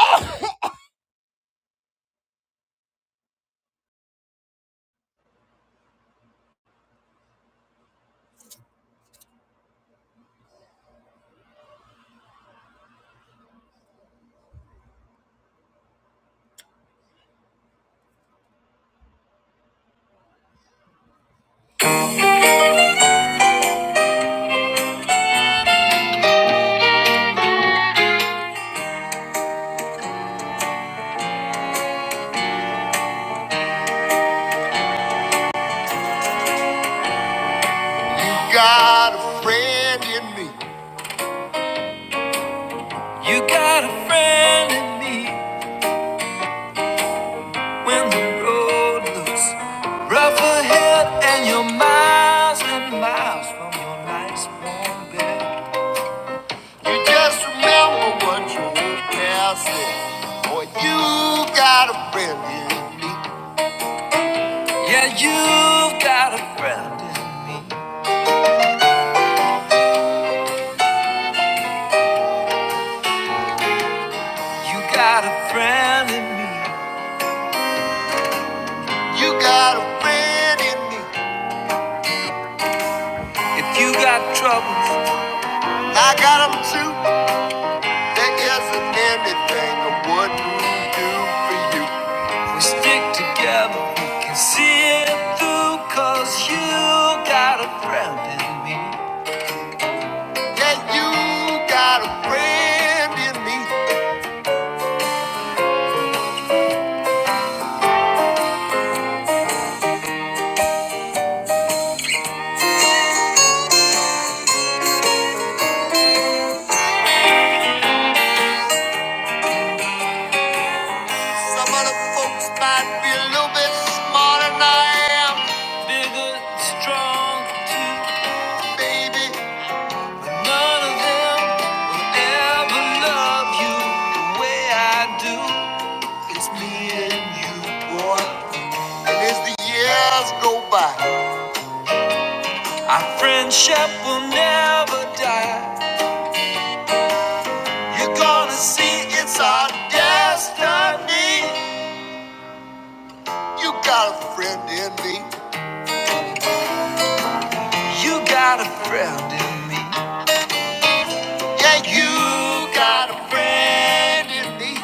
Oh. Got a friend in me. You got a friend in me when the road looks rough ahead and you're miles and miles from your nice warm bed. You just remember what your old pal said. Boy, you got a friend in me. Yeah, you've got a friend in me. You got a friend in me. You got a friend in me. If you got trouble. I got them too. There isn't anything I wouldn't do for you. We stick together, we can see it through, cause you got a friend in me. Yeah, you got a friend in me. Some other folks might be a little bit smarter than I am. Bigger, strong, too. Baby, none of them will ever love you the way I do. It's me and you, boy. And as the years go by, our friendship will never die. You're gonna see it's our destiny. You got a friend in me. You got a friend in me. Yeah, you got a friend in me.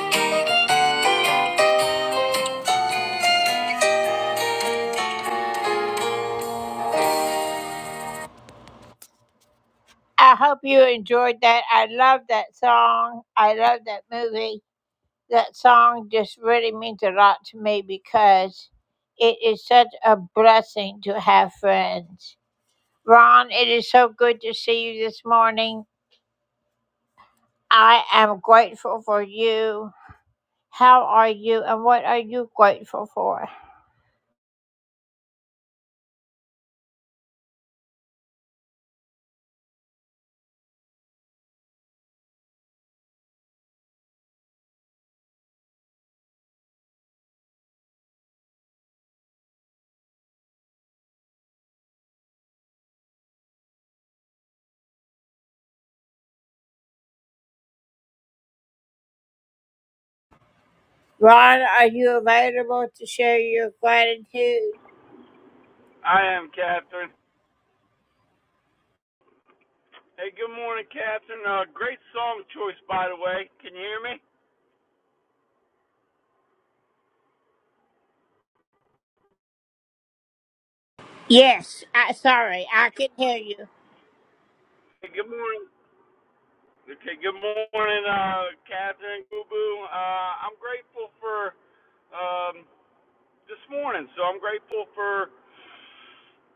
I am Catherine. Hey, good morning, Catherine. Uh, great song choice, by the way. Can you hear me? Hey, good morning. Okay, good morning, uh, Catherine Boo Boo. Uh, I'm grateful for um, this morning. So I'm grateful for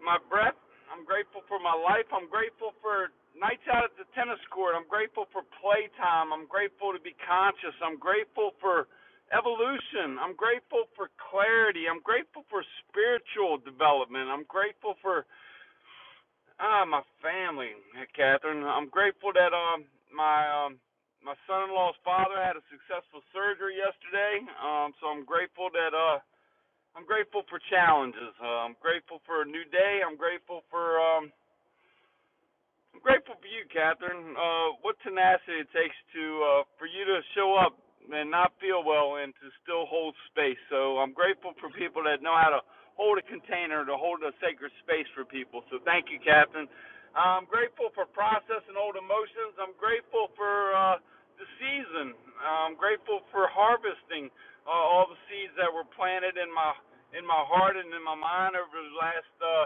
my breath. I'm grateful for my life. I'm grateful for nights out at the tennis court. I'm grateful for playtime. I'm grateful to be conscious. I'm grateful for evolution. I'm grateful for clarity. I'm grateful for spiritual development. I'm grateful for ah my family, Catherine. I'm grateful that um my um my son-in-law's father had a successful surgery yesterday. Um so I'm grateful that uh I'm grateful for challenges. Uh, I'm grateful for a new day. I'm grateful for um, I'm grateful for you, Catherine. Uh, what tenacity it takes to uh, for you to show up and not feel well and to still hold space. So I'm grateful for people that know how to hold a container, to hold a sacred space for people. So thank you, Catherine. I'm grateful for processing old emotions. I'm grateful for uh, the season. I'm grateful for harvesting uh, all the seeds that were planted in my in my heart and in my mind over the last. Uh,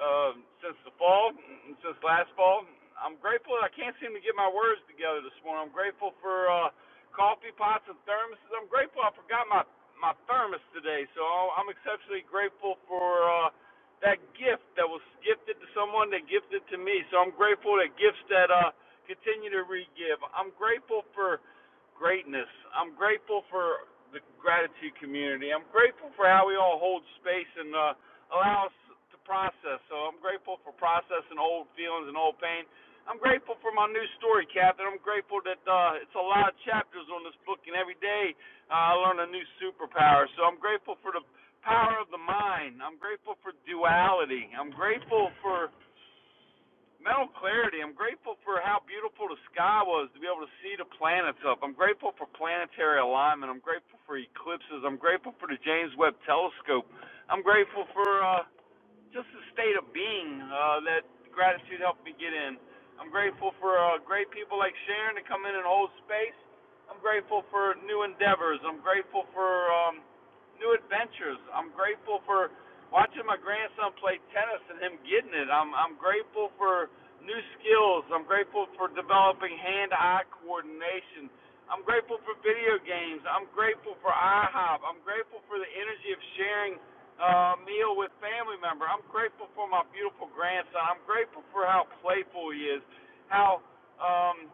um, since the fall, mm, since last fall. I'm grateful. that I can't seem to get my words together this morning. I'm grateful for uh, coffee pots and thermoses. I'm grateful. I forgot my my thermos today, so I'm exceptionally grateful for uh, that gift that was gifted to someone that gifted to me. So I'm grateful that gifts that uh, continue to re-give. I'm grateful for greatness. I'm grateful for the gratitude community. I'm grateful for how we all hold space and uh, allow us to process. So I'm grateful for processing old feelings and old pain. I'm grateful for my new story, Captain. I'm grateful that uh, it's a lot of chapters on this book, and every day uh, I learn a new superpower. So I'm grateful for the power of the mind. I'm grateful for duality. I'm grateful for mental clarity. I'm grateful for how beautiful the sky was to be able to see the planets up. I'm grateful for planetary alignment. I'm grateful for eclipses. I'm grateful for the James Webb Telescope. I'm grateful for uh, just a state of being uh, that gratitude helped me get in. I'm grateful for uh, great people like Sharon to come in and hold space. I'm grateful for new endeavors. I'm grateful for um, new adventures. I'm grateful for watching my grandson play tennis and him getting it. I'm I'm grateful for new skills. I'm grateful for developing hand-eye coordination. I'm grateful for video games. I'm grateful for IHOP. I'm grateful for the energy of sharing uh, meal with family member. I'm grateful for my beautiful grandson. I'm grateful for how playful he is, how um,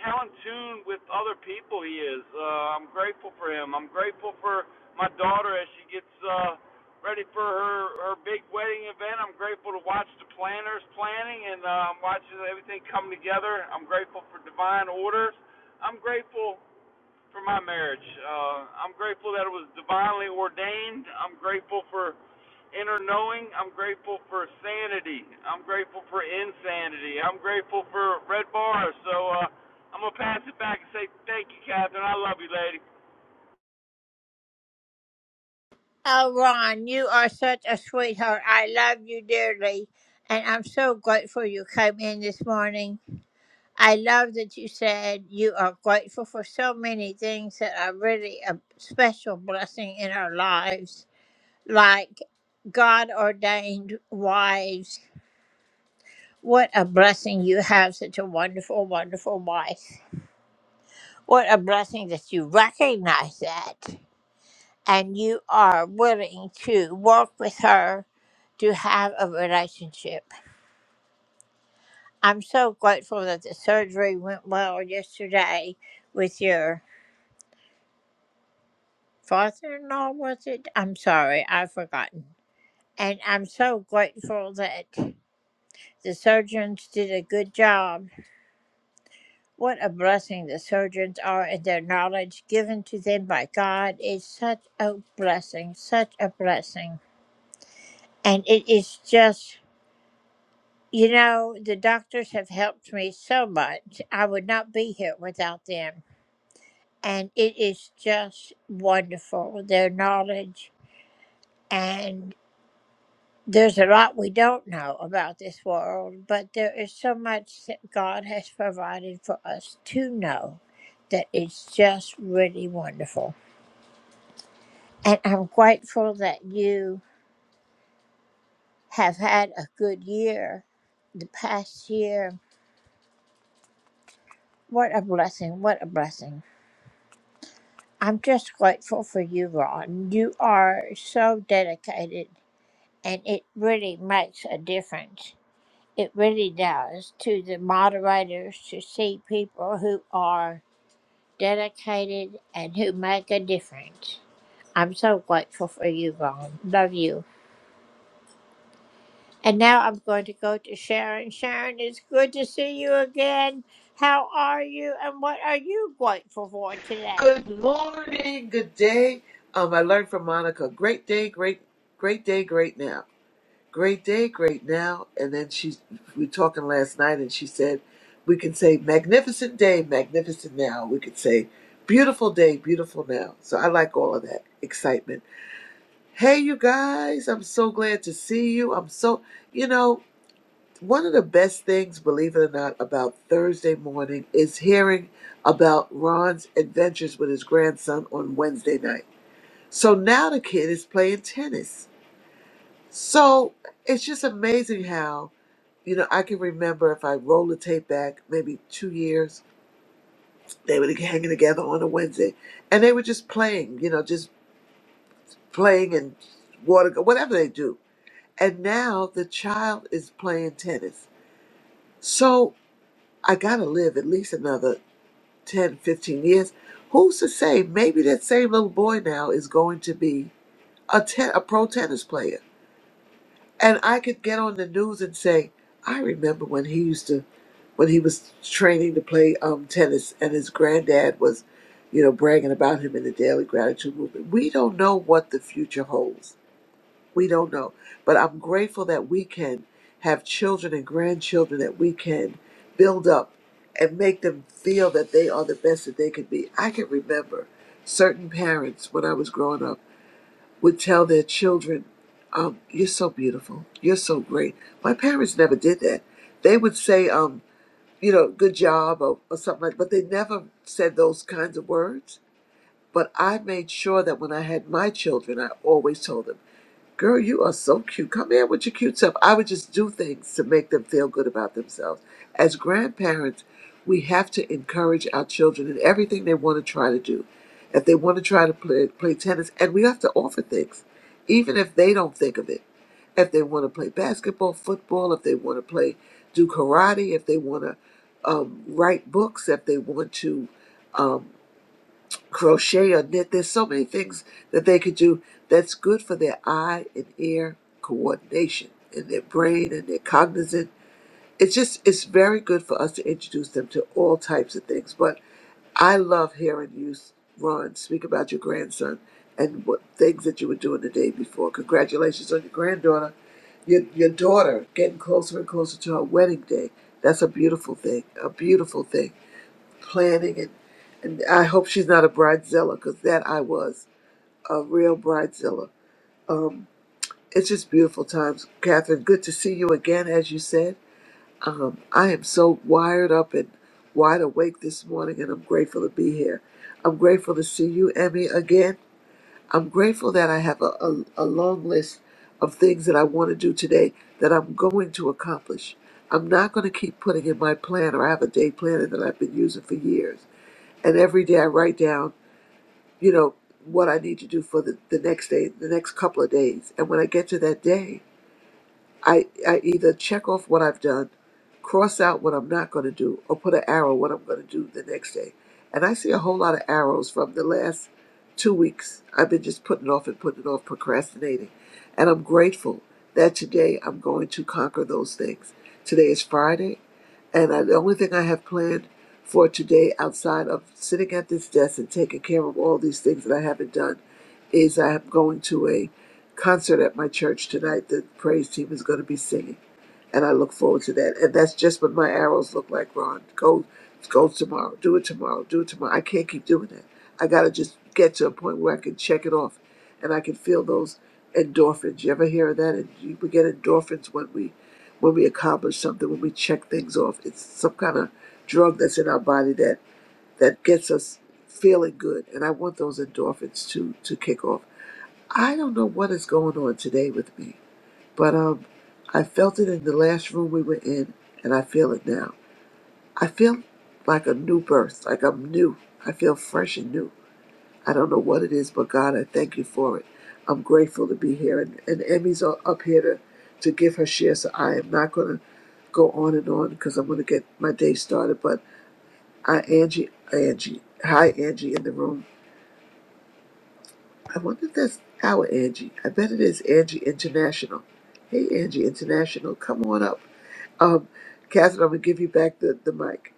how in tune with other people he is. Uh, I'm grateful for him. I'm grateful for my daughter as she gets uh, ready for her her big wedding event. I'm grateful to watch the planners planning and uh, watching everything come together. I'm grateful for divine orders. I'm grateful for my marriage. Uh, I'm grateful that it was divinely ordained. I'm grateful for inner knowing. I'm grateful for sanity. I'm grateful for insanity. I'm grateful for red bars. So uh, I'm gonna pass it back and say thank you, Catherine. I love you, lady. Good morning, good day. Um, I learned from Monica. Great day, great, great day, great now. Great day, great now. And then she, we were talking last night, and she said, we can say magnificent day, magnificent now. We could say beautiful day, beautiful now. So I like all of that excitement. Hey, you guys! I'm so glad to see you. I'm so, you know one of the best things, believe it or not, about Thursday morning is hearing about Ron's adventures with his grandson on Wednesday night. So now the kid is playing tennis. So it's just amazing how, you know, I can remember if I roll the tape back maybe two years, they were hanging together on a Wednesday and they were just playing, you know, just playing and water, whatever they do. And now the child is playing tennis. So I got to live at least another 10, 15 years, who's to say maybe that same little boy now is going to be a, ten, a pro tennis player? And I could get on the news and say, I remember when he used to, when he was training to play um, tennis and his granddad was, you know, bragging about him in the Daily Gratitude Movement. We don't know what the future holds. We don't know. But I'm grateful that we can have children and grandchildren that we can build up and make them feel that they are the best that they could be. I can remember certain parents when I was growing up would tell their children, um, You're so beautiful. You're so great. My parents never did that. They would say, um, you know, good job or, or something like but they never said those kinds of words. But I made sure that when I had my children, I always told them. Girl, you are so cute. Come here with your cute self. I would just do things to make them feel good about themselves. As grandparents, we have to encourage our children in everything they want to try to do. If they want to try to play, play tennis, and we have to offer things, even if they don't think of it. If they want to play basketball, football, if they want to play, do karate, if they want to um, write books, if they want to um, crochet or knit. There's so many things that they could do that's good for their eye and ear coordination and their brain and their cognizant. It's just, it's very good for us to introduce them to all types of things. But I love hearing you, Ron, speak about your grandson and what things that you were doing the day before. Congratulations on your granddaughter, your, your daughter getting closer and closer to her wedding day. That's a beautiful thing, a beautiful thing planning and and I hope she's not a bridezilla because that I was a real bridezilla. Um, it's just beautiful times, Catherine. Good to see you again, as you said. Um, I am so wired up and wide awake this morning, and I'm grateful to be here. I'm grateful to see you, Emmy, again. I'm grateful that I have a, a, a long list of things that I want to do today that I'm going to accomplish. I'm not going to keep putting in my planner. I have a day planner that I've been using for years and every day I write down, you know, what I need to do for the, the next day, the next couple of days. And when I get to that day, I, I either check off what I've done, cross out what I'm not going to do, or put an arrow what I'm going to do the next day. And I see a whole lot of arrows from the last two weeks. I've been just putting off and putting off, procrastinating. And I'm grateful that today I'm going to conquer those things. Today is Friday. And I, the only thing I have planned for today, outside of sitting at this desk and taking care of all these things that I haven't done, is I am going to a concert at my church tonight. The praise team is going to be singing and I look forward to that. And that's just what my arrows look like, Ron. Go, go tomorrow. Do it tomorrow. Do it tomorrow. I can't keep doing that. I gotta just get to a point where I can check it off, and I can feel those endorphins. You ever hear of that? And you- we get endorphins when we, when we accomplish something, when we check things off. It's some kind of drug that's in our body that that gets us feeling good. And I want those endorphins to to kick off. I don't know what is going on today with me. But um, I felt it in the last room we were in, and I feel it now. I feel like a new birth, like I'm new. I feel fresh and new. I don't know what it is, but God, I thank you for it. I'm grateful to be here, and, and Emmy's u- up here to, to give her share, so I am not going to go on and on because I'm going to get my day started. But I, Angie, Angie, hi, Angie in the room. I wonder if that's our Angie. I bet it is Angie International. Hey, Angie International, come on up. Um, Catherine, I'm going to give you back the, the mic.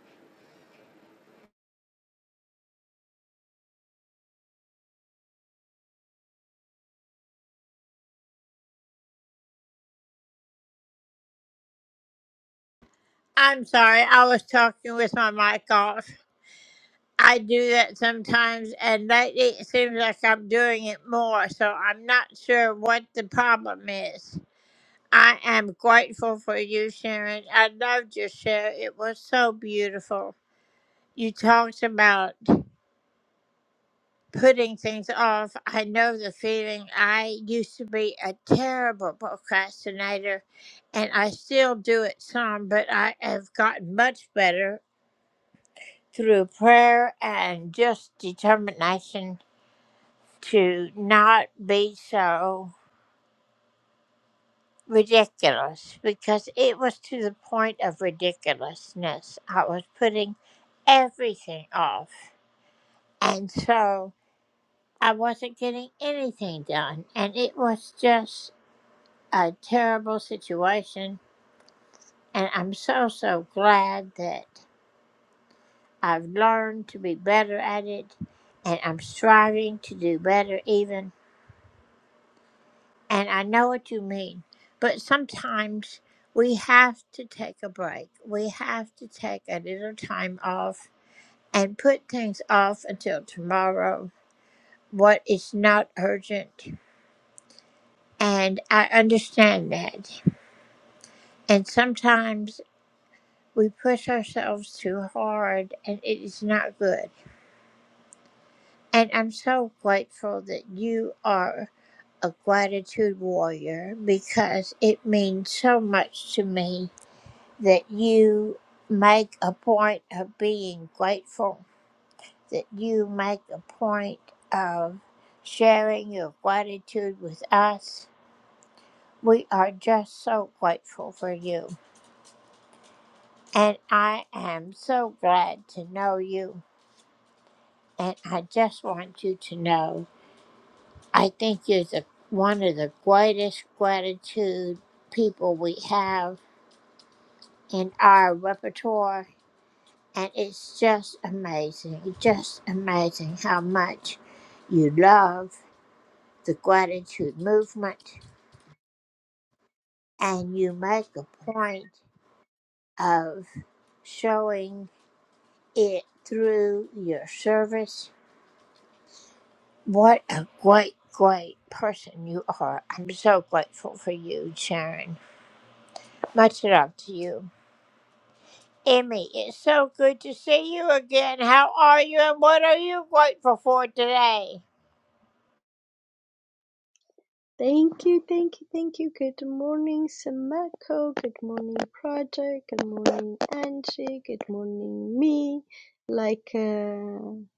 Thank you, thank you, thank you. Good morning, Samako. Good morning, Project. Good morning, Angie. Good morning, me. Like, uh,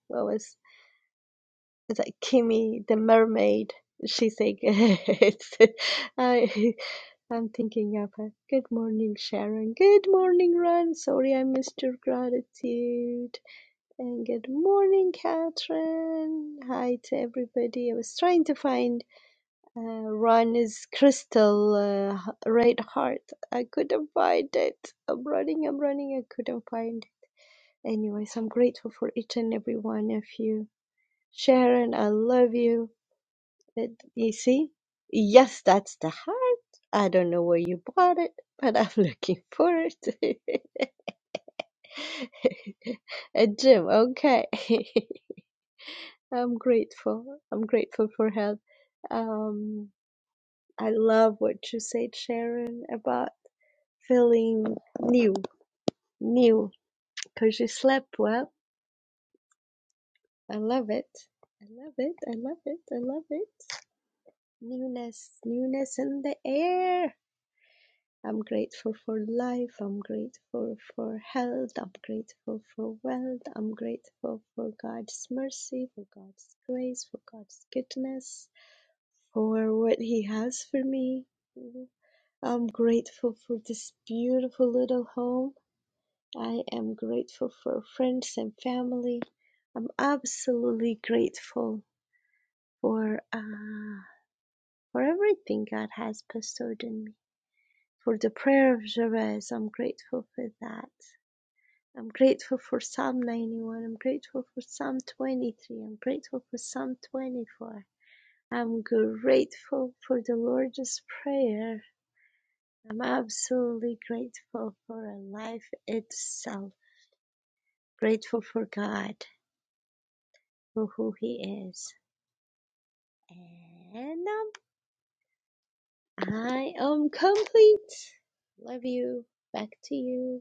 what was it's like Kimmy the mermaid? She's like, it's, I, I'm thinking of her. Good morning, Sharon. Good morning, Ron. Sorry I missed your gratitude. And good morning, Catherine. Hi to everybody. I was trying to find uh, Ron is crystal uh, h- red heart. I couldn't find it. I'm running, I'm running, I couldn't find it. Anyways, I'm grateful for each and every one of you. Sharon, I love you. It, you see? Yes, that's the heart. I don't know where you bought it, but I'm looking for it. A Jim, okay. I'm grateful. I'm grateful for health. Um, I love what you said, Sharon, about feeling new, new, because you slept well. I love it. I love it. I love it. I love it. Newness, newness in the air. I'm grateful for life. I'm grateful for health. I'm grateful for wealth. I'm grateful for God's mercy, for God's grace, for God's goodness, for what He has for me. I'm grateful for this beautiful little home. I am grateful for friends and family. I'm absolutely grateful for uh, for everything God has bestowed in me. For the prayer of Jabez, I'm grateful for that. I'm grateful for Psalm 91. I'm grateful for Psalm 23. I'm grateful for Psalm 24. I'm grateful for the Lord's Prayer. I'm absolutely grateful for life itself. Grateful for God, for who He is And um, I am complete. Love you. Back to you.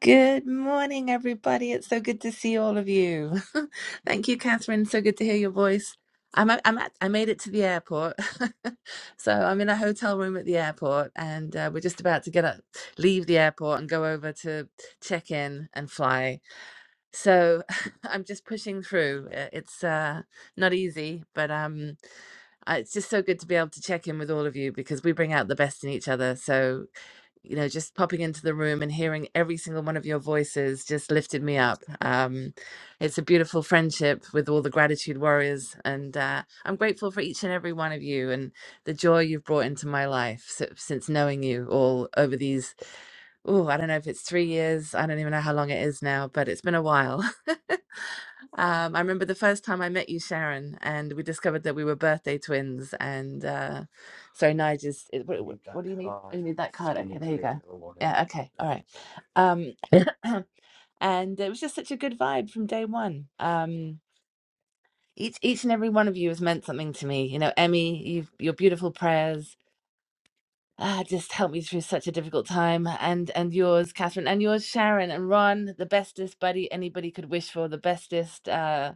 Good morning, everybody. It's so good to see all of you. Thank you, Catherine. So good to hear your voice. I'm at, I'm at, I made it to the airport, so I'm in a hotel room at the airport, and uh, we're just about to get up, leave the airport, and go over to check in and fly. So I'm just pushing through. Uh, It's uh, not easy, but um, uh, it's just so good to be able to check in with all of you because we bring out the best in each other. So you know, just popping into the room and hearing every single one of your voices just lifted me up. Um, it's a beautiful friendship with all the gratitude warriors, and uh, I'm grateful for each and every one of you and the joy you've brought into my life si- since knowing you all over these. Oh, I don't know if it's three years. I don't even know how long it is now, but it's been a while. Um, I remember the first time I met you, Sharon, and we discovered that we were birthday twins. And uh, sorry, Nige is. it- What, what what do you need? Oh, you need that card. Okay, there you go. Yeah. Okay. All right. Um, and it was just such a good vibe from day one. Um, each each and every one of you has meant something to me. You know, Emmy, you've, your beautiful prayers ah, just helped me through such a difficult time. And and yours, Catherine, and yours, Sharon, and Ron, the bestest buddy anybody could wish for. The bestest. Uh,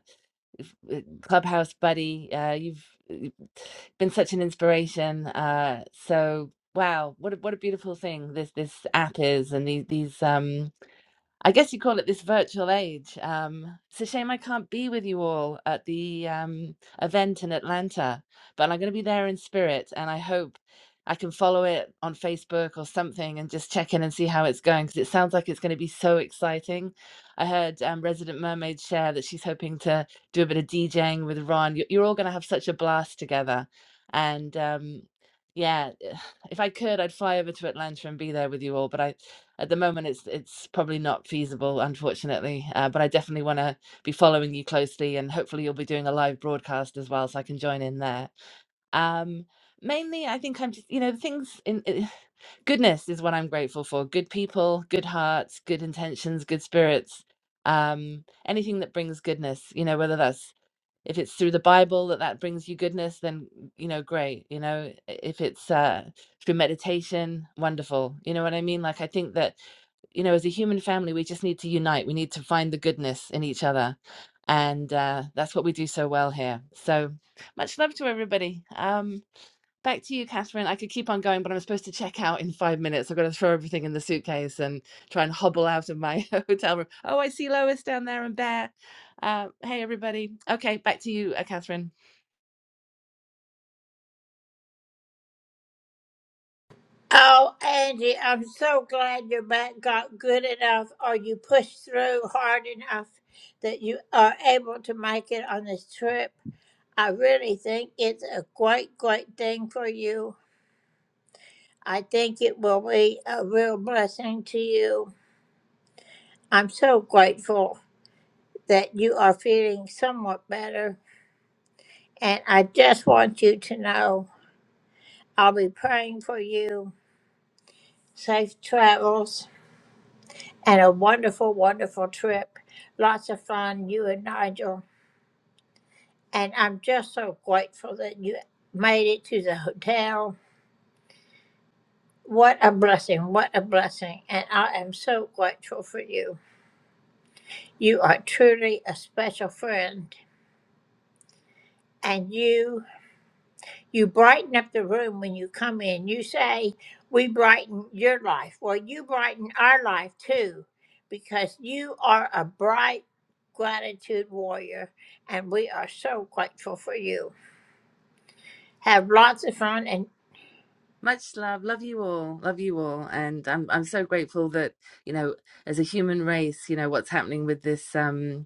uh, clubhouse buddy uh you've uh, been such an inspiration uh so wow what a, what a beautiful thing this this app is and these these um I guess you call it this virtual age. Um, it's a shame I can't be with you all at the um, event in Atlanta, but I'm going to be there in spirit, and I hope I can follow it on Facebook or something and just check in and see how it's going because it sounds like it's going to be so exciting. I heard um, Resident Mermaid share that she's hoping to do a bit of DJing with Ron. You- You're all going to have such a blast together, and um, yeah, if I could, I'd fly over to Atlanta and be there with you all, but I at the moment it's it's probably not feasible unfortunately uh, but i definitely want to be following you closely and hopefully you'll be doing a live broadcast as well so i can join in there um mainly i think i'm just you know things in eh, goodness is what i'm grateful for good people good hearts good intentions good spirits um anything that brings goodness you know whether that's if it's through the bible that that brings you goodness then mm, you know great you know if it's uh through meditation wonderful you know what i mean like i think that you know as a human family we just need to unite we need to find the goodness in each other and uh that's what we do so well here so much love to everybody um Back to you, Catherine. I could keep on going, but I'm supposed to check out in five minutes. I've got to throw everything in the suitcase and try and hobble out of my hotel room. Oh, I see Lois down there and Bear. Uh, hey, everybody. Okay, back to you, uh, Catherine. Much love. Love you all. Love you all. And I'm I'm so grateful that you know, as a human race, you know what's happening with this. um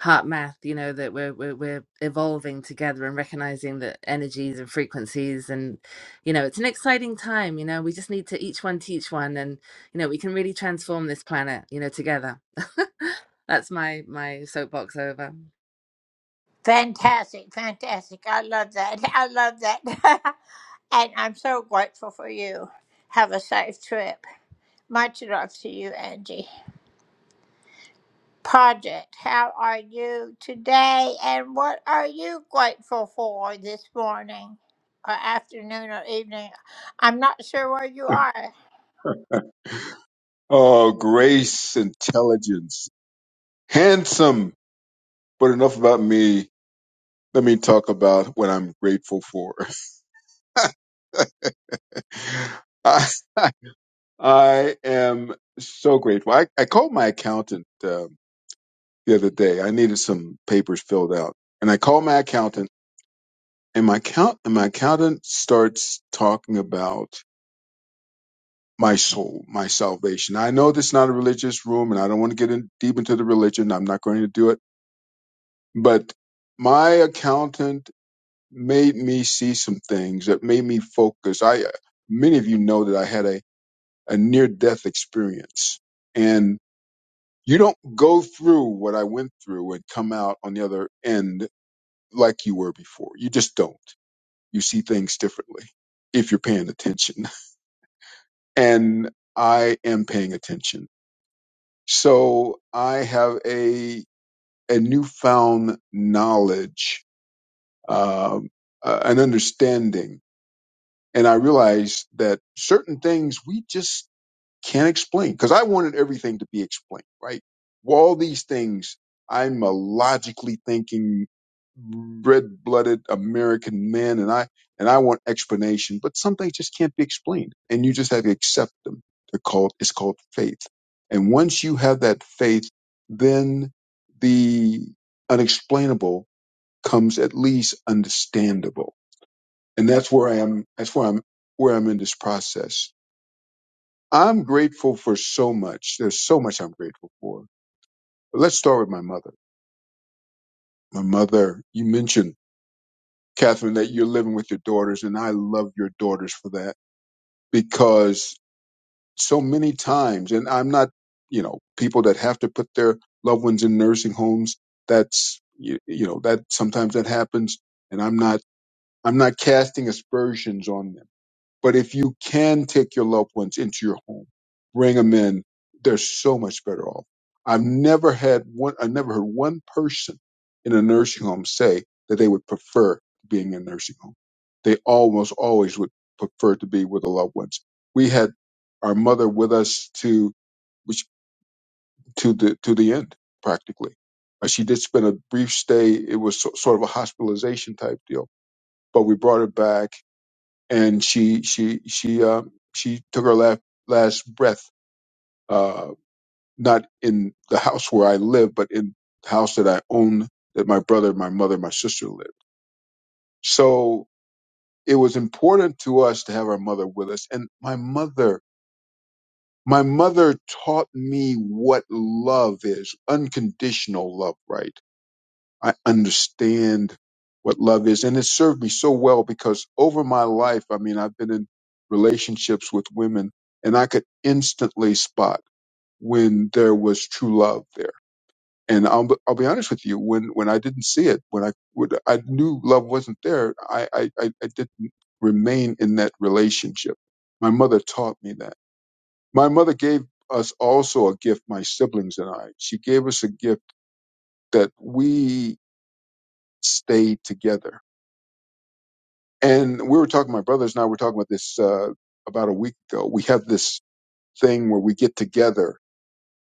heart math you know that we're, we're we're evolving together and recognizing the energies and frequencies and you know it's an exciting time you know we just need to each one teach one and you know we can really transform this planet you know together that's my my soapbox over Oh, grace, intelligence, handsome. But enough about me. Let me talk about what I'm grateful for. I, I am so grateful. I, I called my accountant um the other day. I needed some papers filled out, and I called my accountant, and my count and my accountant starts talking about my soul, my salvation. I know this is not a religious room, and I don't want to get in deep into the religion. I'm not going to do it, but my accountant made me see some things that made me focus. I many of you know that I had a, a near death experience, and you don't go through what I went through and come out on the other end like you were before. You just don't. You see things differently if you're paying attention, and I am paying attention. So I have a a newfound knowledge, um, uh, an understanding And I realized that certain things we just can't explain because I wanted everything to be explained, right? Well, all these things, I'm a logically thinking, red blooded American man and I, and I want explanation, but some things just can't be explained and you just have to accept them. They're called, it's called faith. And once you have that faith, then the unexplainable comes at least understandable and that's where I am. That's where I'm. Where I'm in this process. I'm grateful for so much. There's so much I'm grateful for. But let's start with my mother. My mother. You mentioned Catherine that you're living with your daughters, and I love your daughters for that because so many times, and I'm not, you know, people that have to put their loved ones in nursing homes. That's you, you know that sometimes that happens, and I'm not. I'm not casting aspersions on them But if you can take your loved ones into your home, bring them in, they're so much better off. I've never had one, I never heard one person in a nursing home say that they would prefer being in a nursing home. They almost always would prefer to be with the loved ones. We had our mother with us to, which, to the, to the end practically. Uh, she did spend a brief stay. It was so, sort of a hospitalization type deal, but we brought her back and she she she uh, she took her last last breath uh, not in the house where I live, but in the house that I own that my brother, my mother, my sister lived. So it was important to us to have our mother with us, and my mother. My mother taught me what love is, unconditional love, right? I understand what love is. And it served me so well because over my life, I mean, I've been in relationships with women and I could instantly spot when there was true love there. And I'll, be- I'll be honest with you, when, when I didn't see it, when I, when I knew love wasn't there, I, I, I I didn't remain in that relationship. My mother taught me that. My mother gave us also a gift, my siblings and I. She gave us a gift that we stayed together And we were talking, my brothers and I were talking about this uh, about a week ago. We have this thing where we get together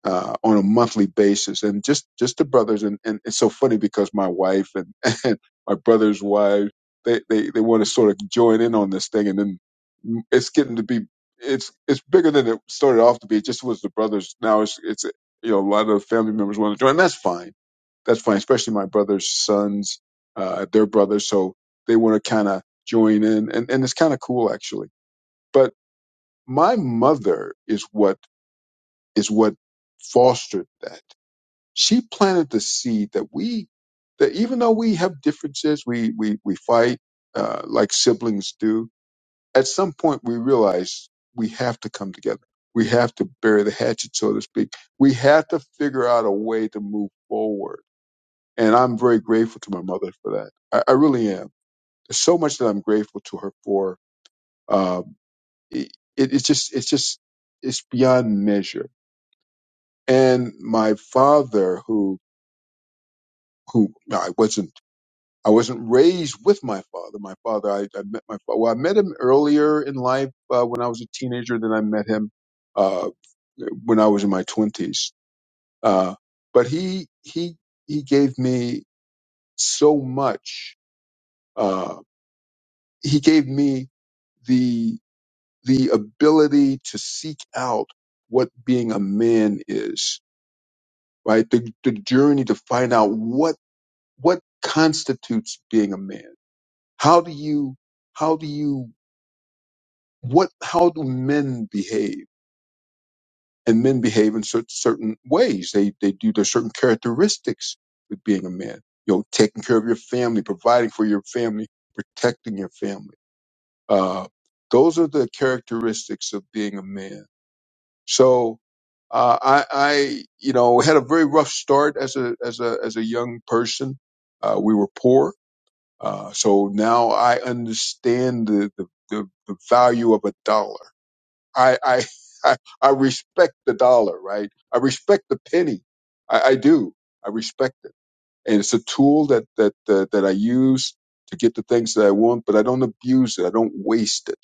uh, on a monthly basis, and just just the brothers. And, and it's so funny because my wife and, and my brother's wife they, they they want to sort of join in on this thing, and then it's getting to be it's it's bigger than it started off to be. It just was the brothers. Now it's it's you know a lot of family members want to join. And that's fine that's fine. Especially my brother's sons, uh, their brothers, so they want to kind of join in, and and it's kind of cool actually. But my mother is what is what fostered that. She planted the seed that we that even though we have differences, we we we fight uh, like siblings do. At some point, we realize we have to come together. We have to bury the hatchet, so to speak. We have to figure out a way to move forward and I'm very grateful to my mother for that. I, I really am. There's so much that I'm grateful to her for. Um, it, it, it's just, it's just, it's beyond measure. And my father, who, who no, I wasn't, I wasn't raised with my father. My father, I, I met my father. Well, I met him earlier in life uh, when I was a teenager. Then I met him uh, when I was in my twenties. Uh, but he, he, he gave me so much Uh, he gave me the the ability to seek out what being a man is, right? The the journey to find out what what constitutes being a man. How do you how do you what how do men behave? And men behave in cer- certain ways. They they do there's certain characteristics with being a man. You know, taking care of your family, providing for your family, protecting your family. Uh, those are the characteristics of being a man So uh, I, I, you know, had a very rough start as a as a as a young person. Uh, we were poor, uh, so now I understand the the, the, the value of a dollar. I, I I I respect the dollar, right? I respect the penny. I, I do. I respect it, and it's a tool that that uh, that I use to get the things that I want, but I don't abuse it. I don't waste it.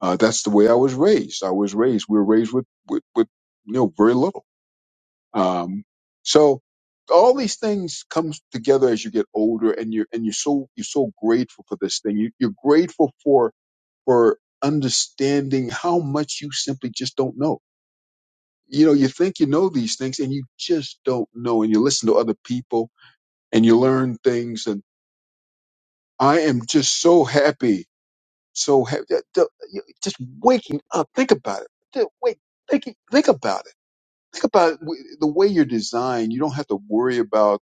Uh, that's the way I was raised. I was raised. We were raised with, with, with you know, very little. Um, so all these things comes together as you get older, and you're and you're so you're so grateful for this thing. You, you're grateful for for understanding how much you simply just don't know. You know, you think you know these things, and you just don't know. And you listen to other people, and you learn things. And I am just so happy So have, the, the, you- just waking up, think about it. The- Wait, think, think about it. Think about it. W- the way you're designed. You don't have to worry about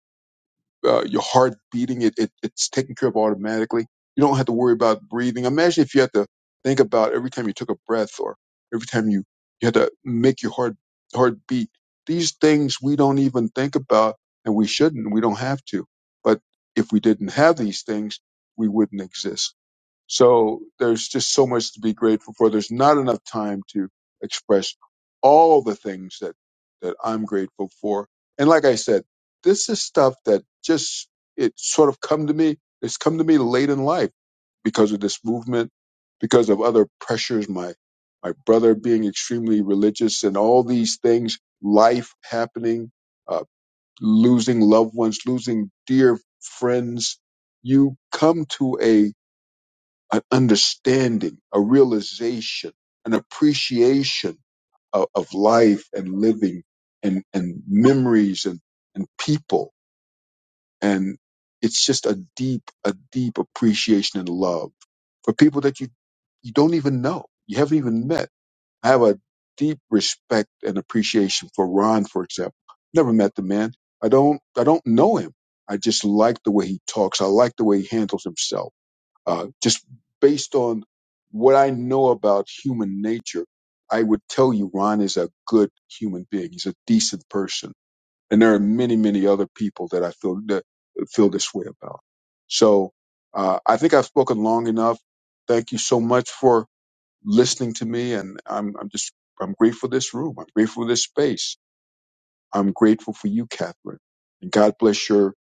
uh, your heart beating. It, it it's taken care of automatically. You don't have to worry about breathing. Imagine if you had to think about every time you took a breath or every time you you had to make your heart heart beat. These things we don't even think about, and we shouldn't. We don't have to. But if we didn't have these things, we wouldn't exist. So there's just so much to be grateful for. There's not enough time to express all the things that, that I'm grateful for. And like I said, this is stuff that just, it sort of come to me, it's come to me late in life because of this movement, because of other pressures, my, my brother being extremely religious and all these things, life happening, uh, losing loved ones, losing dear friends. You come to a an understanding, a realization, an appreciation of, of life and living and, and memories and, and people. And it's just a deep, a deep appreciation and love for people that you, you don't even know. You haven't even met. I have a deep respect and appreciation for Ron, for example. Never met the man. I don't, I don't know him. I just like the way he talks. I like the way he handles himself. Uh, just based on what I know about human nature, I would tell you Ron is a good human being. He's a decent person, and there are many, many other people that I feel that feel this way about. So uh, I think I've spoken long enough. Thank you so much for listening to me, and I'm I'm just I'm grateful for this room. I'm grateful for this space I'm grateful for you, Catherine. And God bless your,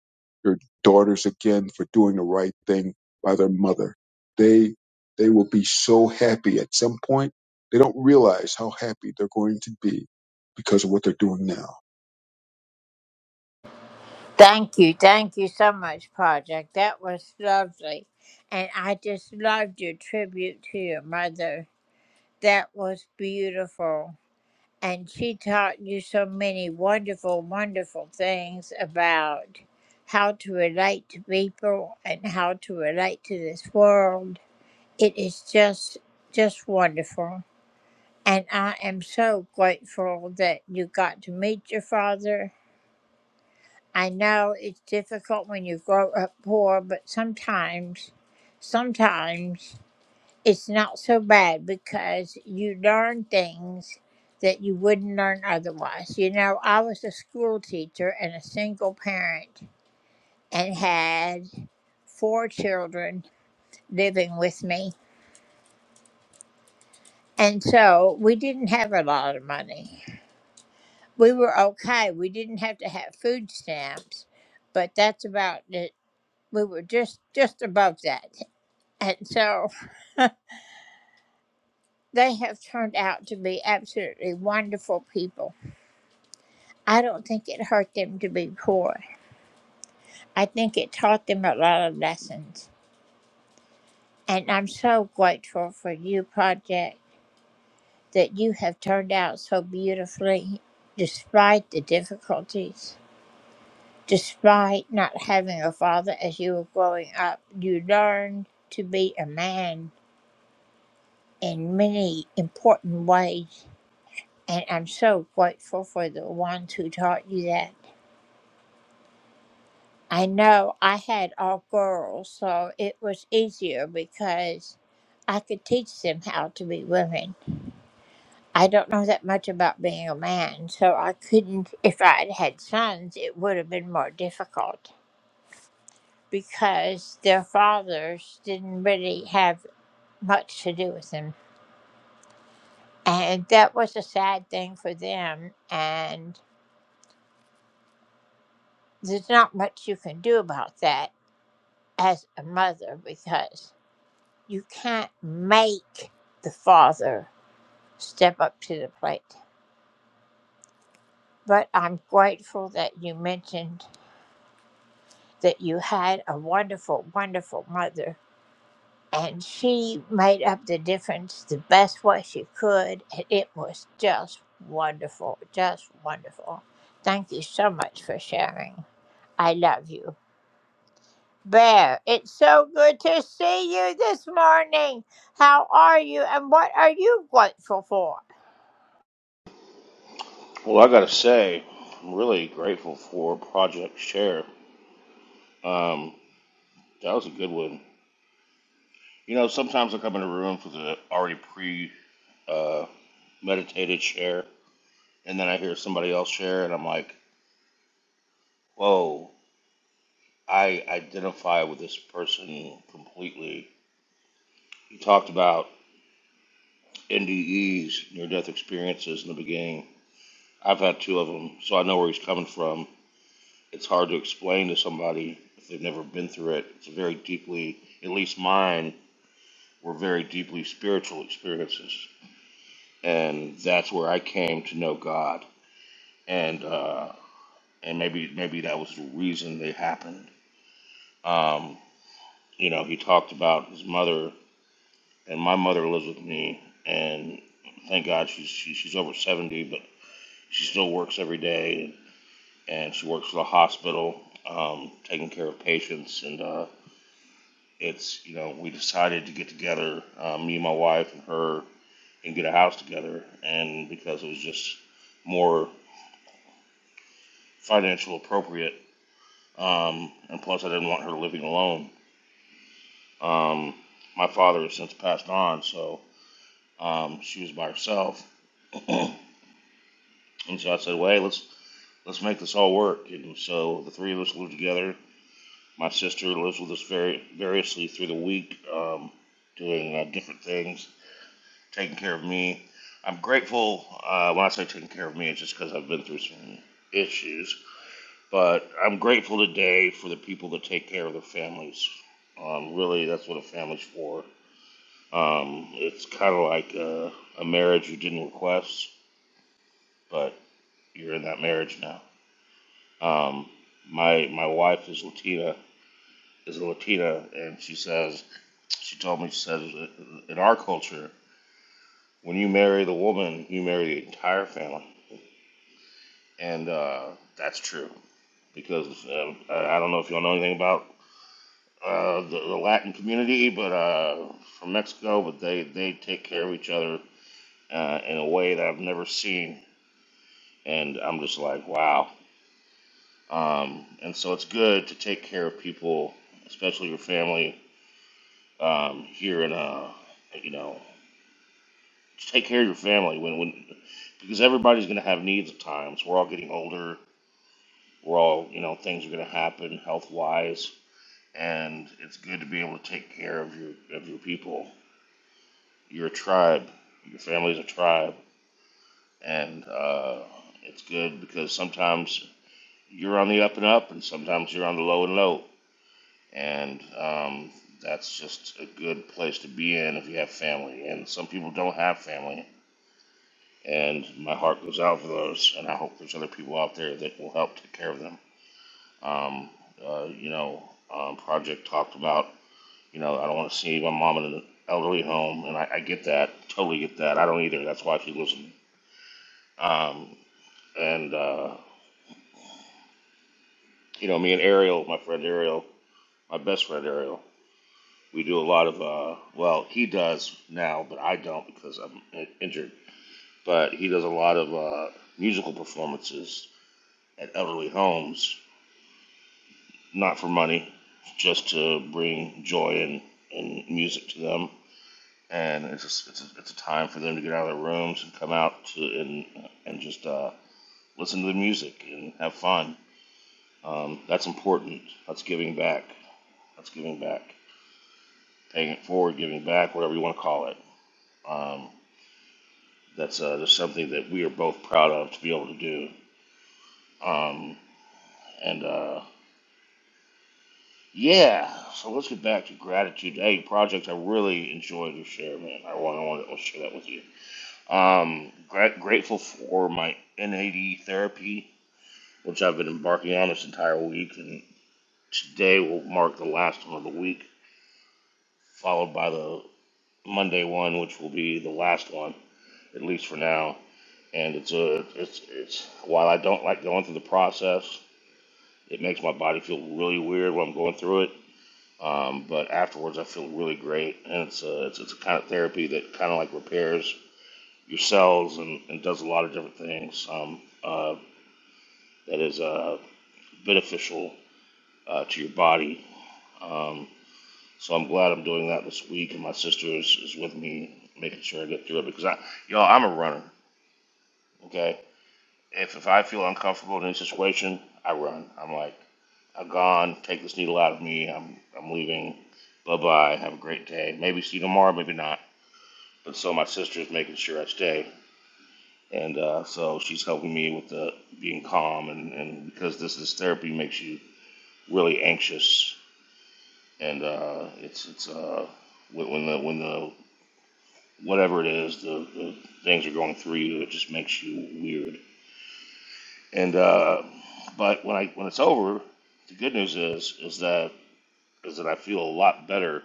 your daughters again for doing the right thing by their mother. They, they will be so happy at some point. They don't realize how happy they're going to be because of what they're doing now. Well, I gotta say, I'm really grateful for Project Share. Um, that was a good one. You know, sometimes I come into a room with an already pre uh, meditated share, and then I hear somebody else share, and I'm like, whoa, I identify with this person completely. You talked about NDEs, near death experiences, in the beginning. I've had two of them, so I know where he's coming from. It's hard to explain to somebody if they've never been through it. It's a very deeply, at least mine, were very deeply spiritual experiences, and that's where I came to know God. And uh, and maybe maybe that was the reason they happened. Um, you know, he talked about his mother, and my mother lives with me, and thank God she's she, she's over seventy, but she still works every day, and she works for the hospital, um, taking care of patients, and uh, it's you know we decided to get together, uh, me and my wife and her and get a house together, and because it was just more financial appropriate, um, and plus I didn't want her living alone. Um, my father has since passed on, so um, she was by herself, and so I said, "Well, hey, let's let's make this all work." And so the three of us lived together. My sister lives with us very variously through the week, um, doing uh, different things, taking care of me. I'm grateful. Uh, when I say taking care of me, it's just because I've been through some issues But I'm grateful today for the people that take care of their families. Um, really, that's what a family's for. Um, it's kind of like a, a marriage you didn't request, but you're in that marriage now. Um, my my wife is Latina, is a Latina, and she says she told me she says in our culture, when you marry the woman, you marry the entire family, and uh, that's true because um, I don't know if y'all know anything about uh, the, the Latin community, but uh, from Mexico. But they they take care of each other uh, in a way that I've never seen, and I'm just like, wow. Um, and so it's good to take care of people, especially your family, um, here in uh, you know, take care of your family when when because everybody's going to have needs at times. We're all getting older. We're all you know things are going to happen health wise. And it's good to be able to take care of your of your people You're a tribe. Your family's a tribe, and uh, it's good because sometimes you're on the up and up, and sometimes you're on the low and low, and um, that's just a good place to be in if you have family. And some people don't have family, and my heart goes out for those, and I hope there's other people out there that will help take care of them. Um, uh, you know, um, Project talked about, you know, I don't want to see my mom in an elderly home, and I, I get that, totally get that. I don't either. That's why she lives in Um, and uh, you know, me and Ariel, my friend Ariel, my best friend Ariel, we do a lot of uh, well, he does now, but I don't because I'm in- injured. But he does a lot of uh, musical performances at elderly homes, not for money, just to bring joy and, and music to them. And it's just, it's a, it's a time for them to get out of their rooms and come out to and and just uh, listen to the music and have fun. Um, that's important. That's giving back That's giving back, paying it forward, giving back, whatever you want to call it. Um, that's uh, just something that we are both proud of to be able to do. Um, and uh, yeah, so let's get back to gratitude. Hey, project, I really enjoyed your share, man. I want, I want to share that with you. Um, gra- grateful for my NAD therapy, which I've been embarking on this entire week, and today will mark the last one of the week, followed by the Monday one, which will be the last one, at least for now. and it's a it's it's while I don't like going through the process, it makes my body feel really weird when I'm going through it. Um, but afterwards, I feel really great, and it's a it's, it's a kind of therapy that kind of like repairs your cells and, and does a lot of different things um, uh, that is uh, beneficial uh, to your body. Um, so I'm glad I'm doing that this week, and my sister is, is with me making sure I get through it because I y'all I'm a runner, okay, If if I feel uncomfortable in any situation, I run. I'm like, I'm gone. Take this needle out of me. I'm I'm leaving. Bye bye. Have a great day. Maybe see you tomorrow. Maybe not. But so my sister is making sure I stay, and uh, so she's helping me with the being calm and, and because this this therapy makes you really anxious, and uh, it's it's uh, when when the when the whatever it is the, the things are going through you, it just makes you weird And uh, but when I when it's over, the good news is is that is that I feel a lot better.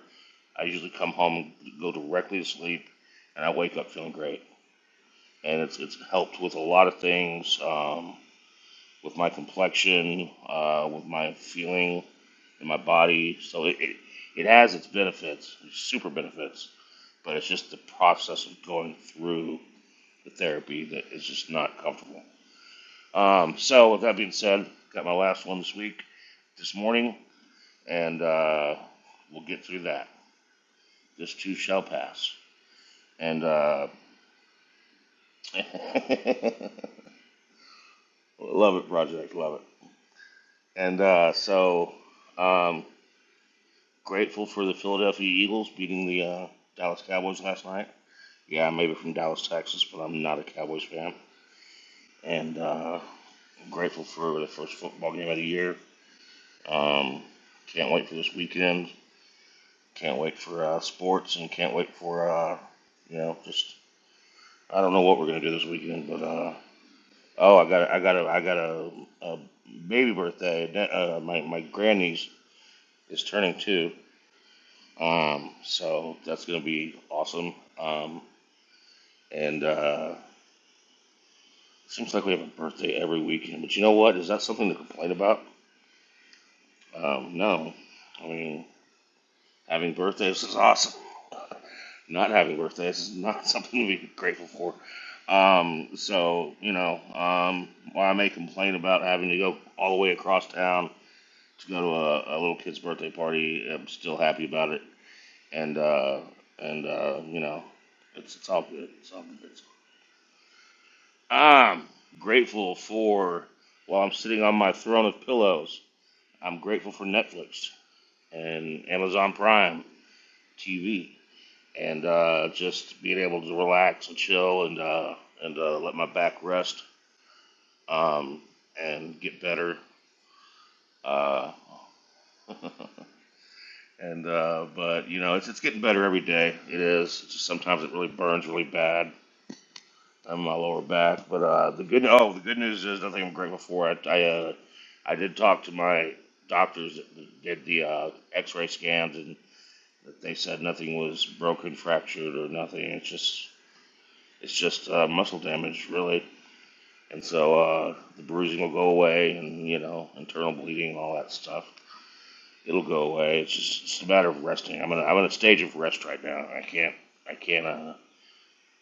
I usually come home, go directly to sleep, and I wake up feeling great. And it's it's helped with a lot of things, um, with my complexion, uh, with my feeling in my body. So it, it it has its benefits, super benefits. But it's just the process of going through the therapy that is just not comfortable. Um, so, with that being said, got my last one this week, this morning, and uh, we'll get through that. This too shall pass. And uh, love it, Project, love it. And uh, so, um, grateful for the Philadelphia Eagles beating the uh, Dallas Cowboys last night. Yeah, maybe from Dallas, Texas, but I'm not a Cowboys fan. And uh, grateful for the first football game of the year. Um, can't wait for this weekend. Can't wait for uh, sports and can't wait for uh, you know just I don't know what we're gonna do this weekend, but uh, oh I got I got a I got a, a baby birthday. Uh, my my grandniece is turning two, um, so that's gonna be awesome. Um, and uh, seems like we have a birthday every weekend, but you know what? Is that something to complain about? Um, no, I mean having birthdays is awesome. Not having birthdays is not something to be grateful for. Um, so, you know, um, while I may complain about having to go all the way across town to go to a, a little kid's birthday party, I'm still happy about it. And, uh, and uh, you know, it's, it's all good. It's all good. I'm grateful for, while I'm sitting on my throne of pillows, I'm grateful for Netflix and Amazon Prime TV and uh, just being able to relax and chill and uh, and uh, let my back rest um, and get better. Uh, and uh, but you know, it's it's getting better every day. It is. It's just sometimes it really burns really bad on my lower back. But uh, the good oh the good news is I think I'm grateful for it. I uh, I did talk to my doctors that did the uh, X-ray scans and they said nothing was broken, fractured, or nothing. It's just it's just uh, muscle damage, really. And so uh, the bruising will go away, and you know, internal bleeding, and all that stuff, it'll go away. It's just it's a matter of resting. I'm in a, I'm in a stage of rest right now. I can't I can't uh,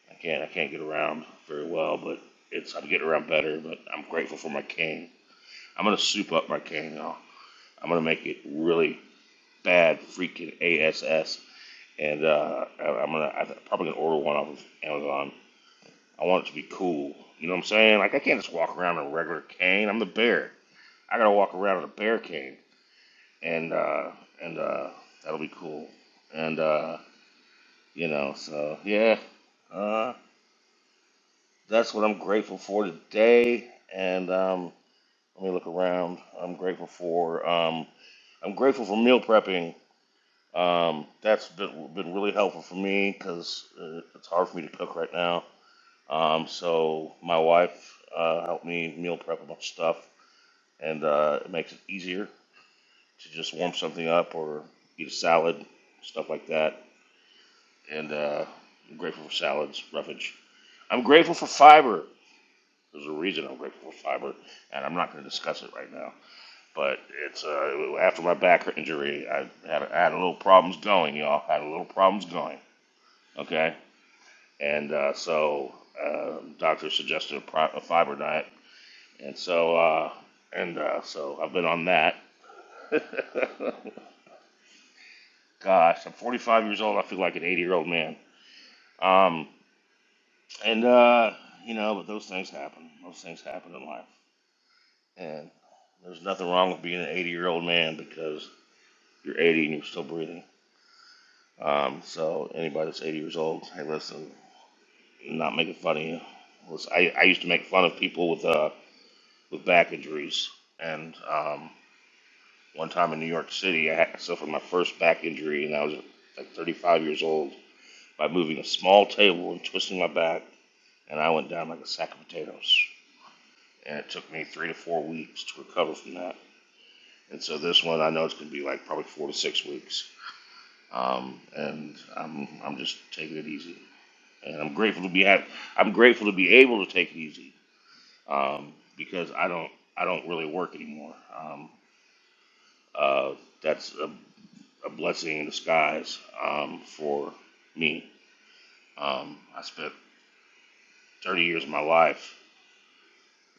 I can't I can't get around very well, but it's I'm getting around better. But I'm grateful for my cane. I'm gonna soup up my cane now. I'm gonna make it really bad, freaking ass. And uh, I, I'm gonna I'm probably gonna order one off of Amazon. I want it to be cool. You know what I'm saying? Like I can't just walk around in a regular cane. I'm the bear. I gotta walk around in a barricade, and uh, and uh, that'll be cool. And uh, you know, so yeah, uh, that's what I'm grateful for today. And um, let me look around. I'm grateful for um, I'm grateful for meal prepping. Um, that's been, been really helpful for me because uh, it's hard for me to cook right now. Um, so my wife uh, helped me meal prep a bunch of stuff, and uh, it makes it easier. to just warm something up or eat a salad, stuff like that. And uh, I'm grateful for salads, roughage. I'm grateful for fiber. There's a reason I'm grateful for fiber, and I'm not going to discuss it right now. But it's uh, after my back injury, I had, I had a little problems going, y'all. I had a little problems going. Okay, and uh, so uh, doctor suggested a, pro- a fiber diet, and so uh, and uh, so I've been on that. Gosh, I'm 45 years old. I feel like an 80 year old man. Um, and uh, you know, but those things happen. Those things happen in life, and there's nothing wrong with being an 80 year old man because you're 80 and you're still breathing. Um, so anybody that's 80 years old, hey, listen, I'm not making fun of you. Listen, I, I used to make fun of people with uh with back injuries, and um, one time in New York City, I had, suffered my first back injury, and I was like 35 years old by moving a small table and twisting my back, and I went down like a sack of potatoes and it took me three to four weeks to recover from that. And so this one, I know it's going to be like probably four to six weeks, um, and I'm I'm just taking it easy, and I'm grateful to be have. I'm grateful to be able to take it easy um, because I don't I don't really work anymore. Um, uh, that's a, a blessing in disguise um, for me. Um, I spent 30 years of my life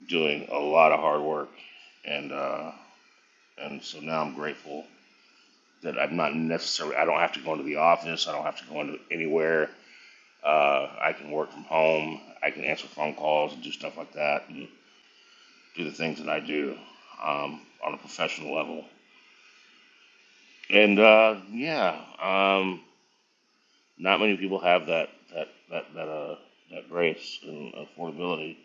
doing a lot of hard work, and uh, and so now I'm grateful that I'm not necessarily, I don't have to go into the office, I don't have to go into anywhere. Uh, I can work from home, I can answer phone calls and do stuff like that and do the things that I do um, on a professional level. And uh, yeah, um, not many people have that that that that, uh, that grace and affordability,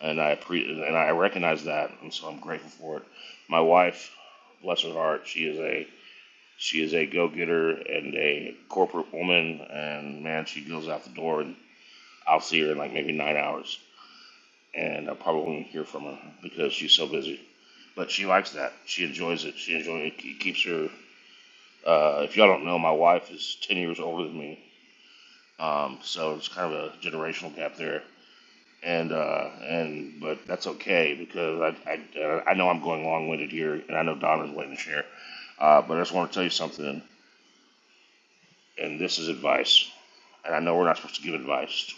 and I pre- and I recognize that, and so I'm grateful for it. My wife, bless her heart, she is a She is a go getter and a corporate woman, and man, she goes out the door, and I'll see her in like maybe nine hours, and I probably won't hear from her because she's so busy. But she likes that. She enjoys it. She enjoys it. It keeps her. Uh, if y'all don't know, my wife is ten years older than me, um, so it's kind of a generational gap there. And uh, and but that's okay because I I, uh, I know I'm going long winded here, and I know Donna's waiting to share. Uh, but I just want to tell you something. and this is advice. And I know we're not supposed to give advice,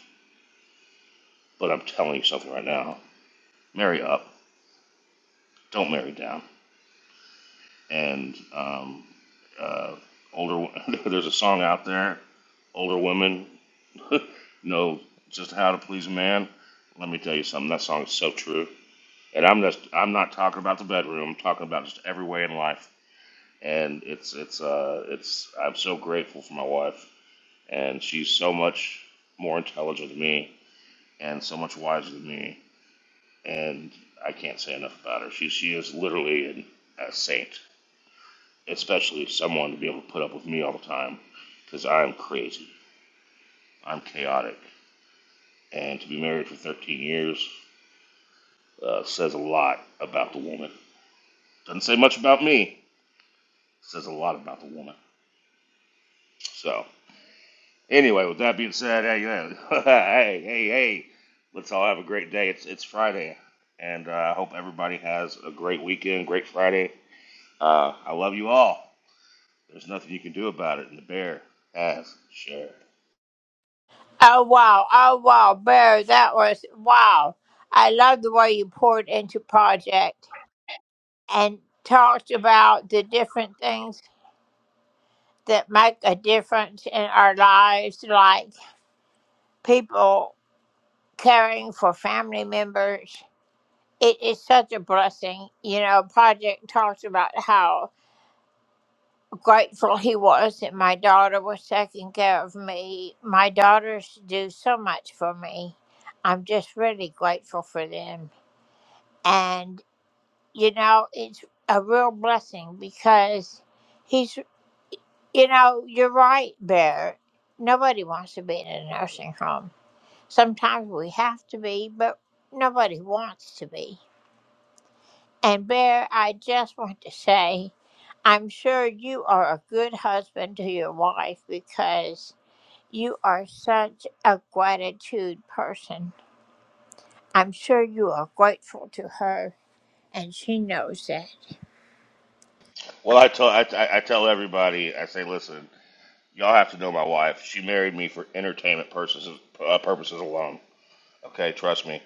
but I'm telling you something right now. Marry up, don't marry down. And um, uh, older, there's a song out there. Older women know just how to please a man. Let me tell you something. That song is so true. And I'm just, I'm not talking about the bedroom. I'm talking about just every way in life. And it's, it's, uh, it's. I'm so grateful for my wife, and she's so much more intelligent than me and so much wiser than me. And I can't say enough about her. She she is literally an, a saint, especially someone to be able to put up with me all the time, because I'm crazy. I'm chaotic, and to be married for 13 years uh, says a lot about the woman. Doesn't say much about me. Says a lot about the woman. So anyway, with that being said, hey hey hey hey, hey, let's all have a great day. It's it's Friday, and uh, I hope everybody has a great weekend, great Friday. Uh, I love you all. There's nothing you can do about it, and the bear has sure. Well, I tell I, I I tell everybody. I say, listen, y'all have to know my wife. She married me for entertainment purposes uh, purposes alone. Okay, trust me,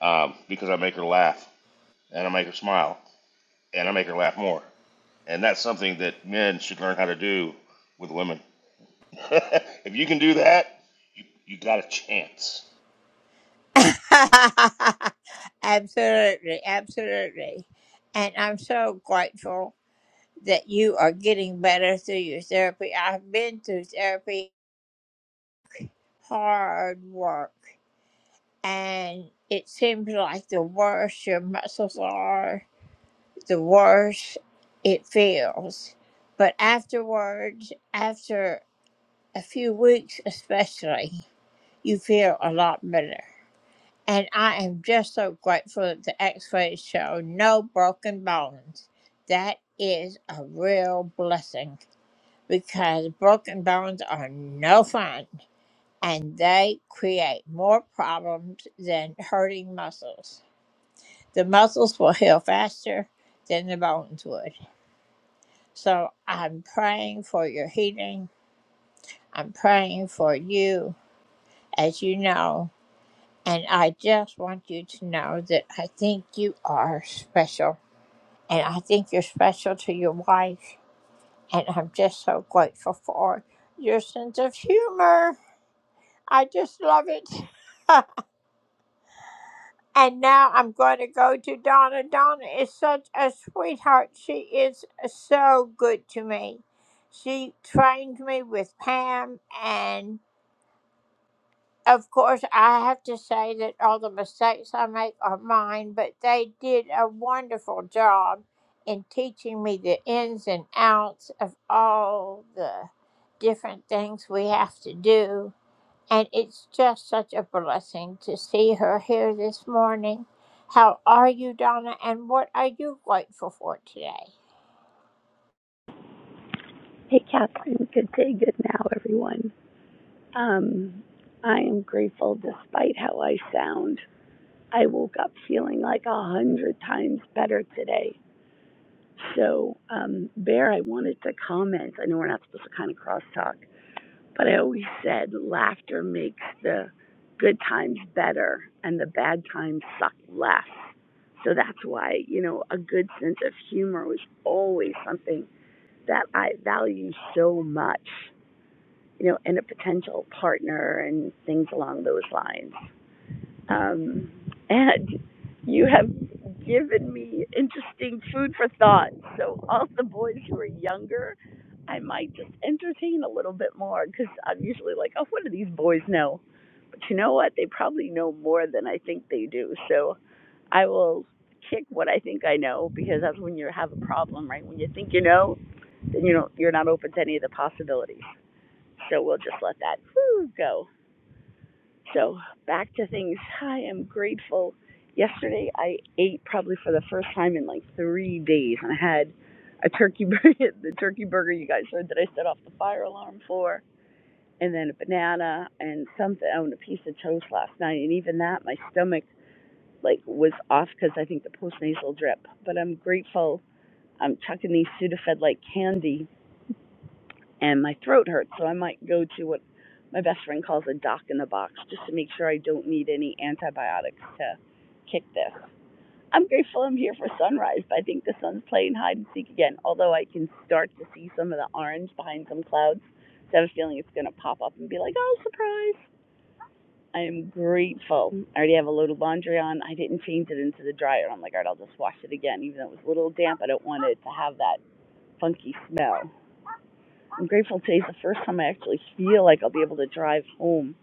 um, because I make her laugh and I make her smile and I make her laugh more. And that's something that men should learn how to do with women. if you can do that, you you got a chance. Hey, Catherine. Good day, good now, everyone. Um, I am grateful despite how I sound. I woke up feeling like a hundred times better today. So, um, Bear, I wanted to comment. I know we're not supposed to kind of crosstalk, but I always said laughter makes the good times better and the bad times suck less. So that's why, you know, a good sense of humor was always something that I value so much. you know, and a potential partner and things along those lines. Um, and you have given me interesting food for thought. So all the boys who are younger, I might just entertain a little bit more because I'm usually like, oh, what do these boys know? But you know what? They probably know more than I think they do. So I will kick what I think I know because that's when you have a problem, right? When you think you know, then you don't, you're not open to any of the possibilities. So we'll just let that whew, go. So back to things. I am grateful. Yesterday I ate probably for the first time in like three days, and I had a turkey burger, the turkey burger you guys heard that I set off the fire alarm for, and then a banana and something, oh, and a piece of toast last night. And even that, my stomach like was off because I think the postnasal drip. But I'm grateful. I'm chucking these Sudafed like candy and my throat hurts, so I might go to what my best friend calls a doc in the box just to make sure I don't need any antibiotics to kick this. I'm grateful I'm here for sunrise, but I think the sun's playing hide and seek again, although I can start to see some of the orange behind some clouds. So I have a feeling it's going to pop up and be like, oh, surprise. I am grateful. I already have a load of laundry on. I didn't change it into the dryer. I'm like, all right, I'll just wash it again. Even though it was a little damp, I don't want it to have that funky smell. I'm grateful today's the first time I actually feel like I'll be able to drive home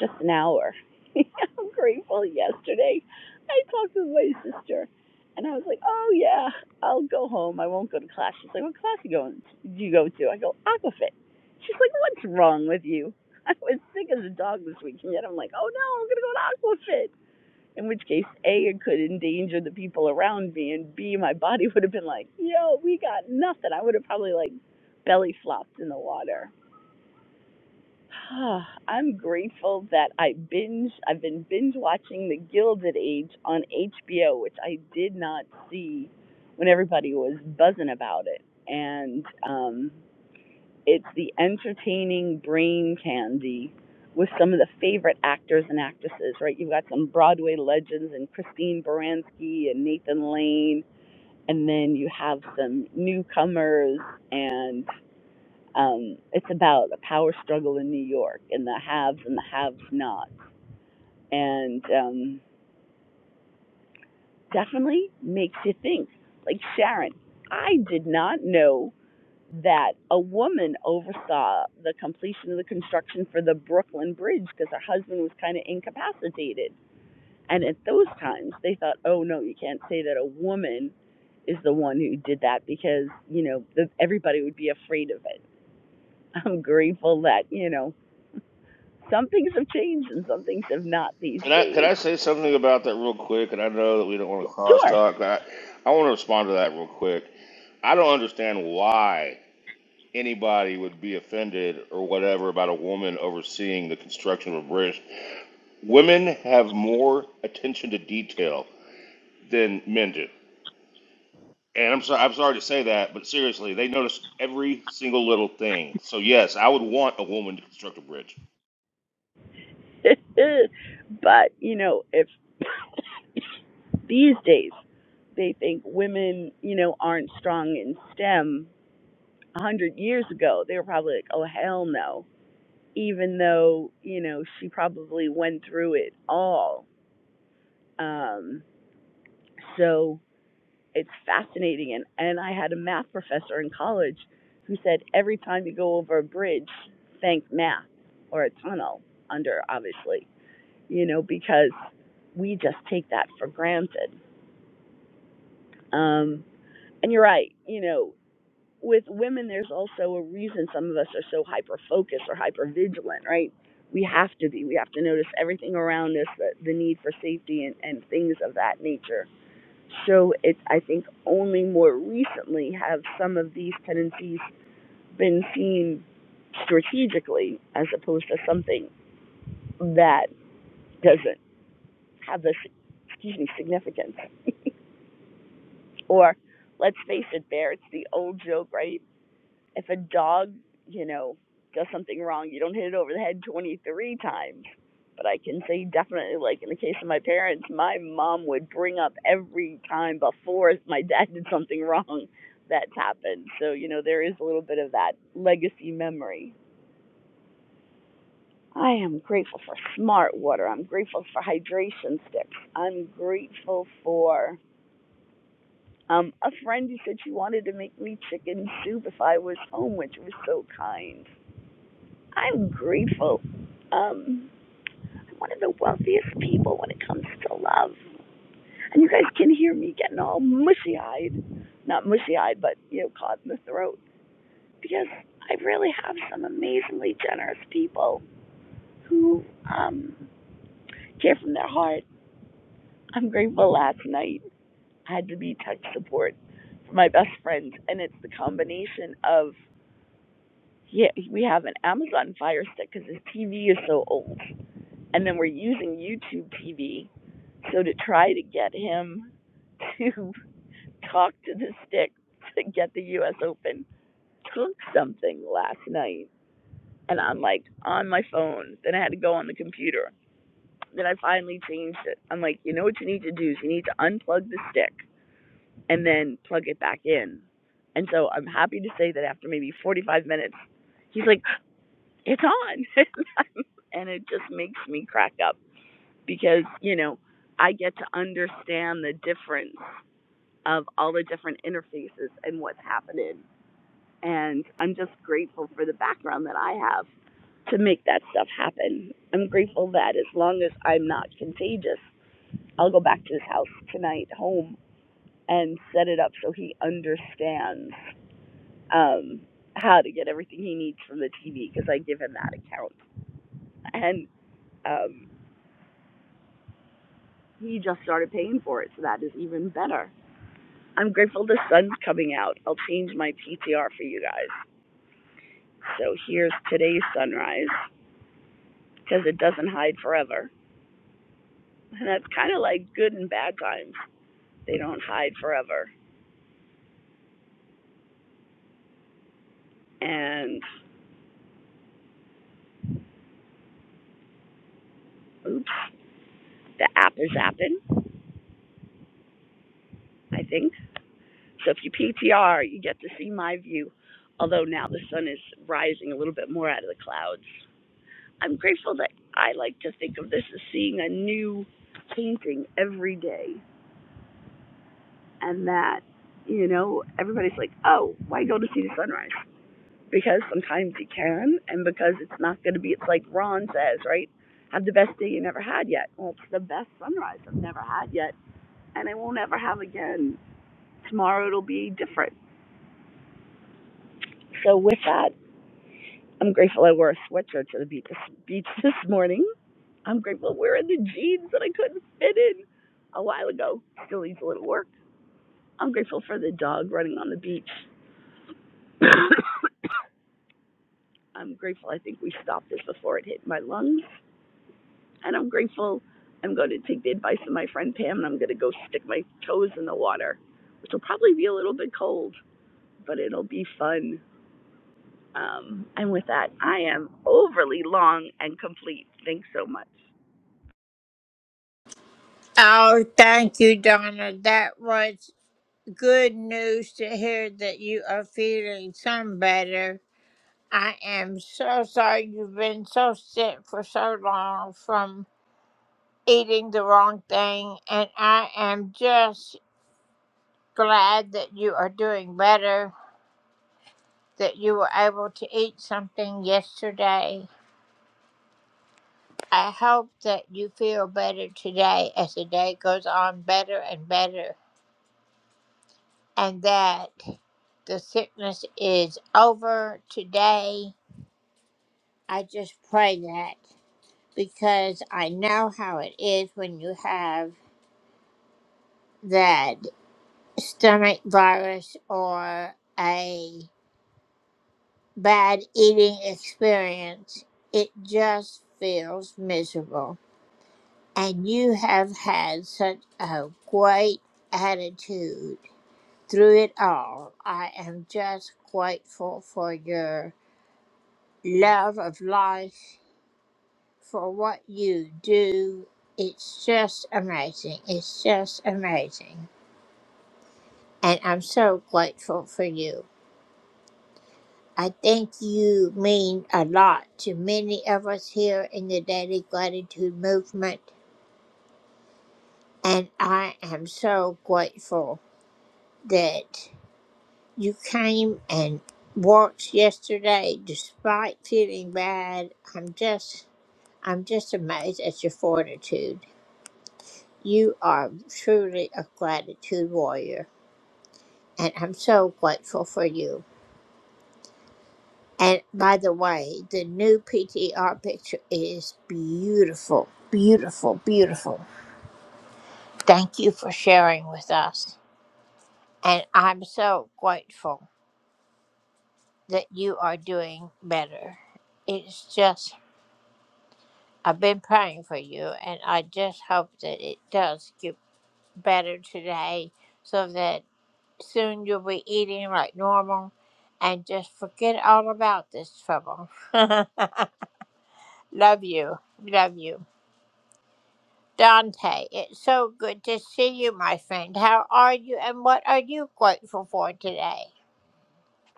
just an hour. I'm grateful yesterday I talked with my sister and I was like, Oh yeah, I'll go home. I won't go to class. She's like, What class are you going do you go to? I go, Aquafit. She's like, What's wrong with you? I was sick as a dog this week, and yet I'm like, Oh no, I'm gonna go to Aquafit in which case A, it could endanger the people around me, and B, my body would have been like, yo, we got nothing. I would have probably like belly flopped in the water. I'm grateful that I binge. I've been binge watching The Gilded Age on HBO, which I did not see when everybody was buzzing about it, and um, it's the entertaining brain candy with some of the favorite actors and actresses, right? You've got some Broadway legends and Christine Baranski and Nathan Lane, and then you have some newcomers, and um, it's about a power struggle in New York and the haves and the haves not, and um, definitely makes you think. Like Sharon, I did not know that a woman oversaw the completion of the construction for the Brooklyn Bridge because her husband was kind of incapacitated. And at those times, they thought, oh no, you can't say that a woman is the one who did that because, you know, the, everybody would be afraid of it. I'm grateful that, you know, some things have changed and some things have not these Can I can days. I say something about that real quick? And I know that we don't want to cause Sure. talk. but I, I want to respond to that real quick. I don't understand why anybody would be offended or whatever about a woman overseeing the construction of a bridge. Women have more attention to detail than men do. And I'm sorry, I'm sorry to say that, but seriously, they notice every single little thing. So yes, I would want a woman to construct a bridge. but, you know, if these days they think women, you know, aren't strong in STEM, a hundred years ago, they were probably like, "Oh hell no!" Even though you know she probably went through it all. Um, so it's fascinating, and and I had a math professor in college who said every time you go over a bridge, think math or a tunnel under, obviously, you know, because we just take that for granted. Um, and you're right, you know, with women, there's also a reason some of us are so hyper focused or hyper vigilant, right? We have to be. We have to notice everything around us, the, the need for safety and, and things of that nature. So it's, I think, only more recently have some of these tendencies been seen strategically as opposed to something that doesn't have this, excuse me, significance. Or let's face it, Bear, it's the old joke, right? if a dog, you know, does something wrong, you don't hit it over the head 23 times. But I can say definitely, like in the case of my parents, my mom would bring up every time before my dad did something wrong that's happened. So, you know, there is a little bit of that legacy memory. I am grateful for smart water. I'm grateful for hydration sticks. I'm grateful for um, a friend who said she wanted to make me chicken soup if I was home, which was so kind. I'm grateful. Um, I'm one of the wealthiest people when it comes to love. And you guys can hear me getting all mushy eyed. Not mushy eyed, but, you know, caught in the throat. Because I really have some amazingly generous people who um, care from their heart. I'm grateful last night I had to be tech support for my best friend. And it's the combination of, yeah, we have an Amazon Fire Stick because his TV is so old. And then we're using YouTube TV So to try to get him to talk to the stick to get the US Open took something last night. And I'm like on my phone. Then I had to go on the computer. Then I finally changed it. I'm like, you know what you need to do is you need to unplug the stick and then plug it back in. And so I'm happy to say that after maybe 45 minutes, he's like, it's on. and it just makes me crack up because, you know, I get to understand the difference of all the different interfaces and what's happening. And I'm just grateful for the background that I have to make that stuff happen. I'm grateful that as long as I'm not contagious, I'll go back to his house tonight, home, and set it up so he understands um, how to get everything he needs from the TV because I give him that account. And um, he just started paying for it, so that is even better. I'm grateful the sun's coming out. I'll change my PTR for you guys. So here's today's sunrise because it doesn't hide forever. And that's kind of like good and bad times. They don't hide forever. And oops, the app is zapping. I think. So if you PTR, you get to see my view. Although now the sun is rising a little bit more out of the clouds. I'm grateful that I like to think of this as seeing a new painting every day. And that, you know, everybody's like, oh, why go to see the sunrise? because sometimes you can, and because it's not going to be, it's like Ron says, right? Have the best day you never had yet. Well, it's the best sunrise I've never had yet, and I won't ever have again. Tomorrow it'll be different. So, with that, I'm grateful I wore a sweatshirt to the beach this, beach this morning. I'm grateful we're in the jeans that I couldn't fit in a while ago. Still needs a little work. I'm grateful for the dog running on the beach. I'm grateful I think we stopped this before it hit my lungs. and I'm grateful. I'm going to take the advice of my friend Pam, and I'm going to go stick my toes in the water, which will probably be a little bit cold, but it'll be fun. Um, and with that, I am overly long and complete. Thanks so much.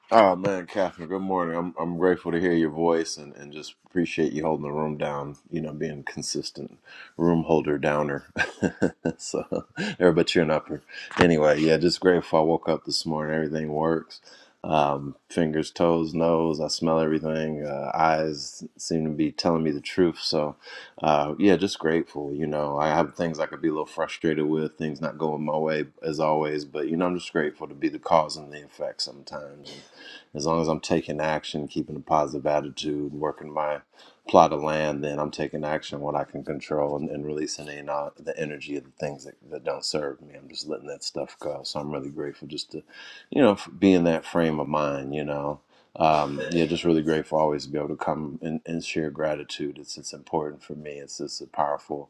Oh man, Catherine, good morning. I'm I'm grateful to hear your voice and, and just appreciate you holding the room down, you know, being consistent room holder downer. so or but you're an upper. Anyway, yeah, just grateful I woke up this morning, everything works. Um, fingers, toes, nose, I smell everything. Uh, eyes seem to be telling me the truth. So uh, yeah, just grateful. You know, I have things I could be a little frustrated with, things not going my way as always, but you know, I'm just grateful to be the cause and the effect sometimes as long as I'm taking action, keeping a positive attitude, working my plot of land, then I'm taking action on what I can control and, and releasing in, uh, the energy of the things that, that don't serve me. I'm just letting that stuff go. So I'm really grateful just to, you know, f- be in that frame of mind, you know. Um, yeah, just really grateful always to be able to come and, and share gratitude. It's it's important for me. It's just a powerful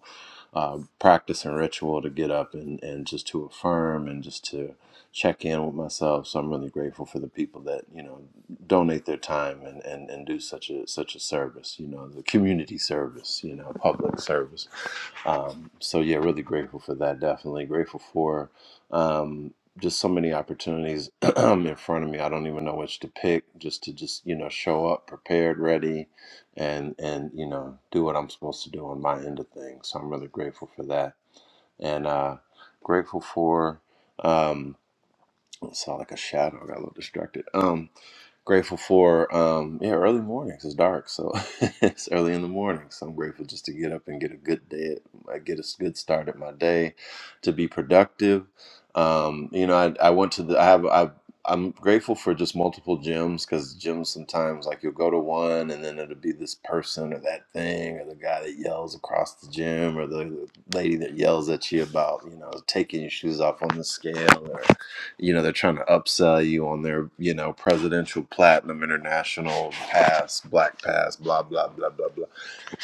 uh, practice and ritual to get up and, and just to affirm and just to check in with myself. So I'm really grateful for the people that you know donate their time and, and, and do such a such a service. You know, the community service. You know, public service. Um, so yeah, really grateful for that. Definitely grateful for um, just so many opportunities in front of me. I don't even know which to pick. Just to just you know show up prepared, ready and and you know do what I'm supposed to do on my end of things. So I'm really grateful for that, and uh, grateful for. Um, I saw like a shadow. I got a little distracted. Um, grateful for um, yeah, early mornings. It's dark, so it's early in the morning. So I'm grateful just to get up and get a good day. I get a good start at my day, to be productive. Um, you know, I, I went to the. I have I. I'm grateful for just multiple gyms because gyms sometimes like you'll go to one and then it'll be this person or that thing or the guy that yells across the gym or the lady that yells at you about you know taking your shoes off on the scale or you know they're trying to upsell you on their you know presidential platinum international pass black pass blah blah blah blah blah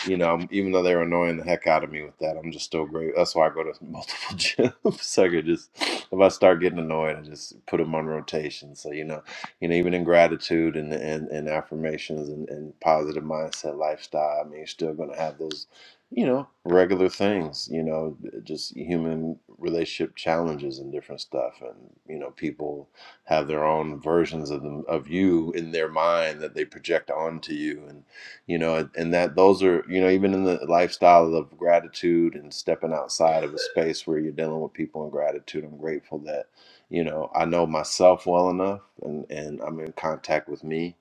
you know, even though they were annoying the heck out of me with that, I'm just still great. That's why I go to multiple gyms. so I could just, if I start getting annoyed, I just put them on rotation. So you know, you know, even in gratitude and and, and affirmations and, and positive mindset lifestyle, I mean, you're still going to have those, you know, regular things. You know, just human relationship challenges and different stuff, and you know, people have their own versions of them of you in their mind that they project onto you, and you know and that those are you know even in the lifestyle of gratitude and stepping outside of a space where you're dealing with people in gratitude i'm grateful that you know i know myself well enough and and i'm in contact with me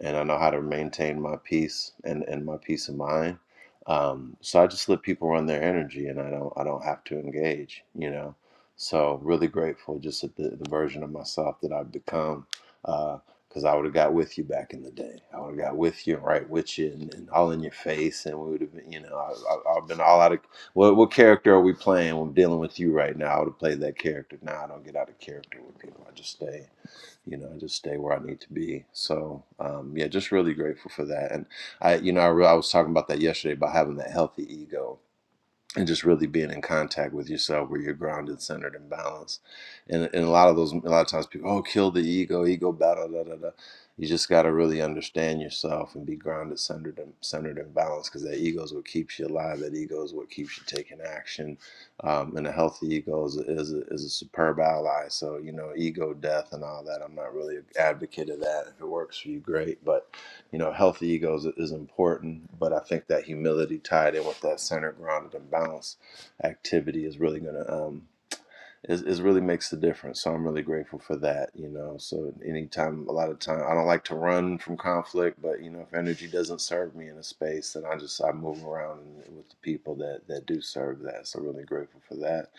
and i know how to maintain my peace and and my peace of mind um, so i just let people run their energy and i don't i don't have to engage you know so really grateful just at the, the version of myself that i've become uh, because I would have got with you back in the day. I would have got with you and right with you and, and all in your face, and we would have been, you know, I, I, I've been all out of what what character are we playing? when I'm dealing with you right now. I would have played that character. Now I don't get out of character with people. I just stay, you know, I just stay where I need to be. So um, yeah, just really grateful for that. And I, you know, I, re- I was talking about that yesterday about having that healthy ego, and just really being in contact with yourself where you're grounded centered and balanced and, and a lot of those a lot of times people oh kill the ego ego battle da da da you just got to really understand yourself and be grounded centered and centered and balanced because that ego is what keeps you alive that ego is what keeps you taking action um, and a healthy ego is a, is, a, is a superb ally so you know ego death and all that i'm not really an advocate of that if it works for you great but you know, healthy egos is important, but I think that humility tied in with that center, grounded, and balanced activity is really gonna um is, is really makes the difference. So I'm really grateful for that, you know. So anytime, a lot of time, I don't like to run from conflict, but you know, if energy doesn't serve me in a space, then I just I move around with the people that that do serve that. So really grateful for that.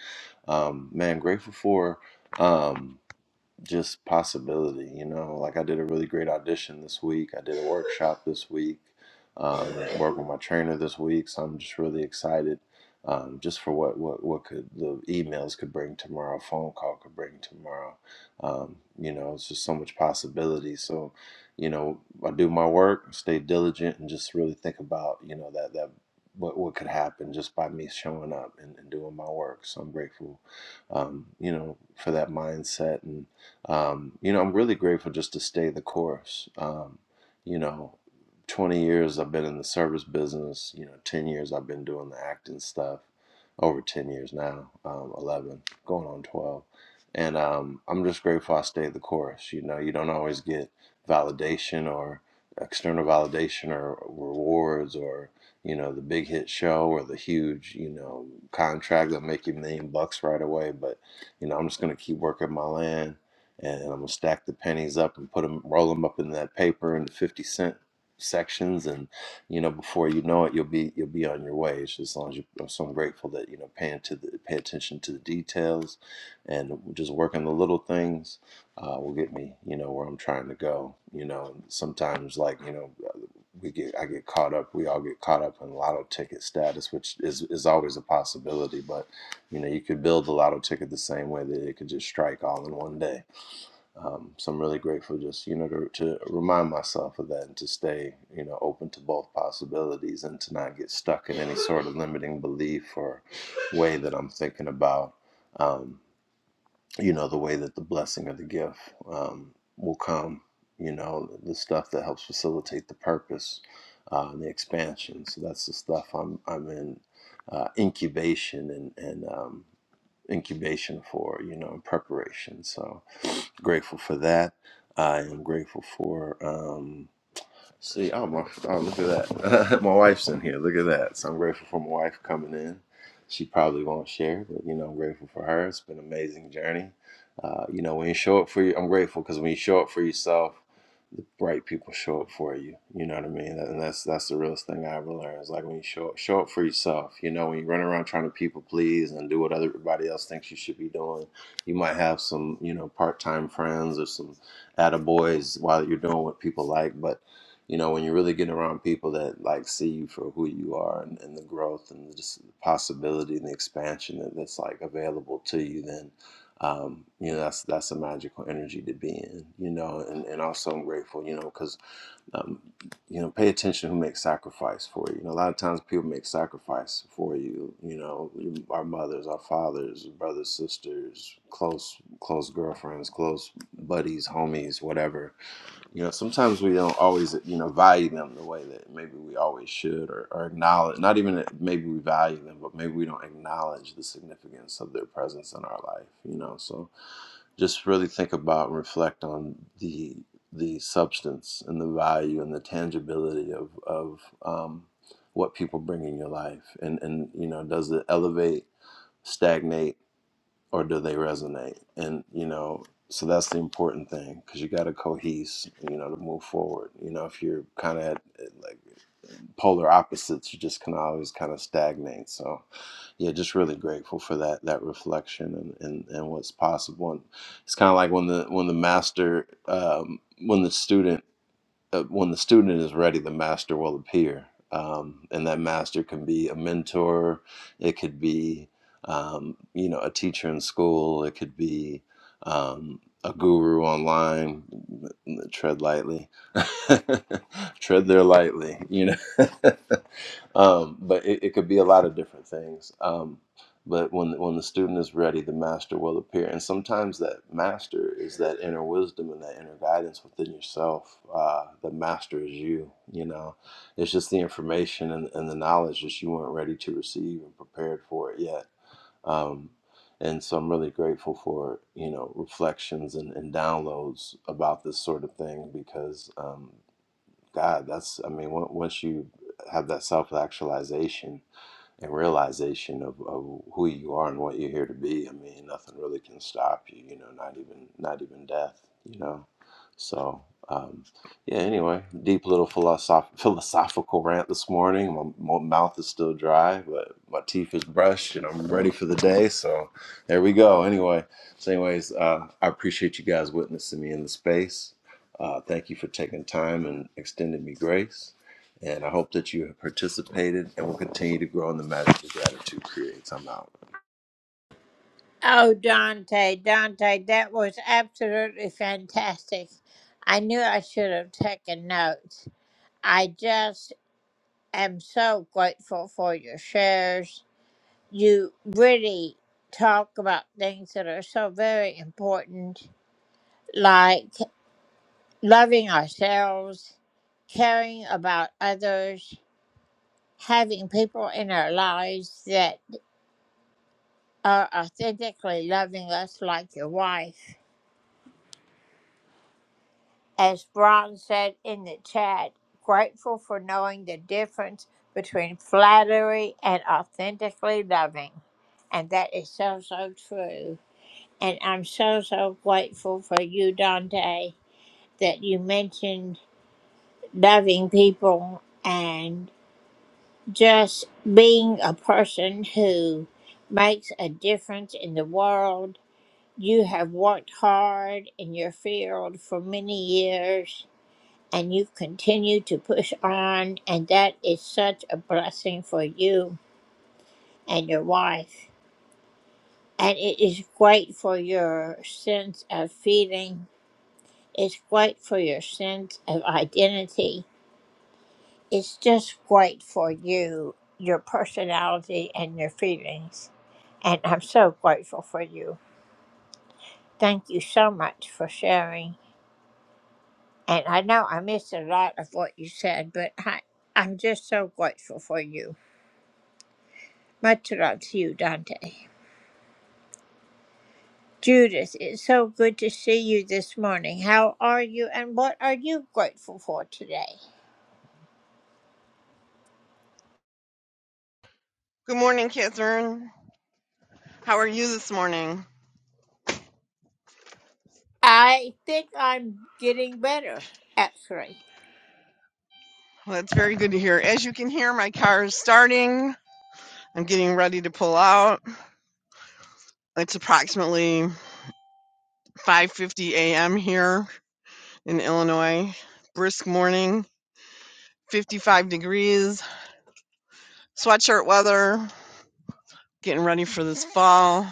Um, man, grateful for. Um, just possibility you know like i did a really great audition this week i did a workshop this week um, work with my trainer this week so i'm just really excited um, just for what, what what could the emails could bring tomorrow phone call could bring tomorrow um, you know it's just so much possibility so you know i do my work stay diligent and just really think about you know that that what, what could happen just by me showing up and, and doing my work so i'm grateful um, you know for that mindset and. Um, you know, I'm really grateful just to stay the course. Um, you know, 20 years I've been in the service business. You know, 10 years I've been doing the acting stuff. Over 10 years now, um, 11, going on 12. And um, I'm just grateful I stayed the course. You know, you don't always get validation or external validation or rewards or you know the big hit show or the huge you know contract that make you a million bucks right away but you know i'm just going to keep working my land and I'm gonna stack the pennies up and put them, roll them up in that paper into fifty cent sections, and you know, before you know it, you'll be you'll be on your way. It's just as long as you. So I'm so grateful that you know, paying to the pay attention to the details, and just working the little things uh, will get me, you know, where I'm trying to go. You know, sometimes like you know. We get, I get caught up. We all get caught up in lotto ticket status, which is is always a possibility. But you know, you could build the lotto ticket the same way that it could just strike all in one day um, so I'm really grateful just, you know, to, to remind myself of that and to stay, you know, open to both possibilities and to not get stuck in any sort of limiting belief or way that I'm thinking about, um, you know, the way that the blessing or the gift um, will come, you know, the stuff that helps facilitate the purpose uh, and the expansion. So that's the stuff I'm, I'm in uh, incubation and, and um, incubation for, you know, and preparation. So, Grateful for that. I am grateful for. Um, See, I'm a, oh, look at that. my wife's in here. Look at that. So I'm grateful for my wife coming in. She probably won't share, but you know, I'm grateful for her. It's been an amazing journey. Uh, you know, when you show up for you, I'm grateful because when you show up for yourself, the right people show up for you. You know what I mean? And that's that's the realest thing I ever learned. It's like when you show up, show up for yourself. You know, when you run around trying to people please and do what everybody else thinks you should be doing, you might have some, you know, part time friends or some attaboys while you're doing what people like, but you know, when you're really getting around people that like see you for who you are and, and the growth and just the possibility and the expansion that, that's like available to you, then um, you know that's that's a magical energy to be in, you know. And, and also I'm grateful, you know, because um, you know, pay attention who makes sacrifice for you. You know, a lot of times people make sacrifice for you. You know, our mothers, our fathers, brothers, sisters, close close girlfriends, close buddies, homies, whatever you know, sometimes we don't always, you know, value them the way that maybe we always should or, or acknowledge, not even that maybe we value them, but maybe we don't acknowledge the significance of their presence in our life, you know. So just really think about and reflect on the the substance and the value and the tangibility of, of um, what people bring in your life. And, and, you know, does it elevate, stagnate, or do they resonate? And you know, so that's the important thing because you got to cohese, you know, to move forward. You know, if you're kind of at at, like polar opposites, you just can always kind of stagnate. So, yeah, just really grateful for that that reflection and and, and what's possible. And it's kind of like when the when the master um, when the student uh, when the student is ready, the master will appear. Um, and that master can be a mentor, it could be, um, you know, a teacher in school, it could be um, a guru online. Tread lightly, tread there lightly, you know. um, but it, it could be a lot of different things. Um, but when when the student is ready, the master will appear. And sometimes that master is that inner wisdom and that inner guidance within yourself. Uh, the master is you. You know, it's just the information and, and the knowledge that you weren't ready to receive and prepared for it yet. Um, and so I'm really grateful for you know reflections and, and downloads about this sort of thing because um, God, that's I mean on- once you have that self actualization and realization of, of who you are and what you're here to be. I mean, nothing really can stop you, you know, not even not even death, you know. So um, yeah. Anyway, deep little philosoph- philosophical rant this morning. My, my mouth is still dry, but my teeth is brushed, and I'm ready for the day. So there we go. Anyway, so anyways, uh, I appreciate you guys witnessing me in the space. Uh, thank you for taking time and extending me grace. And I hope that you have participated and will continue to grow in the magic that gratitude creates. I'm out. Good morning, Catherine. How are you this morning? Well, it's very good to hear. As you can hear, my car is starting. I'm getting ready to pull out. It's approximately 5:50 a.m. here in Illinois. Brisk morning, 55 degrees, sweatshirt weather. Getting ready for this fall.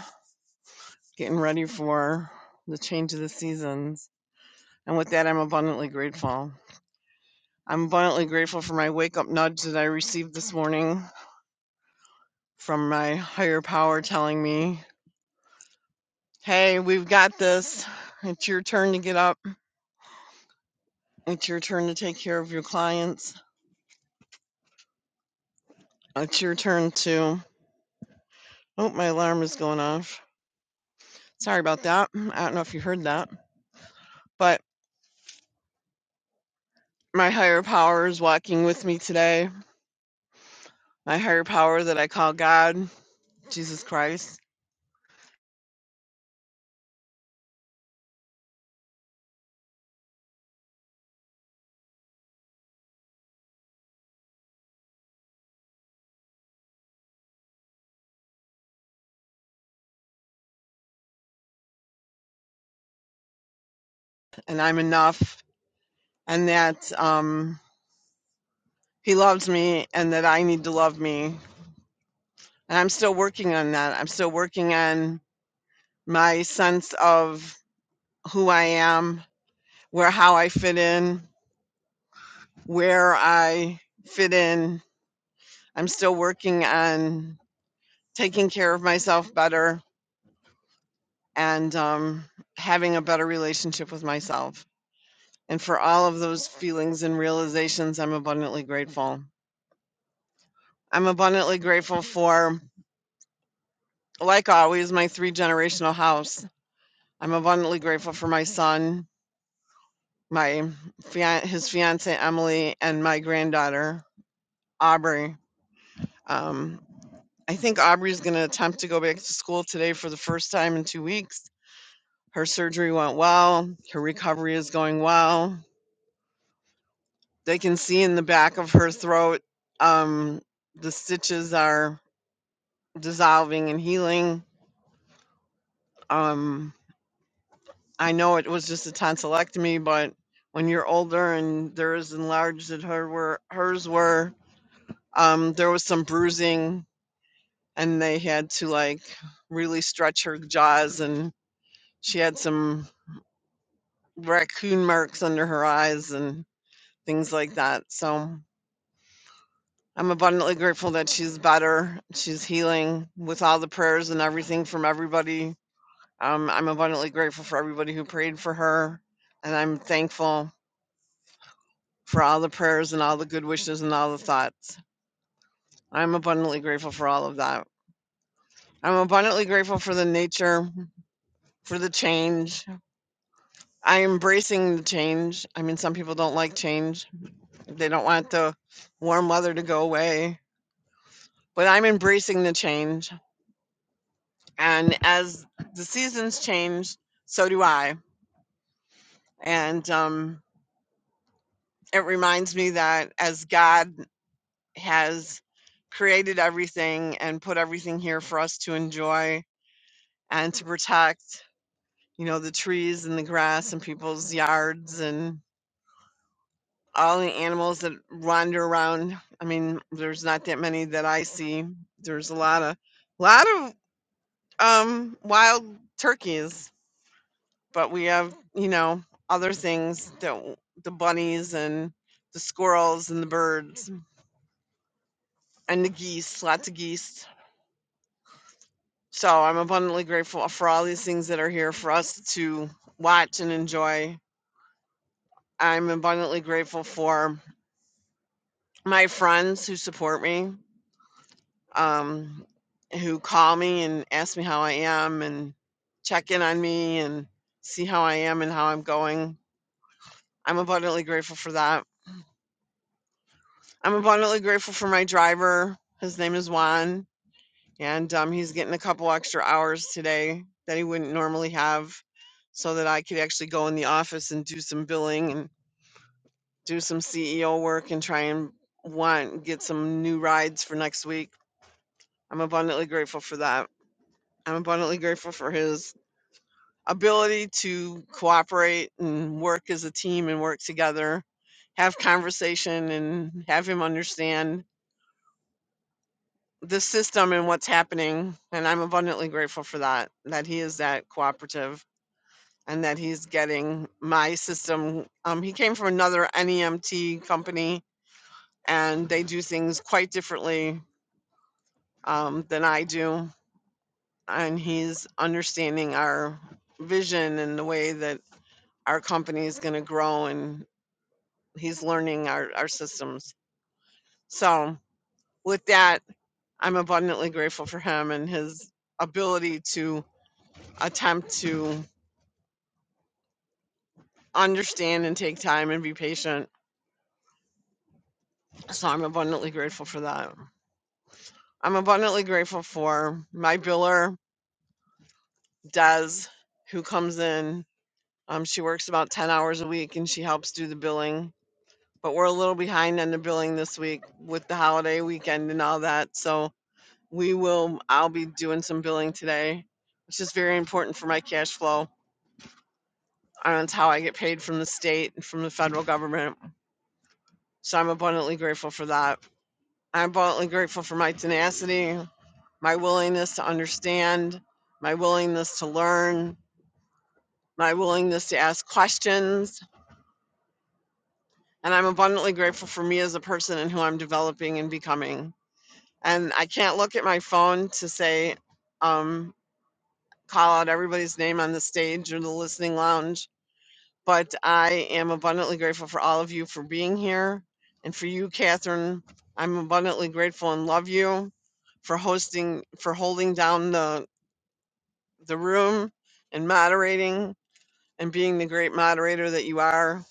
Getting ready for the change of the seasons. And with that, I'm abundantly grateful. I'm abundantly grateful for my wake up nudge that I received this morning from my higher power telling me, hey, we've got this. It's your turn to get up. It's your turn to take care of your clients. It's your turn to. Oh, my alarm is going off. Sorry about that. I don't know if you heard that, but my higher power is walking with me today. My higher power that I call God, Jesus Christ, and I'm enough, and that um, He loves me, and that I need to love me. And I'm still working on that. I'm still working on my sense of who I am, where how I fit in, where I fit in. I'm still working on taking care of myself better and um, having a better relationship with myself. And for all of those feelings and realizations, I'm abundantly grateful. I'm abundantly grateful for, like always, my three generational house. I'm abundantly grateful for my son, my fian- his fiance Emily, and my granddaughter Aubrey. Um, I think Aubrey's going to attempt to go back to school today for the first time in two weeks. Her surgery went well. Her recovery is going well. They can see in the back of her throat um, the stitches are dissolving and healing. Um, I know it was just a tonsillectomy, but when you're older and they're as enlarged as her were, hers were, um, there was some bruising, and they had to like really stretch her jaws and She had some raccoon marks under her eyes and things like that. So I'm abundantly grateful that she's better. She's healing with all the prayers and everything from everybody. Um, I'm abundantly grateful for everybody who prayed for her. And I'm thankful for all the prayers and all the good wishes and all the thoughts. I'm abundantly grateful for all of that. I'm abundantly grateful for the nature, for the change. I am embracing the change. I mean, some people don't like change They don't want the warm weather to go away. But I'm embracing the change. And as the seasons change, so do I. And um, it reminds me that as God has created everything and put everything here for us to enjoy and to protect, you know, the trees and the grass and people's yards and all the animals that wander around. I mean, there's not that many that I see. There's a lot of, lot of Um, wild turkeys, but we have, you know, other things, the the bunnies and the squirrels and the birds and the geese, lots of geese. So I'm abundantly grateful for all these things that are here for us to watch and enjoy. I'm abundantly grateful for my friends who support me, um, who call me and ask me how I am and check in on me and see how I am and how I'm going. I'm abundantly grateful for that. I'm abundantly grateful for my driver. His name is Juan, and um, he's getting a couple extra hours today that he wouldn't normally have so that I could actually go in the office and do some billing and do some CEO work and try and want get some new rides for next week. I'm abundantly grateful for that. I'm abundantly grateful for his ability to cooperate and work as a team and work together, have conversation and have him understand the system and what's happening and i'm abundantly grateful for that that he is that cooperative and that he's getting my system um, he came from another nemt company and they do things quite differently um, than i do and he's understanding our vision and the way that our company is going to grow and he's learning our, our systems so with that i'm abundantly grateful for him and his ability to attempt to understand and take time and be patient. So I'm abundantly grateful for that. I'm abundantly grateful for my biller, Des, who comes in. Um, she works about 10 hours a week and she helps do the billing. But we're a little behind on the billing this week with the holiday weekend and all that. So we will, I'll be doing some billing today, which is very important for my cash flow. And it's how I get paid from the state and from the federal government. So I'm abundantly grateful for that. I'm abundantly grateful for my tenacity, my willingness to understand, my willingness to learn, my willingness to ask questions. And I'm abundantly grateful for me as a person and who I'm developing and becoming. And I can't look at my phone to say, um, call out everybody's name on the stage or the listening lounge. But I am abundantly grateful for all of you for being here. And for you, Catherine, I'm abundantly grateful and love you for hosting, for holding down the the room and moderating and being the great moderator that you are.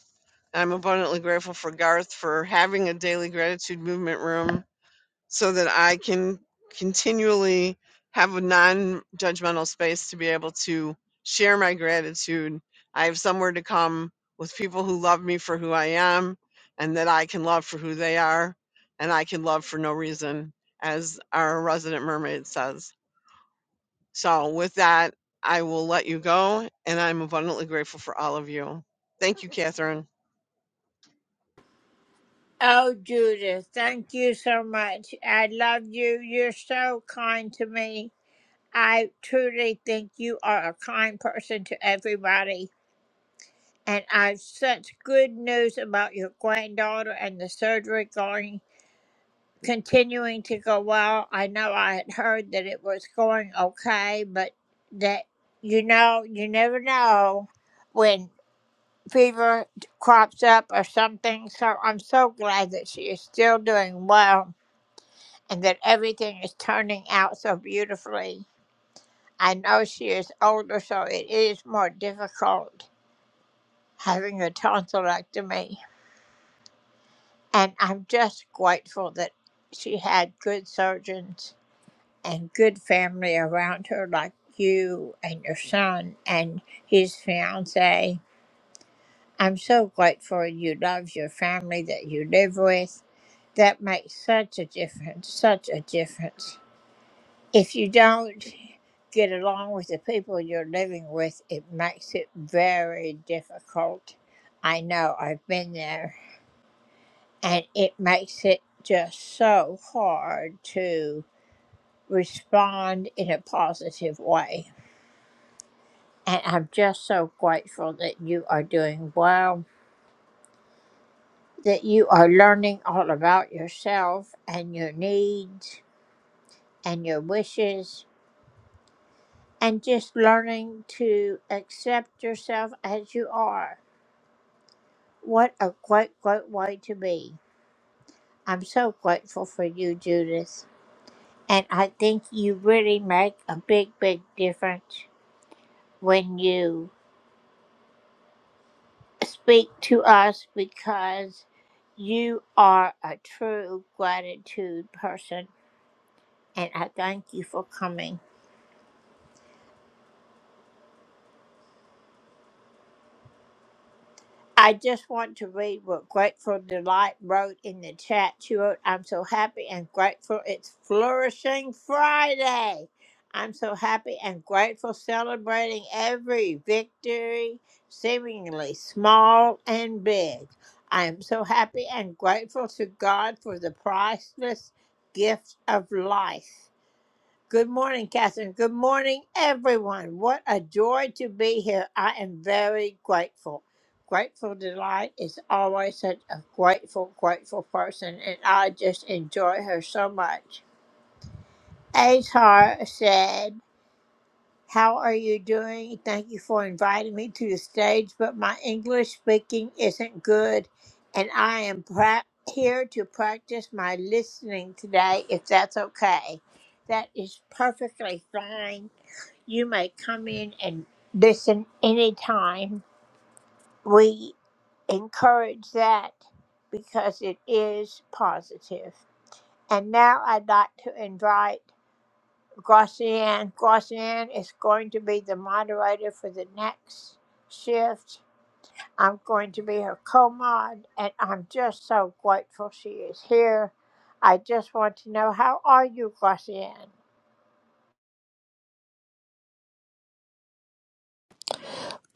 I'm abundantly grateful for Garth for having a daily gratitude movement room so that I can continually have a non judgmental space to be able to share my gratitude. I have somewhere to come with people who love me for who I am and that I can love for who they are and I can love for no reason, as our resident mermaid says. So, with that, I will let you go, and I'm abundantly grateful for all of you. Thank you, Catherine.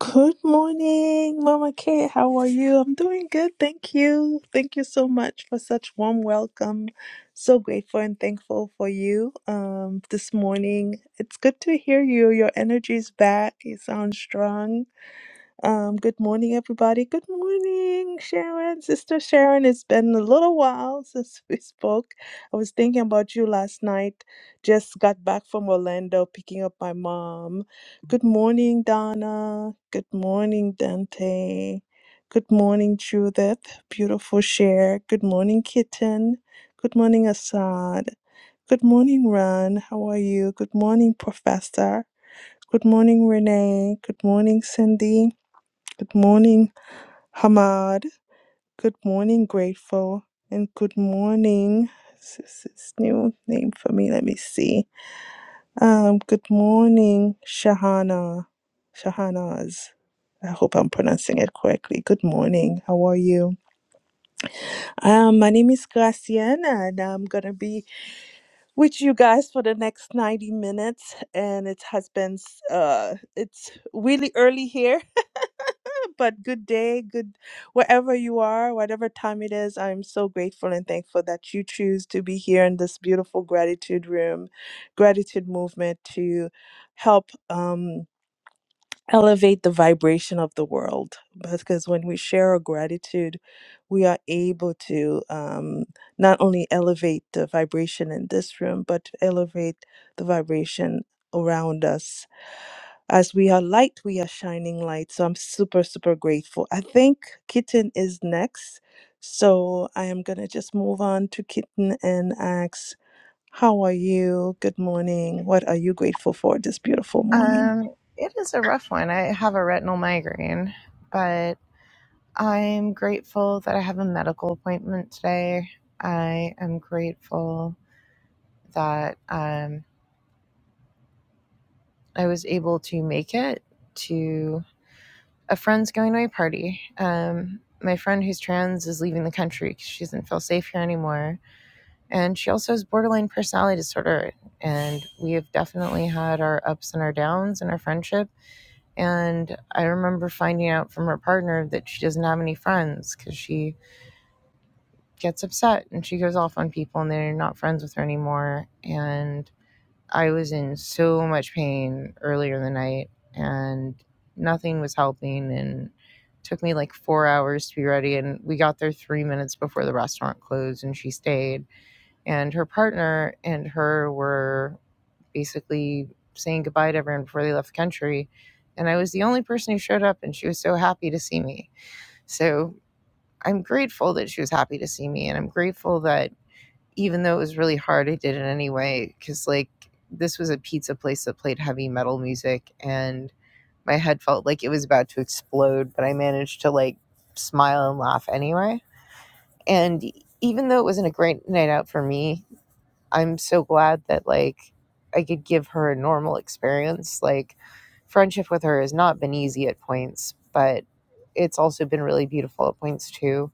Good morning, Mama Kate. How are you? I'm doing good. Thank you. Thank you so much for such warm welcome. So grateful and thankful for you um, this morning. It's good to hear you. Your energy's back. You sound strong. Um, good morning, everybody. Good morning, Sharon. Sister Sharon, it's been a little while since we spoke. I was thinking about you last night. Just got back from Orlando picking up my mom. Good morning, Donna. Good morning, Dante. Good morning, Judith. Beautiful share. Good morning, Kitten. Good morning, Assad. Good morning, Ron. How are you? Good morning, Professor. Good morning, Renee. Good morning, Cindy. Good morning, Hamad. Good morning, Grateful. And good morning. This is new name for me. Let me see. Um, good morning, Shahana. Shahana's. I hope I'm pronouncing it correctly. Good morning. How are you? Um, my name is Graciana, and I'm gonna be with you guys for the next 90 minutes. And it has been s- uh, it's really early here but good day, good wherever you are, whatever time it is. I'm so grateful and thankful that you choose to be here in this beautiful gratitude room, gratitude movement to help um, elevate the vibration of the world. Because when we share our gratitude, we are able to um, not only elevate the vibration in this room, but to elevate the vibration around us as we are light, we are shining light. So I'm super, super grateful. I think Kitten is next. So I am going to just move on to Kitten and ask, How are you? Good morning. What are you grateful for this beautiful morning? Um, it is a rough one. I have a retinal migraine, but I'm grateful that I have a medical appointment today. I am grateful that um, I was able to make it to a friend's going away party. Um, my friend who's trans is leaving the country because she doesn't feel safe here anymore. And she also has borderline personality disorder. And we have definitely had our ups and our downs in our friendship And I remember finding out from her partner that she doesn't have any friends because she gets upset and she goes off on people and they're not friends with her anymore. And I was in so much pain earlier in the night and nothing was helping. And it took me like four hours to be ready. And we got there three minutes before the restaurant closed and she stayed. And her partner and her were basically saying goodbye to everyone before they left the country. And I was the only person who showed up, and she was so happy to see me. So I'm grateful that she was happy to see me. And I'm grateful that even though it was really hard, I did it anyway. Cause like this was a pizza place that played heavy metal music, and my head felt like it was about to explode, but I managed to like smile and laugh anyway. And e-, even though it wasn't a great night out for me, I'm so glad that like I could give her a normal experience. Like friendship with her has not been easy at points, but it's also been really beautiful at points too.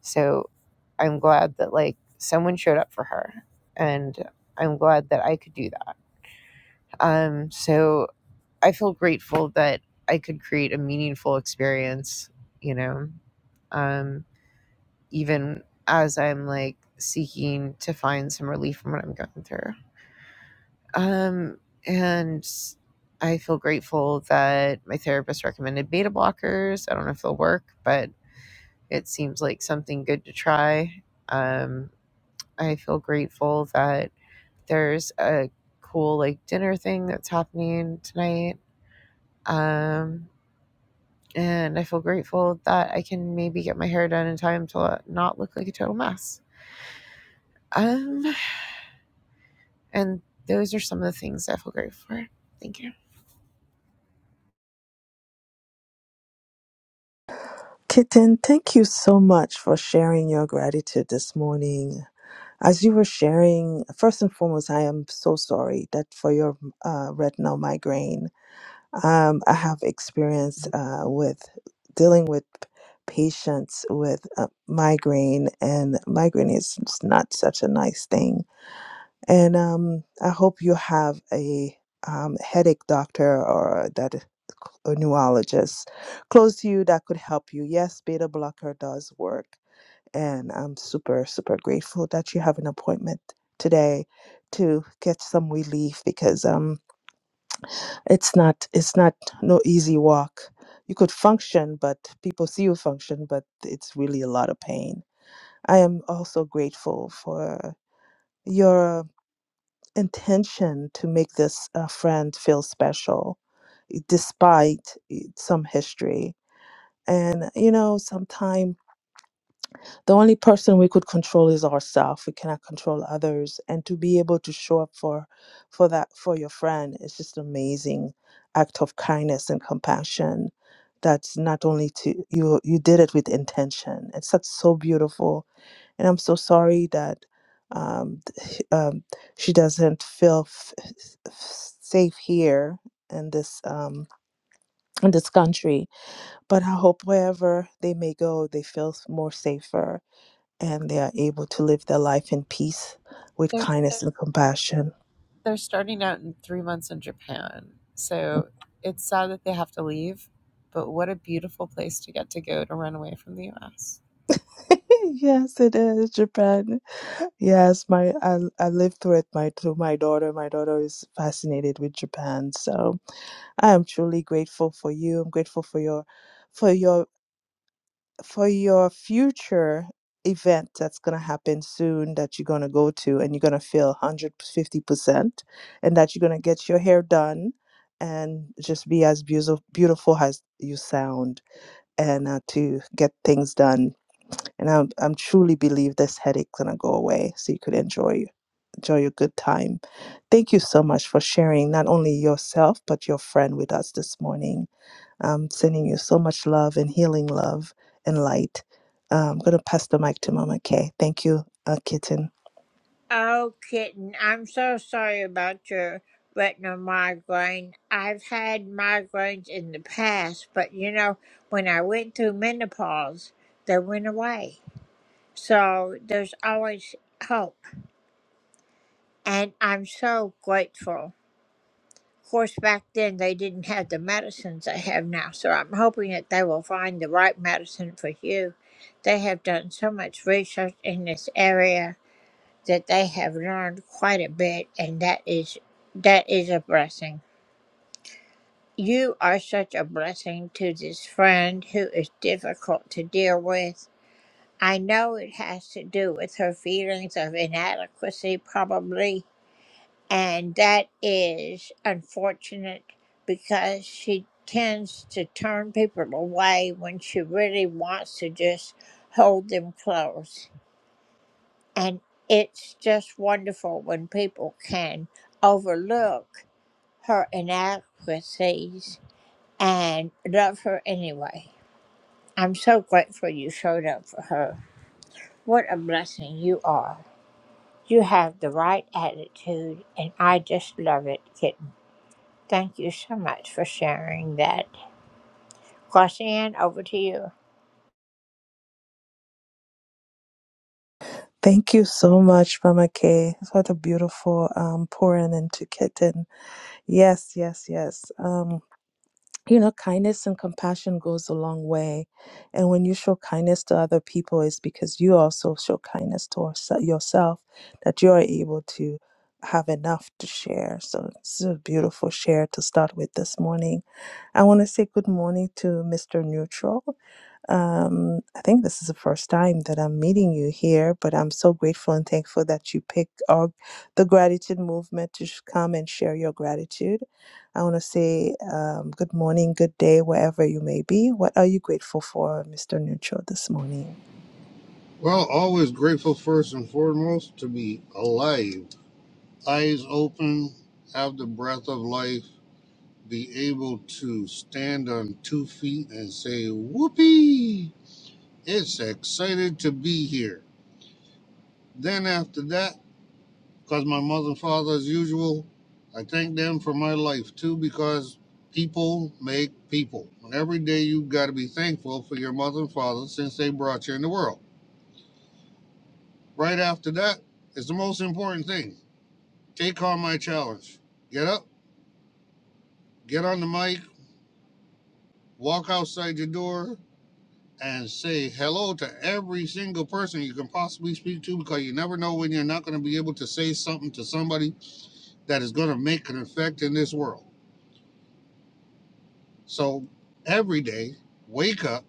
So I'm glad that like someone showed up for her and I'm glad that I could do that. Um so I feel grateful that I could create a meaningful experience, you know. Um even as I'm like seeking to find some relief from what I'm going through. Um, and I feel grateful that my therapist recommended beta blockers. I don't know if they'll work, but it seems like something good to try. Um, I feel grateful that there's a cool like dinner thing that's happening tonight. Um, and I feel grateful that I can maybe get my hair done in time to not look like a total mess. Um, and those are some of the things I feel grateful for. Thank you. Kitten, thank you so much for sharing your gratitude this morning. As you were sharing, first and foremost, I am so sorry that for your uh, retinal migraine Um, I have experience uh, with dealing with patients with uh, migraine, and migraine is s- not such a nice thing. And um, I hope you have a um, headache doctor or that a neurologist close to you that could help you. Yes, beta blocker does work, and I'm super super grateful that you have an appointment today to get some relief because um it's not it's not no easy walk you could function but people see you function but it's really a lot of pain i am also grateful for your intention to make this uh, friend feel special despite eh, some history and you know sometime the only person we could control is ourselves we cannot control others and to be able to show up for for that for your friend is just an amazing act of kindness and compassion that's not only to you you did it with intention it's that's so beautiful and i'm so sorry that um, th- um she doesn't feel f- f- safe here in this um in this country but i hope wherever they may go they feel more safer and they are able to live their life in peace with There's kindness and compassion. they're starting out in three months in Japan. So it's sad that they have to leave, but what a beautiful place to get to go to run away from the US. yes, it is Japan. Yes, my I, I lived through it. My through my daughter. My daughter is fascinated with Japan. So I am truly grateful for you. I'm grateful for your, for your, for your future event that's going to happen soon that you're going to go to and you're going to feel 150% and that you're going to get your hair done and just be as beautiful beautiful as you sound and uh, to get things done. And I'm, I'm truly believe this headache's gonna go away, so you could enjoy enjoy your good time. Thank you so much for sharing not only yourself but your friend with us this morning. I'm sending you so much love and healing love and light. Uh, I'm gonna pass the mic to Mama Kay. Thank you, uh, Kitten. Thank you so much, Mama Kay, for the beautiful um, pouring into Kitten. Yes, yes, yes. Um, you know kindness and compassion goes a long way and when you show kindness to other people it's because you also show kindness to ourse- yourself that you are able to have enough to share so it's a beautiful share to start with this morning i want to say good morning to mr neutral um, I think this is the first time that I'm meeting you here, but I'm so grateful and thankful that you picked our, the gratitude movement to sh- come and share your gratitude. I want to say um, good morning, good day, wherever you may be. What are you grateful for, Mr. Neutral, this morning? Well, always grateful first and foremost to be alive, eyes open, have the breath of life, be able to stand on two feet and say, Whoopee! It's excited to be here. Then, after that, because my mother and father, as usual, I thank them for my life too, because people make people. And every day you you've got to be thankful for your mother and father since they brought you in the world. Right after that, it's the most important thing. Take on my challenge. Get up, get on the mic, walk outside your door, and say hello to every single person you can possibly speak to because you never know when you're not going to be able to say something to somebody that is going to make an effect in this world. So every day, wake up,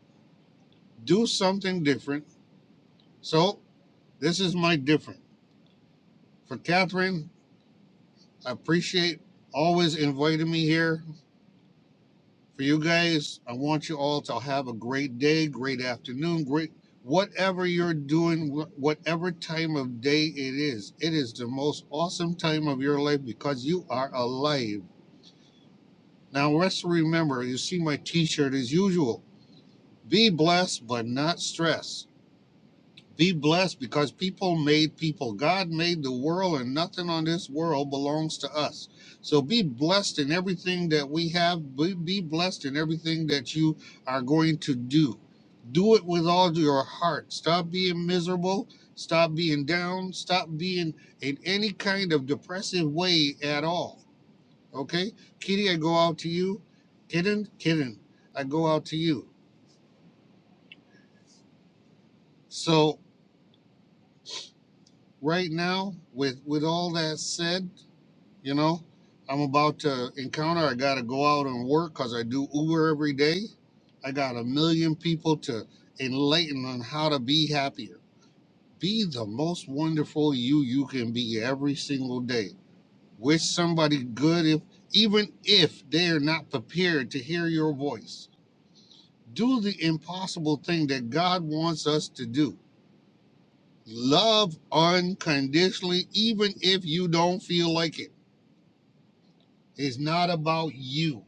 do something different. So this is my different. For Catherine, I appreciate always inviting me here. For you guys, I want you all to have a great day, great afternoon, great whatever you're doing, whatever time of day it is. It is the most awesome time of your life because you are alive. Now, let's remember, you see my t shirt as usual. Be blessed, but not stressed. Be blessed because people made people. God made the world, and nothing on this world belongs to us. So be blessed in everything that we have. Be, be blessed in everything that you are going to do. Do it with all your heart. Stop being miserable. Stop being down. Stop being in any kind of depressive way at all. Okay? Kitty, I go out to you. Kitten, kitten, I go out to you. So, right now, with, with all that said, You know, I'm about to encounter. I got to go out and work because I do Uber every day. I got a million people to enlighten on how to be happier. Be the most wonderful you you can be every single day. Wish somebody good if even if they're not prepared to hear your voice. Do the impossible thing that God wants us to do. Love unconditionally even if you don't feel like it. It's not about you.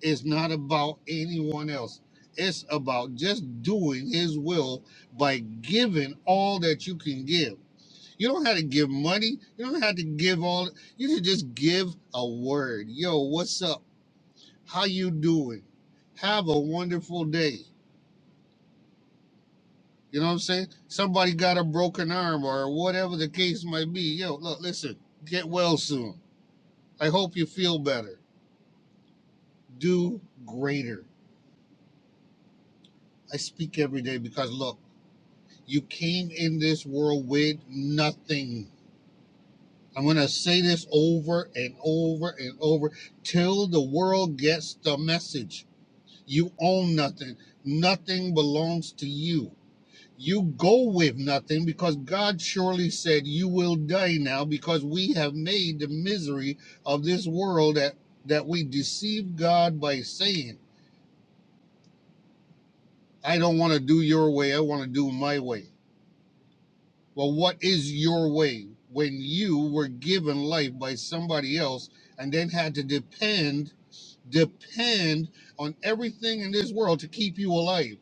It's not about anyone else. It's about just doing His will by giving all that you can give. You don't have to give money. You don't have to give all. You should just give a word. Yo, what's up? How you doing? Have a wonderful day. You know what I'm saying? Somebody got a broken arm or whatever the case might be. Yo, look, listen. Get well soon. I hope you feel better. Do greater. I speak every day because look. You came in this world with nothing. I'm going to say this over and over and over till the world gets the message. You own nothing, nothing belongs to you. You go with nothing because God surely said you will die now because we have made the misery of this world that, that we deceive God by saying, I don't want to do your way, I want to do my way. Well, what is your way when you were given life by somebody else and then had to depend depend on everything in this world to keep you alive?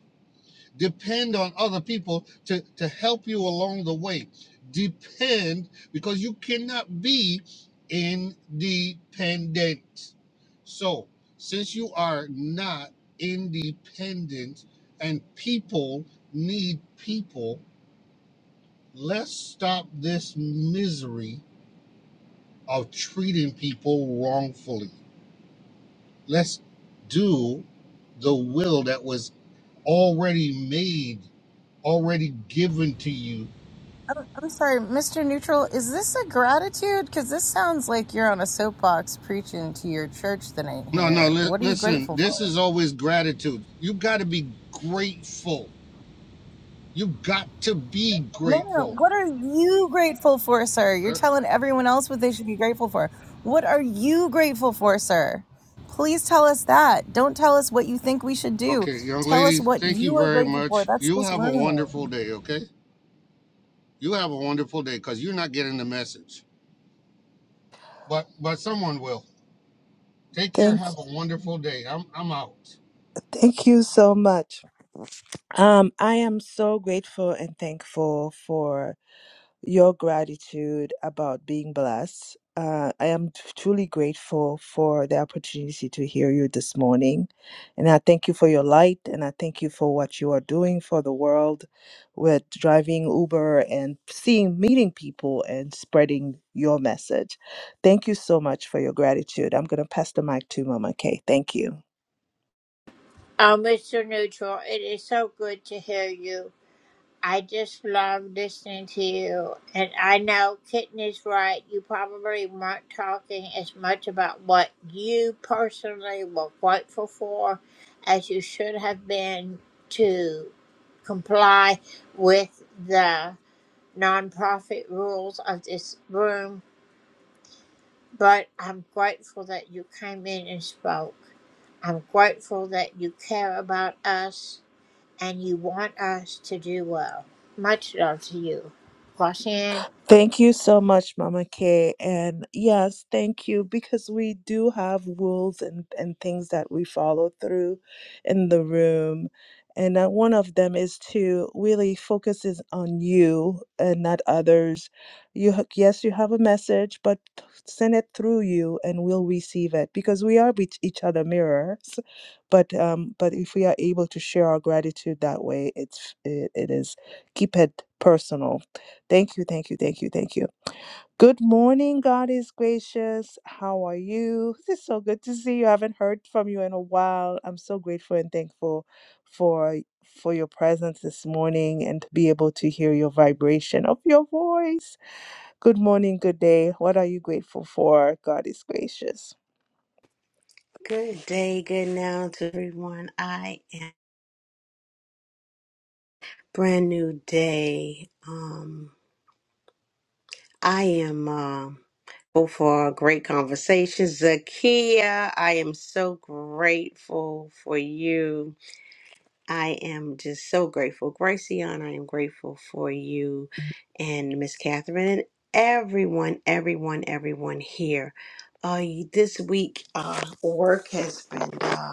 Depend on other people to, to help you along the way. Depend because you cannot be independent. So, since you are not independent and people need people, let's stop this misery of treating people wrongfully. Let's do the will that was already made, already given to you. I'm sorry, Mr. Neutral, is this a gratitude? Because this sounds like you're on a soapbox preaching to your church tonight No, no, here. li- What are you listen, grateful this for? is always gratitude. You got to be grateful. You got to be No, no, grateful. what are you grateful for, sir? You're Uh, telling everyone else what they should be grateful for. What are you grateful for, sir? Please tell us that. Don't tell us what you think we should do. Okay, young Tell us lady, what thank you you are very grateful for. much. That's You this have a room. wonderful day, okay? You have a wonderful day because you're not getting the message. But but someone will. Take care. Thank, Have a wonderful day. I'm I'm out. thank you so much. Um, I am so grateful and thankful for your gratitude about being blessed. Uh, I am t- truly grateful for the opportunity to hear you this morning. And I thank you for your light and I thank you for what you are doing for the world with driving Uber and seeing, meeting people and spreading your message. Thank you so much for your gratitude. I'm going to pass the mic to Mama Kay. Thank you. Thank you so much, Mama Kay. And yes, thank you because we do have rules and, and things that we follow through in the room. And uh, one of them is to really focus is on you and not others. You ha- yes, you have a message, but th- send it through you, and we'll receive it because we are each each other mirrors. But um, but if we are able to share our gratitude that way, it's it, it is keep it personal Thank you, thank you, thank you, thank you. Good morning, God is gracious. How are you? It's so good to see you. I haven't heard from you in a while. I'm so grateful and thankful for for your presence this morning and to be able to hear your vibration of your voice. Good morning, good day. What are you grateful for? God is gracious. Good day, good now to everyone. I am brand new day. Um, I am um grateful for great conversations. Zakia, I am so grateful for you. I am just so grateful. Gracian, I am grateful for you and Miss Catherine and everyone, everyone, everyone here. Uh, this week, uh, work has been. uh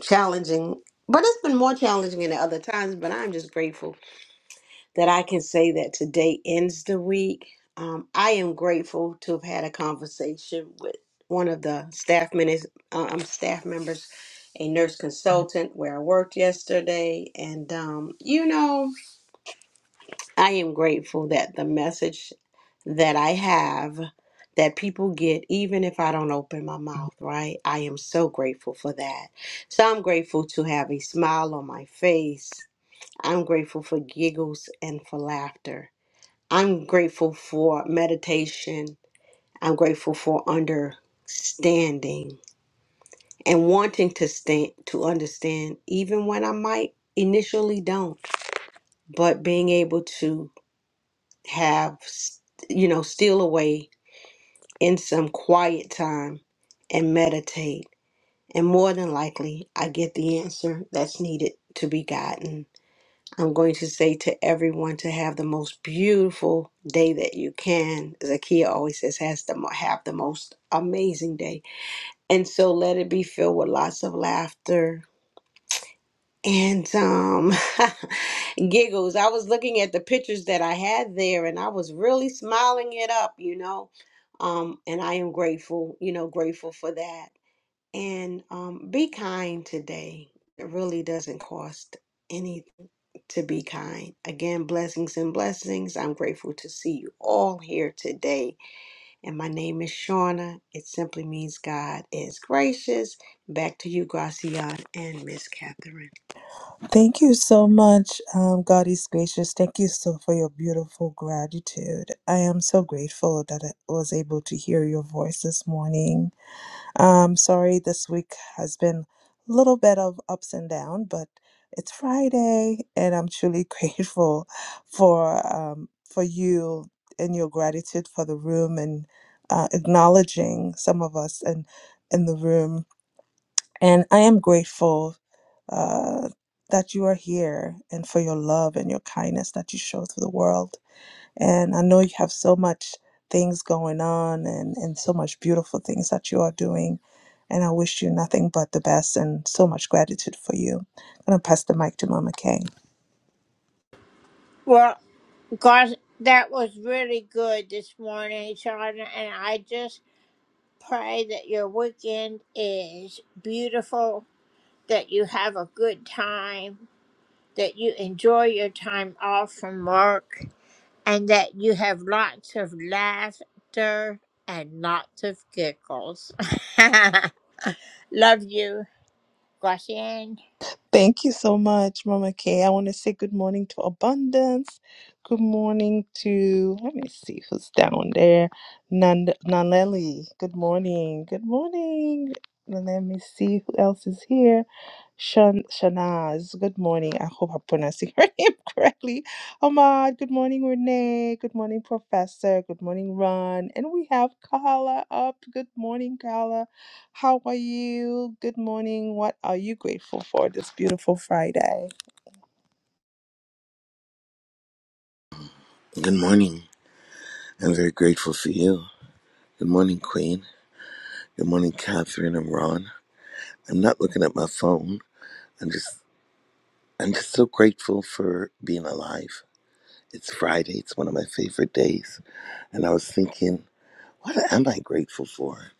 challenging, but it's been more challenging than other times. But I'm just grateful that I can say that today ends the week. Um, I am grateful to have had a conversation with one of the staff members, um, staff members, a nurse consultant where I worked yesterday, and um, you know. I am grateful that the message that I have that people get even if I don't open my mouth, right? I am so grateful for that. So I'm grateful to have a smile on my face. I'm grateful for giggles and for laughter. I'm grateful for meditation. I'm grateful for understanding and wanting to stand to understand even when I might initially don't, but being able to have, you know, steal away in some quiet time and meditate. And more than likely, I get the answer that's needed to be gotten. I'm going to say to everyone to have the most beautiful day that you can. Zakia always says, has the, mo- have the most amazing day. And so let it be filled with lots of laughter, and um giggles i was looking at the pictures that i had there and i was really smiling it up you know um and i am grateful you know grateful for that and um be kind today it really doesn't cost anything to be kind again blessings and blessings i'm grateful to see you all here today and my name is shauna it simply means god is gracious back to you gracian and miss catherine Thank you so much. Um, God is gracious. Thank you so for your beautiful gratitude. I am so grateful that I was able to hear your voice this morning. I'm sorry this week has been a little bit of ups and down, but it's Friday and I'm truly grateful for um, for you and your gratitude for the room and uh, acknowledging some of us in in the room. And I am grateful uh, that you are here and for your love and your kindness that you show to the world. And I know you have so much things going on and, and so much beautiful things that you are doing. And I wish you nothing but the best and so much gratitude for you. I'm going to pass the mic to Mama Kay. Thank you so much, Mama Kay. I want to say good morning to Abundance. Good morning to, let me see who's down there. Nan- Nanelli. Good morning. Good morning. Let me see who else is here. Shan- Shanaz, good morning. I hope I'm pronouncing her name correctly. Ahmad. Good morning, Renee. Good morning, Professor. Good morning, Ron. And we have Carla up. Good morning, Carla. How are you? Good morning. What are you grateful for this beautiful Friday? Good morning. I'm very grateful for you. Good morning, Queen. Good morning, Catherine and Ron. I'm not looking at my phone. I'm just I'm just so grateful for being alive. It's Friday, it's one of my favorite days. And I was thinking, what am I grateful for?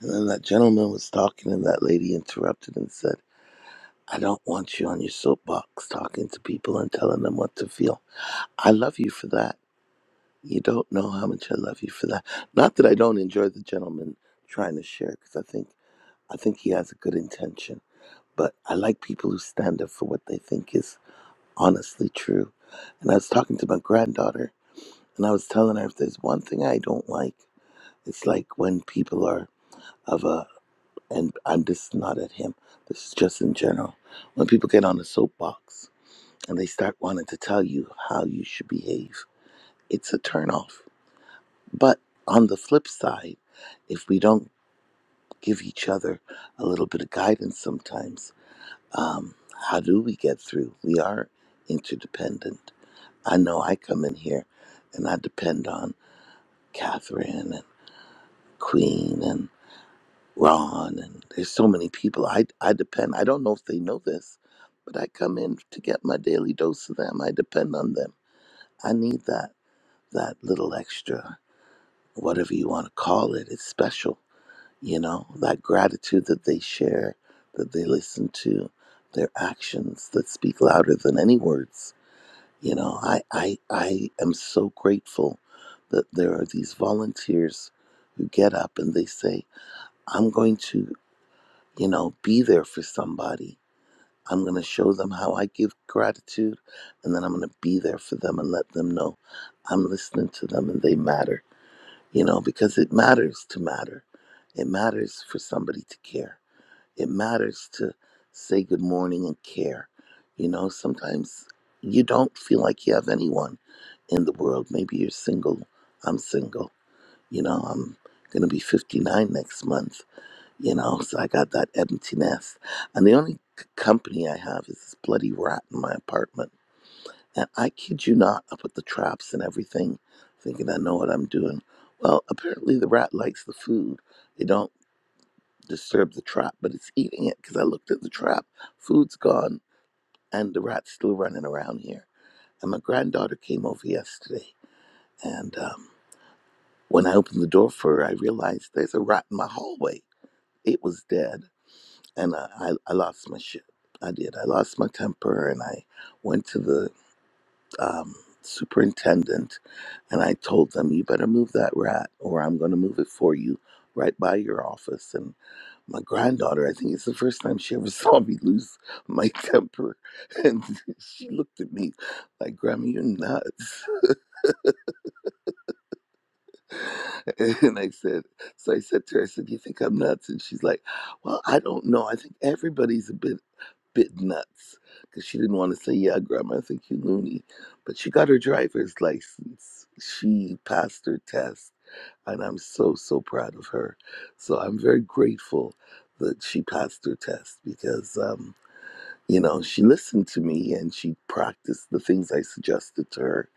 And then that gentleman was talking and that lady interrupted and said, I don't want you on your soapbox talking to people and telling them what to feel. I love you for that. You don't know how much I love you for that. Not that I don't enjoy the gentleman trying to share, because I think I think he has a good intention. But I like people who stand up for what they think is honestly true. And I was talking to my granddaughter, and I was telling her if there's one thing I don't like, it's like when people are of a and I'm just not at him. This is just in general. When people get on a soapbox and they start wanting to tell you how you should behave, it's a turnoff But on the flip side, if we don't give each other a little bit of guidance sometimes, um, how do we get through? We are interdependent. I know I come in here and I depend on Catherine and Queen and Ron, and there's so many people I, I depend. I don't know if they know this, but I come in to get my daily dose of them. I depend on them. I need that that little extra, whatever you want to call it. It's special you know that gratitude that they share that they listen to their actions that speak louder than any words you know i i i am so grateful that there are these volunteers who get up and they say i'm going to you know be there for somebody i'm going to show them how i give gratitude and then i'm going to be there for them and let them know i'm listening to them and they matter you know because it matters to matter it matters for somebody to care it matters to say good morning and care. You know, sometimes you don't feel like you have anyone in the world. Maybe you're single. I'm single. You know, I'm going to be 59 next month. You know, so I got that empty nest. And the only c- company I have is this bloody rat in my apartment. And I kid you not, I put the traps and everything, thinking I know what I'm doing. Well, apparently the rat likes the food. They don't disturb the trap, but it's eating it because I looked at the trap. Food's gone, and the rat's still running around here. And my granddaughter came over yesterday, and um, when I opened the door for her, I realized there's a rat in my hallway. It was dead, and I, I, I lost my shit. I did. I lost my temper, and I went to the um, superintendent, and I told them, "You better move that rat, or I'm going to move it for you." Right by your office, And my granddaughter, I think it's the first time she ever saw me lose my temper. And she looked at me like, Grandma, you're nuts. And I said, so I said to her, I said, you think I'm nuts? And she's like, well, I don't know. I think everybody's a bit, bit nuts. Because she didn't want to say, yeah, Grandma, I think you're loony. But she got her driver's license. She passed her test. And I'm so, so proud of her. So I'm very grateful that she passed her test because, um, you know, she listened to me and she practiced the things I suggested to her.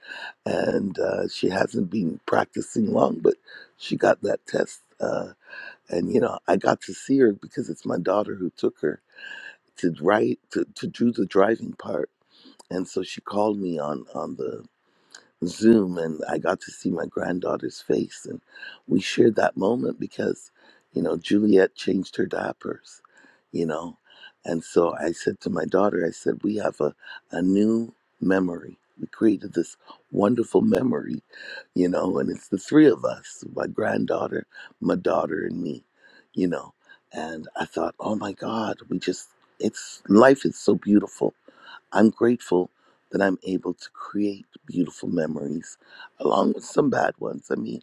And uh, she hasn't been practicing long, but she got that test. Uh, and, you know, I got to see her because it's my daughter who took her to write, to, to do the driving part. And so she called me on, on the Zoom, and I got to see my granddaughter's face, and we shared that moment because, you know, Juliet changed her diapers, you know, and so I said to my daughter, I said, we have a a new memory. We created this wonderful memory, you know, and it's the three of us, my granddaughter, my daughter, and me, you know. And I thought, oh my God, we just, it's life is so beautiful I'm grateful that I'm able to create beautiful memories along with some bad ones. I mean,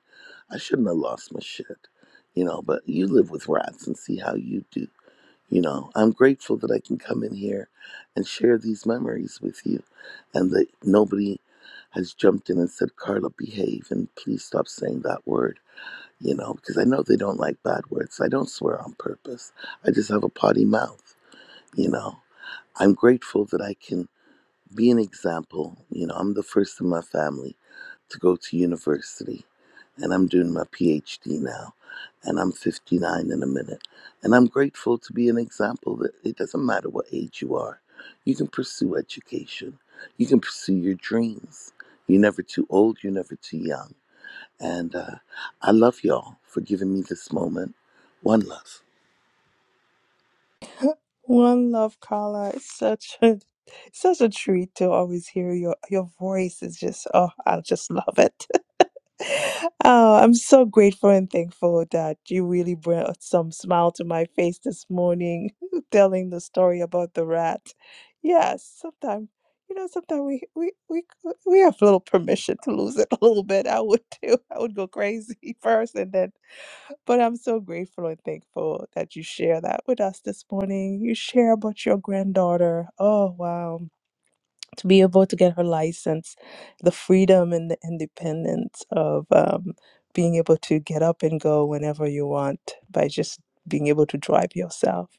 I shouldn't have lost my shit, you know, but you live with rats and see how you do. You know, I'm grateful that I can come in here and share these memories with you and that nobody has jumped in and said, Carla, behave and please stop saying that word, you know, because I know they don't like bad words. I don't swear on purpose. I just have a potty mouth, you know. I'm grateful that I can be an example. You know, I'm the first in my family to go to university, and I'm doing my PhD now, and I'm 59 in a minute. And I'm grateful to be an example that it doesn't matter what age you are, you can pursue education, you can pursue your dreams. You're never too old, you're never too young. And uh, I love y'all for giving me this moment. One love. One love, Carla. It's such a it's such a treat to always hear your your voice. Is just oh, I just love it. Oh, I'm so grateful and thankful that you really brought some smile to my face this morning, telling the story about the rat. Yes, sometimes you know, sometimes we we we we have little permission to lose it a little bit. I would too. I would go crazy first, and then but I'm so grateful and thankful that you share that with us this morning. You share about your granddaughter. Oh, wow. To be able to get her license, the freedom and the independence of um, being able to get up and go whenever you want by just being able to drive yourself.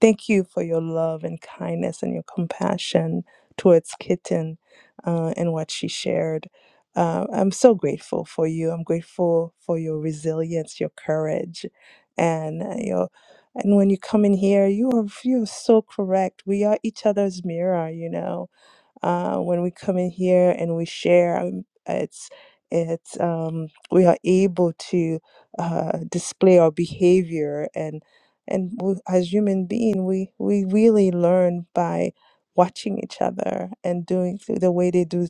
Thank you for your love and kindness and your compassion towards Kitten uh, and what she shared. Uh, I'm so grateful for you. I'm grateful for your resilience, your courage, and uh, your. And when you come in here, you are you are so correct. We are each other's mirror, you know uh, when we come in here and we share um, it's it's um, we are able to uh, display our behavior and and we, as human being we we really learn by watching each other and doing th- the way they do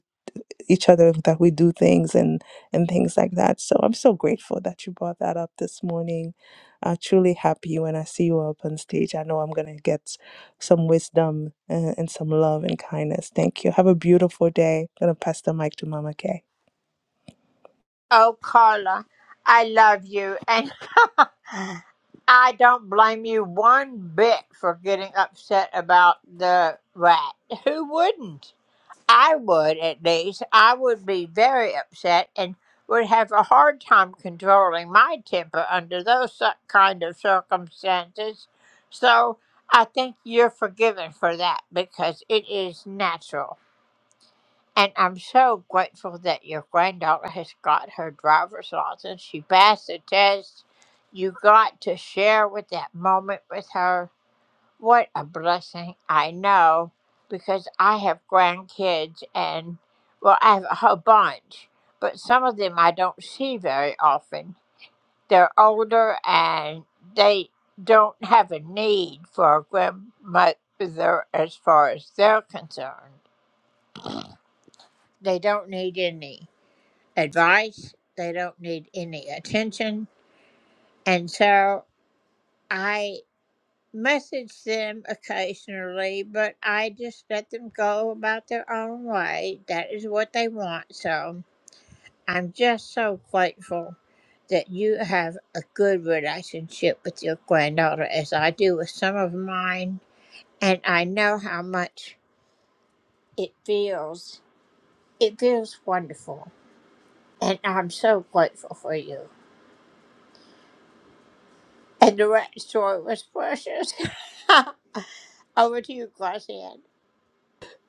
each other that we do things and and things like that so i'm so grateful that you brought that up this morning i'm truly happy when i see you up on stage i know i'm going to get some wisdom and, and some love and kindness thank you have a beautiful day i'm going to pass the mic to mama kay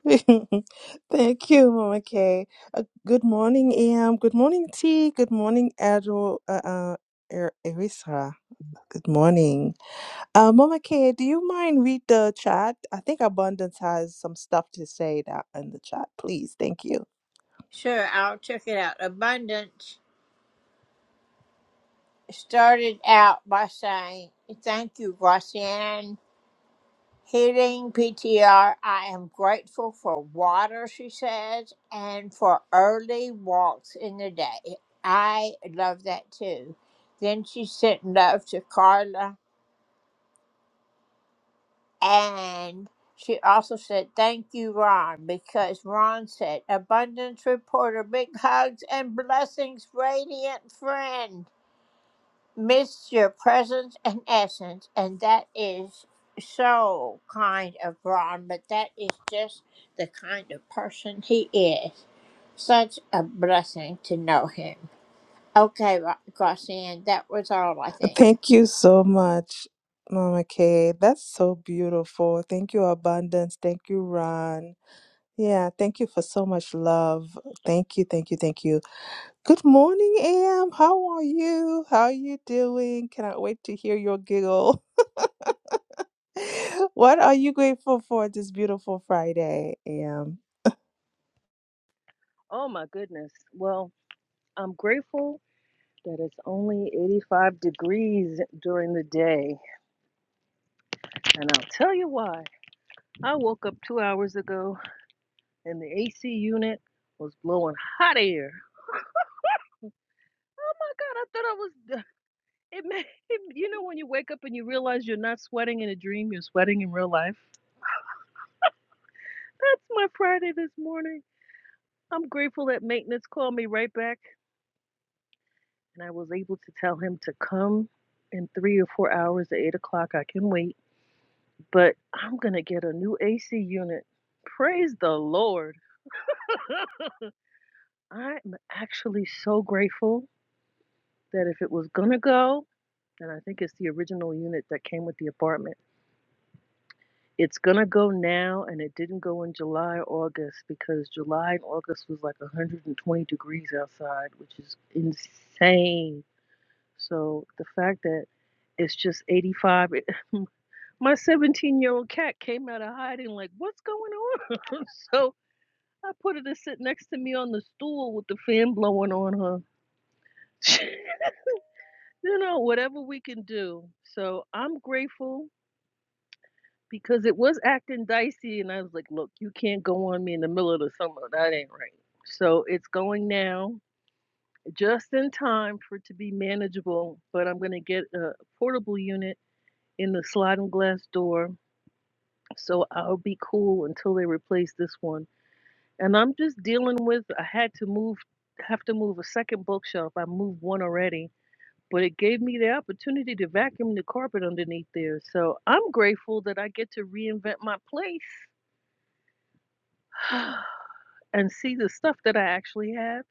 thank you mama kay uh, good morning am good morning t good morning Adro, uh, uh, Er- erisa good morning Uh, Mama K, do you mind read the chat? I think Abundance has some stuff to say that in the chat. Please, thank you. Thank you so much, Mama K. That's so beautiful. Thank you, Abundance. Thank you, Ron. Yeah, thank you for so much love. Thank you, thank you, thank you. Good morning, Am. How are you? How are you doing? Cannot wait to hear your giggle. What are you grateful for this beautiful Friday, Am? Oh my goodness. Well, I'm grateful that it's only 85 degrees during the day. And I'll tell you why. I woke up two hours ago and the AC unit was blowing hot air. Oh my God, I thought I was. d- It made, you know, when you wake up and you realize you're not sweating in a dream, you're sweating in real life. That's my Friday this morning. I'm grateful that maintenance called me right back and I was able to tell him to come in three or four hours at eight o'clock. I can wait but I'm going to get a new AC unit. Praise the Lord. I'm actually so grateful that if it was going to go, and I think it's the original unit that came with the apartment, it's going to go now and it didn't go in July, August because July and August was like 120 degrees outside, which is insane. So the fact that it's just 85, it, my 17 year old cat came out of hiding like, what's going on? so I put her to sit next to me on the stool with the fan blowing on her. you know, whatever we can do. So I'm grateful because it was acting dicey, and I was like, look, you can't go on me in the middle of the summer. That ain't right. So it's going now, just in time for it to be manageable. But I'm going to get a portable unit in the sliding glass door. So I'll be cool until they replace this one and I'm just dealing with. I had to move, have to move a second bookshelf. I moved one already, but it gave me the opportunity to vacuum the carpet underneath there. So I'm grateful that I get to reinvent my place and see the stuff that I actually have.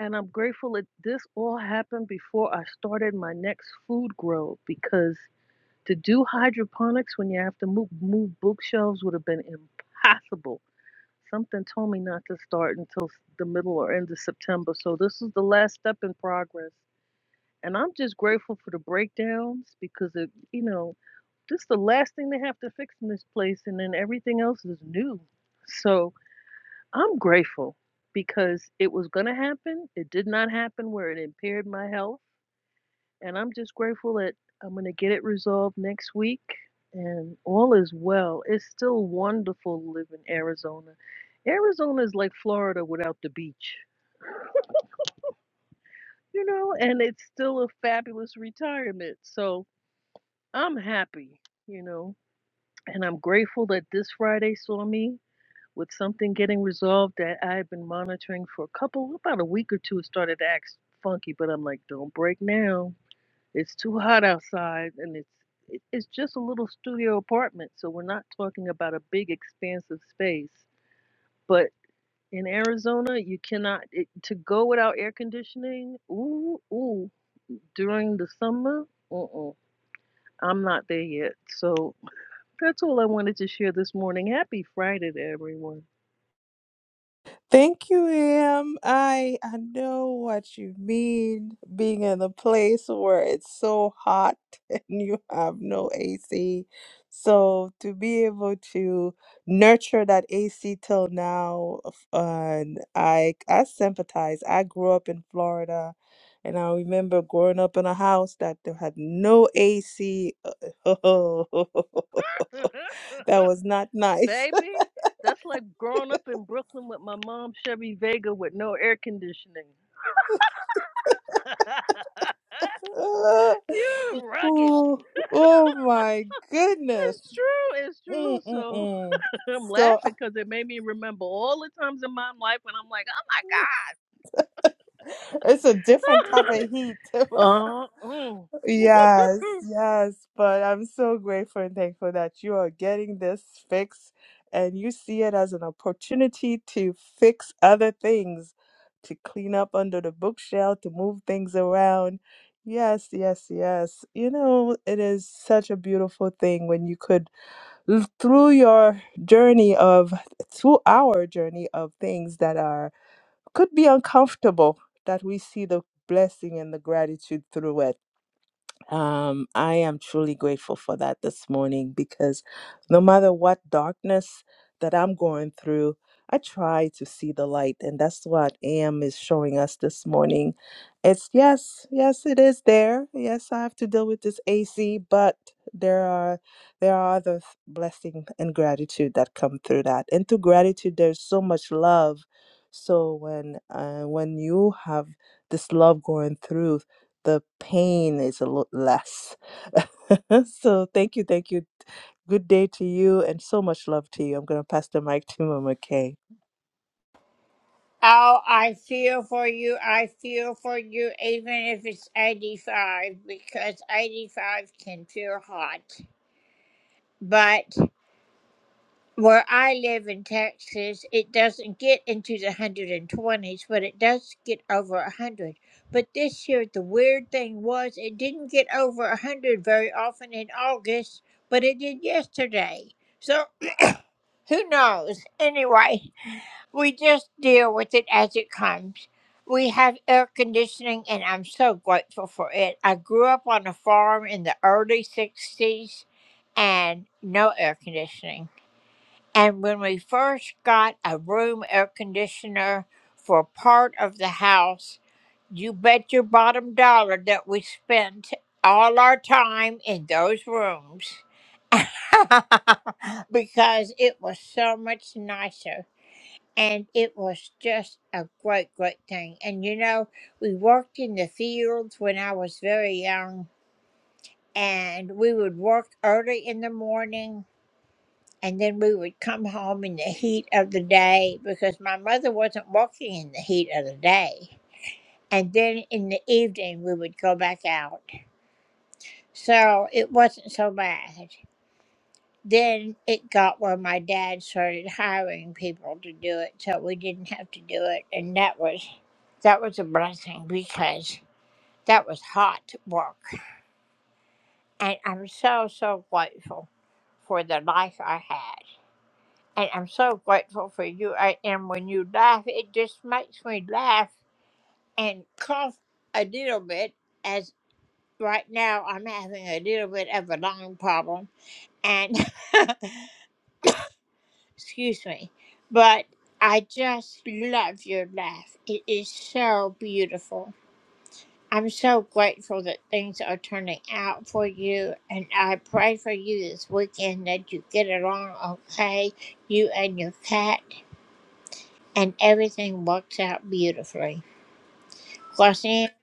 And I'm grateful that this all happened before I started my next food grow because to do hydroponics when you have to move, move bookshelves would have been impossible Something told me not to start until s- the middle or end of September, so this is the last step in progress. And I'm just grateful for the breakdowns because it, you know, this is the last thing they have to fix in this place, and then everything else is new. So I'm grateful because it was going to happen. It did not happen where it impaired my health and I'm just grateful that I'm going to get it resolved next week and all is well. It's still wonderful to live in Arizona. Arizona is like Florida without the beach, you know, and it's still a fabulous retirement. So I'm happy, you know, and I'm grateful that this Friday saw me with something getting resolved that I've been monitoring for a couple, about a week or two. It started to act funky, but I'm like, don't break now It's too hot outside, and it's it- it's just a little studio apartment, so we're not talking about a big expansive space. But in Arizona, you cannot it, to go without air conditioning. Ooh, ooh, during the summer, uh-uh, I'm not there yet. So that's all I wanted to share this morning. Happy Friday to everyone. Thank you, Em. I I know what you mean. Being in a place where it's so hot and you have no AC. So to be able to nurture that AC till now, f- and I I sympathize. I grew up in Florida, and I remember growing up in a house that there had no AC. that was not nice. Baby, that's like growing up in Brooklyn with my mom Chevy Vega with no air conditioning. Uh, you rugged. Ooh, oh my goodness. It's true. It's true. So Mm-mm-mm. I'm laughing So because it made me remember all the times in my life when I'm like, it's a different oh my type of heat. God. uh, mm, yes, mm. yes. But I'm so grateful and thankful that you are getting this fix, and you see it as an opportunity to fix other things, to clean up under the bookshelf, to move things around. Yes, yes, yes. You know, it is such a beautiful thing when you could l- through your journey of through our journey of things that are could be uncomfortable that we see the blessing and the gratitude through it um, I am truly grateful for that this morning because no matter what darkness that I'm going through, I try to see the light, and that's what AM is showing us this morning. It's yes, yes, it is there. Yes, I have to deal with this AC, but there are there are other th- blessing and gratitude that come through that. And through gratitude, there's so much love. So when uh, when you have this love going through the pain is a lot less. so thank you, thank you. Good day to you and so much love to you. I'm gonna pass the mic to Mama Kay.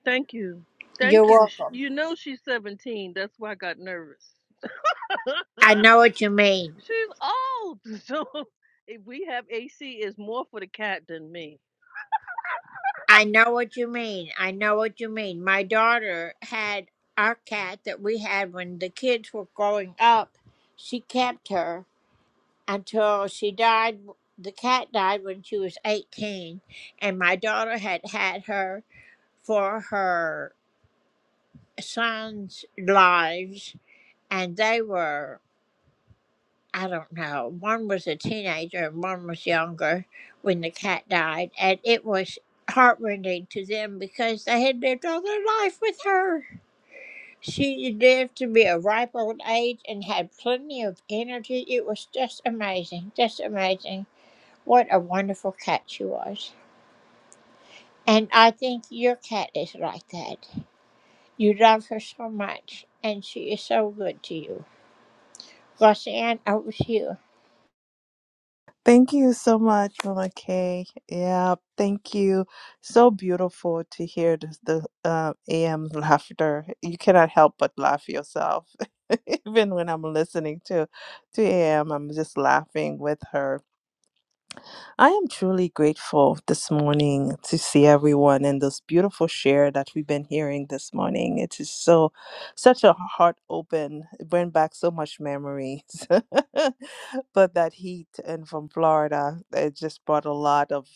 Thank you. Thank you. Sh- You know she's 17. That's why I got nervous. she's old. So if we have AC, it's more for the cat than me. Thank you so much, Mama Kay. Yeah, thank you. So beautiful to hear this, the uh, AM laughter. You cannot help but laugh yourself. Even when I'm listening to to AM, I'm just laughing with her I am truly grateful this morning to see everyone and this beautiful share that we've been hearing this morning. It is so, such a heart open. It bring back so much memories. but that heat and from Florida, it just brought a lot of,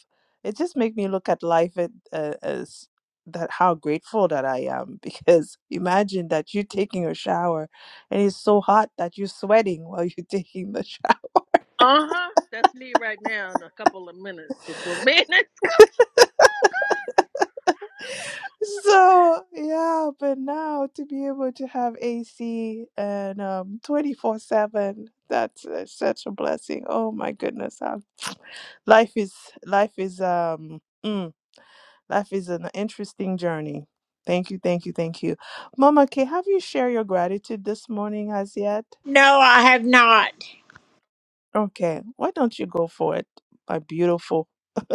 it just made me look at life at, uh, as that how grateful that I am because imagine that you're taking a shower and it's so hot that you're sweating while you're taking the shower Uh huh. That's me right now in a couple of minutes before minutes. So yeah, but now to be able to have AC and um 24/7, that's uh, such a blessing. Oh my goodness. Um, life is life is um mm. Life is an interesting journey. Thank you, thank you, thank you. Mama K, have you shared your gratitude this morning as yet? Okay, why don't you go for it, my beautiful?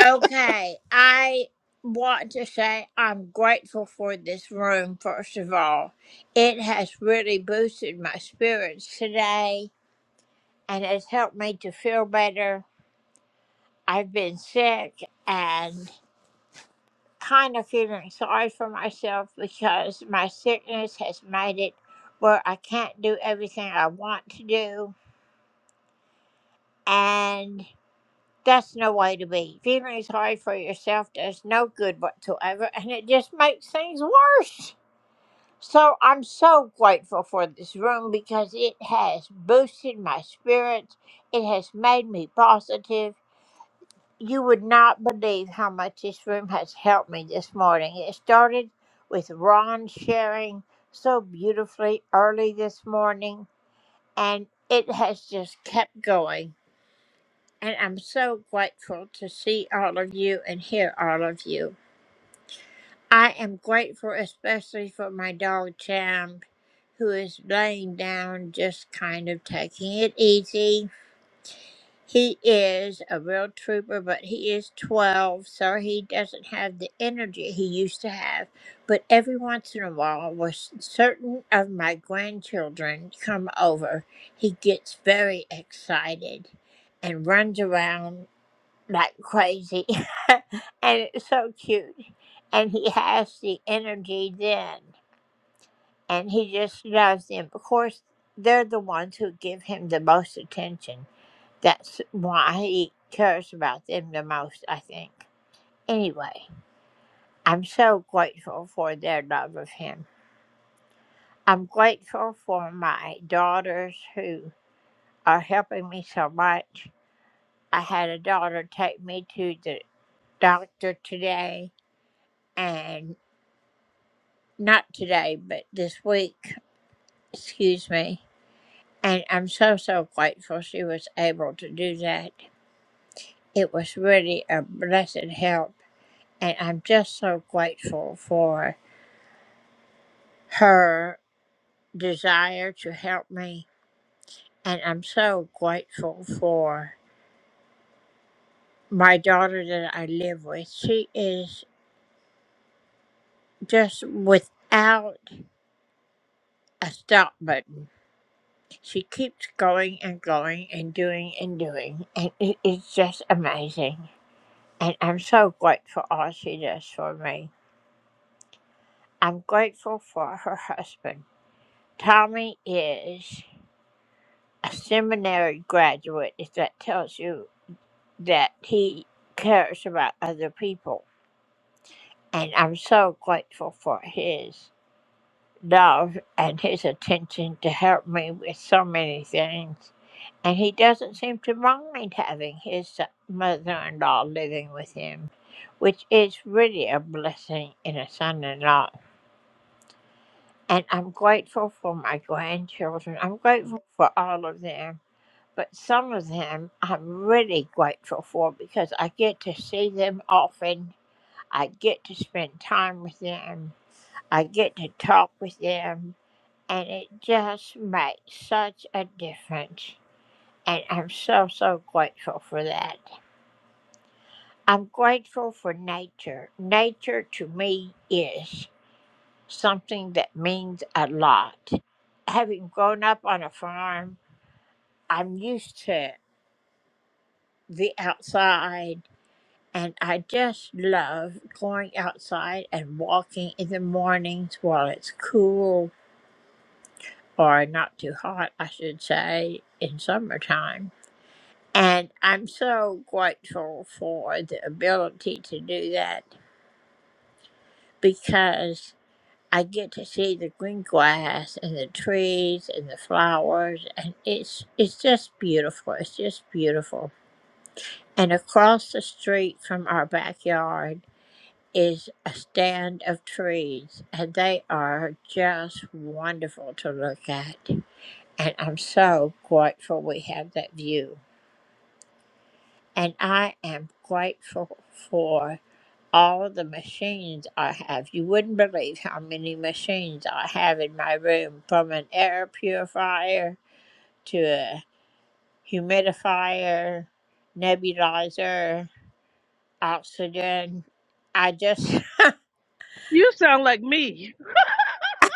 you sound like me.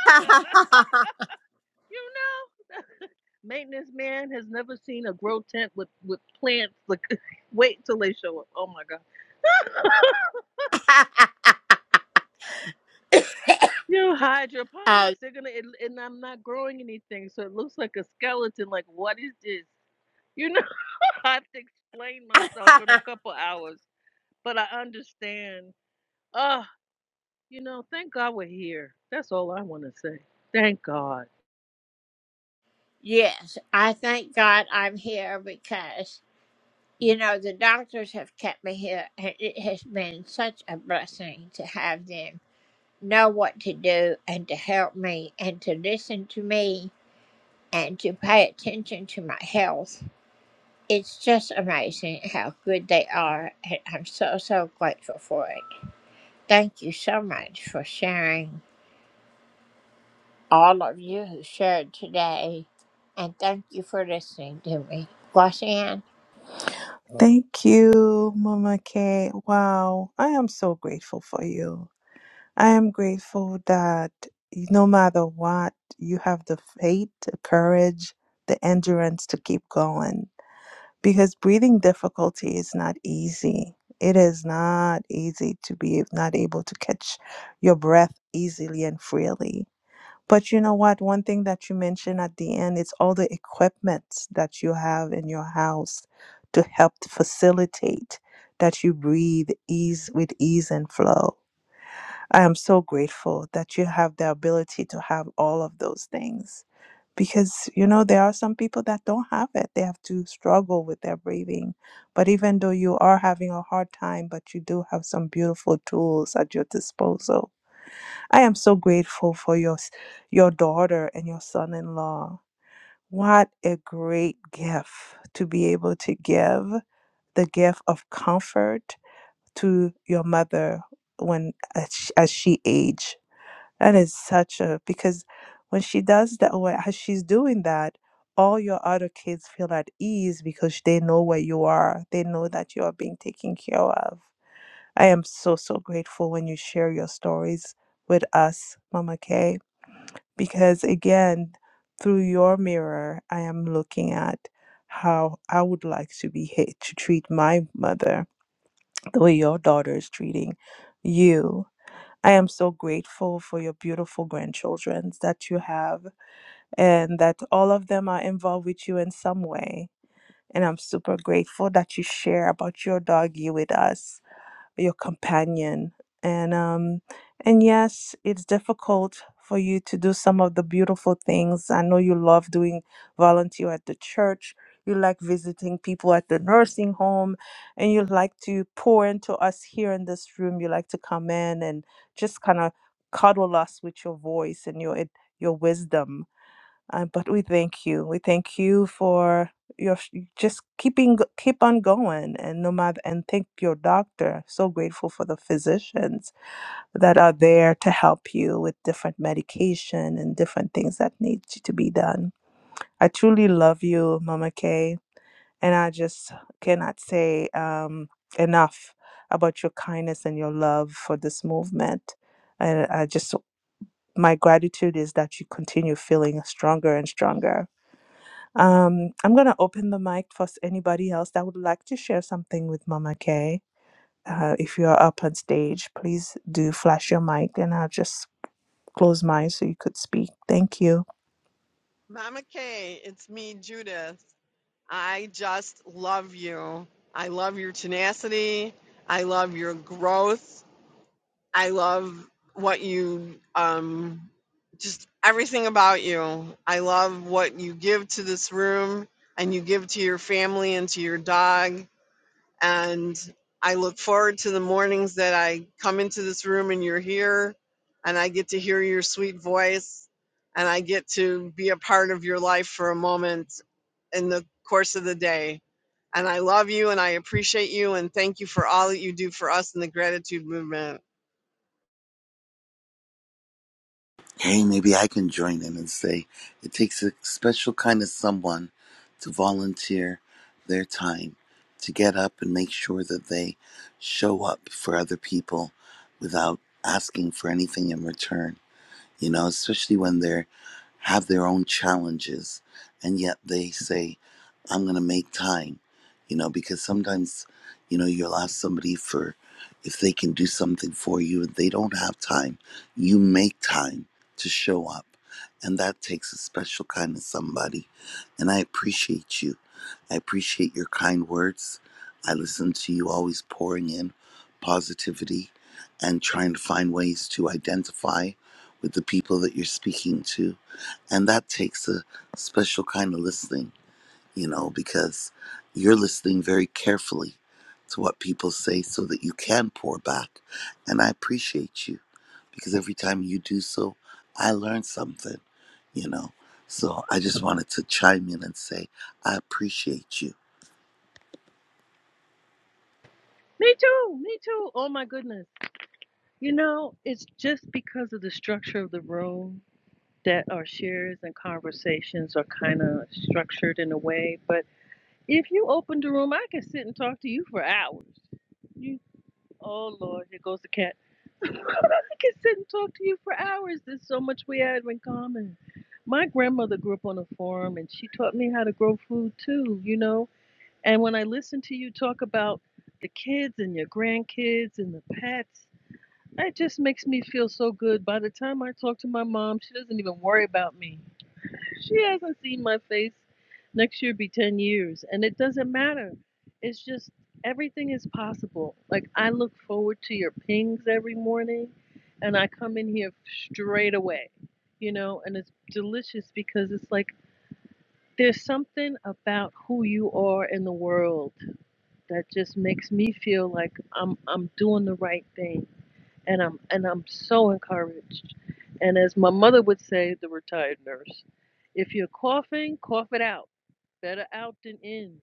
you know? Maintenance man has never seen a grow tent with, with plants. Like, wait till they show up. Oh my God. You know, hydroponics, they're gonna, it, and I'm not growing anything, so it looks like a skeleton. Like, what is this? You know, I have to explain myself in a couple hours, but I understand. Ah, you know, thank God we're here. That's all I want to say. Thank God. Thank you, Mama K. Wow, I am so grateful for you. I am grateful that no matter what, you have the faith, the courage, the endurance to keep going. Because breathing difficulty is not easy. It is not easy to be not able to catch your breath easily and freely. But you know what? One thing that you mentioned at the end is all the equipment that you have in your house to help facilitate that you breathe ease with ease and flow I am so grateful that you have the ability to have all of those things because you know there are some people that don't have it they have to struggle with their breathing but even though you are having a hard time but you do have some beautiful tools at your disposal i am so grateful for your s- your daughter and your son-in-law what a great gift to be able to give the gift of comfort to your mother when as she, as she age that is such a because when she does that, when as she's doing that, all your other kids feel at ease because they know where you are. They know that you are being taken care of. I am so so grateful when you share your stories with us, Mama Kay, because again, through your mirror, I am looking at how I would like to be hit to treat my mother the way your daughter is treating you I am so grateful for your beautiful grandchildren that you have and that all of them are involved with you in some way. And I'm super grateful that you share about your doggy with us your companion. And um, and yes, it's difficult for you to do some of the beautiful things. I know you love doing volunteer at the church. You like visiting people at the nursing home, and you like to pour into us here in this room. You like to come in and just kind of cuddle us with your voice and your ad- your wisdom uh, but we thank you. We thank you for your sh- just keeping keep on going, and no matter and thank your doctor. So grateful for the physicians that are there to help you with different medication and different things that need to to be done. I truly love you, Mama Kay, and I just cannot say um, enough about your kindness and your love for this movement. And I just my gratitude is that you continue feeling stronger and stronger um, I'm going to open the mic for s- anybody else that would like to share something with Mama Kay. Uh, if you are up on stage, please do flash your mic and I'll just close mine so you could speak. Thank you. Mama Kay, it's me, Judith. I just love you. I love your tenacity. I love your growth. I love what you, um, just everything about you. I love what you give to this room and you give to your family and to your dog And I look forward to the mornings that I come into this room and you're here and I get to hear your sweet voice and I get to be a part of your life for a moment in the course of the day. And I love you and I appreciate you and thank you for all that you do for us in the gratitude movement. Hey, maybe I can join in and say it takes a special kind of someone to volunteer their time to get up and make sure that they show up for other people without asking for anything in return you know, especially when they're have their own challenges and yet they say, I'm gonna make time, you know, because sometimes, you know, you'll ask somebody for if they can do something for you and they don't have time, you make time to show up. And that takes a special kind of somebody. And I appreciate you. I appreciate your kind words. I listen to you always pouring in positivity and trying to find ways to identify with the people that you're speaking to. And that takes a special kind of listening, you know, because you're listening very carefully to what people say so that you can pour back. And I appreciate you because every time you do so, I learn something, you know. So I just wanted to chime in and say, I appreciate you Me too, me too. Oh my goodness. You know, it's just because of the structure of the room that our shares and conversations are kind of structured in a way. But if you open the room, I can sit and talk to you for hours. You, oh Lord, here goes the cat. I can sit and talk to you for hours. There's so much we have in common. My grandmother grew up on a farm, and she taught me how to grow food too. You know, and when I listen to you talk about the kids and your grandkids and the pets. It just makes me feel so good. By the time I talk to my mom, she doesn't even worry about me she hasn't seen my face. Next year be 10 years. And it doesn't matter. It's just everything is possible. Like I look forward to your pings every morning and I come in here straight away. You know, and it's delicious because it's like there's something about who you are in the world that just makes me feel like I'm I'm doing the right thing and I'm and I'm so encouraged. And as my mother would say, the retired nurse, if you're coughing, cough it out. Better out than in.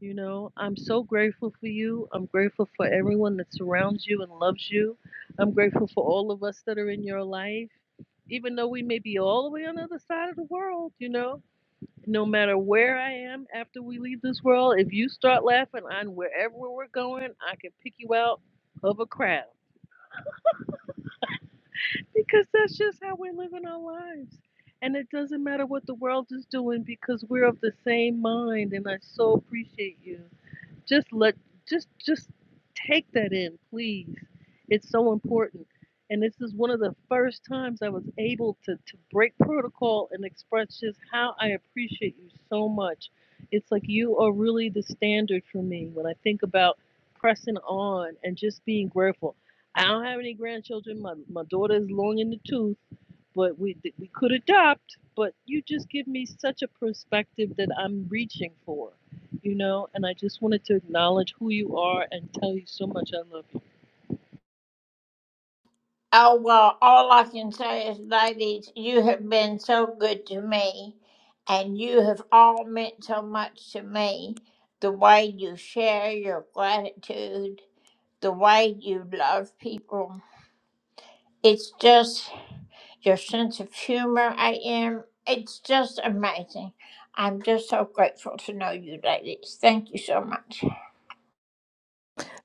You know, I'm so grateful for you. I'm grateful for everyone that surrounds you and loves you. I'm grateful for all of us that are in your life, even though we may be all the way on the other side of the world, you know. No matter where I am after we leave this world, if you start laughing on wherever we're going, I can pick you out of a crowd. because that's just how we're living our lives. And it doesn't matter what the world is doing because we're of the same mind. And I so appreciate you just let just just take that in please it's so important and this is one of the first times i was able to to break protocol and express just how i appreciate you so much it's like you are really the standard for me when i think about pressing on and just being grateful i don't have any grandchildren my, my daughter is long in the tooth but we we could adopt but you just give me such a perspective that i'm reaching for you know, and I just wanted to acknowledge who you are and tell you so much I love you.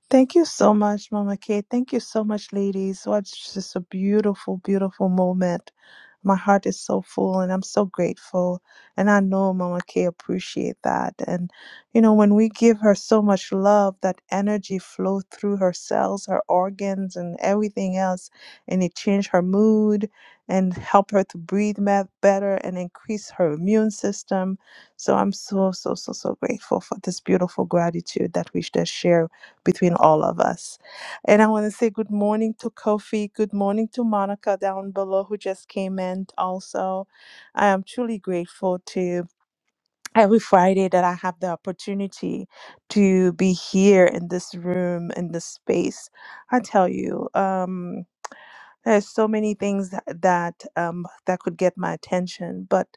Thank you so much, Mama Kay. Thank you so much, ladies. What just a beautiful, beautiful moment. My heart is so full and I'm so grateful. And I know Mama Kay appreciate that. And you know, when we give her so much love, that energy flow through her cells, her organs and everything else, and it change her mood and help her to breathe me- better and increase her immune system. So I'm so so so so grateful for this beautiful gratitude that we just share between all of us. And I want to say good morning to Kofi. Good morning to Monica down below who just came in also. I am truly grateful to every Friday that I have the opportunity to be here in this room, in this space. I tell you. Um, there's so many things that that, um, that could get my attention, but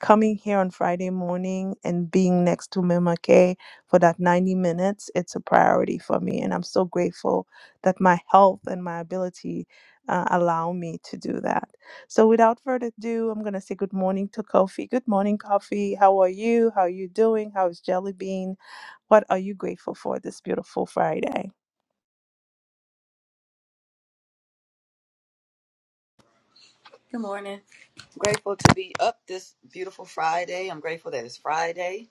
coming here on Friday morning and being next to Mima K for that 90 minutes, it's a priority for me, and I'm so grateful that my health and my ability uh, allow me to do that. So, without further ado, I'm gonna say good morning to Kofi. Good morning, Kofi. How are you? How are you doing? How is Jelly Bean? What are you grateful for this beautiful Friday? Good morning. Grateful to be up this beautiful Friday. I'm grateful that it's Friday.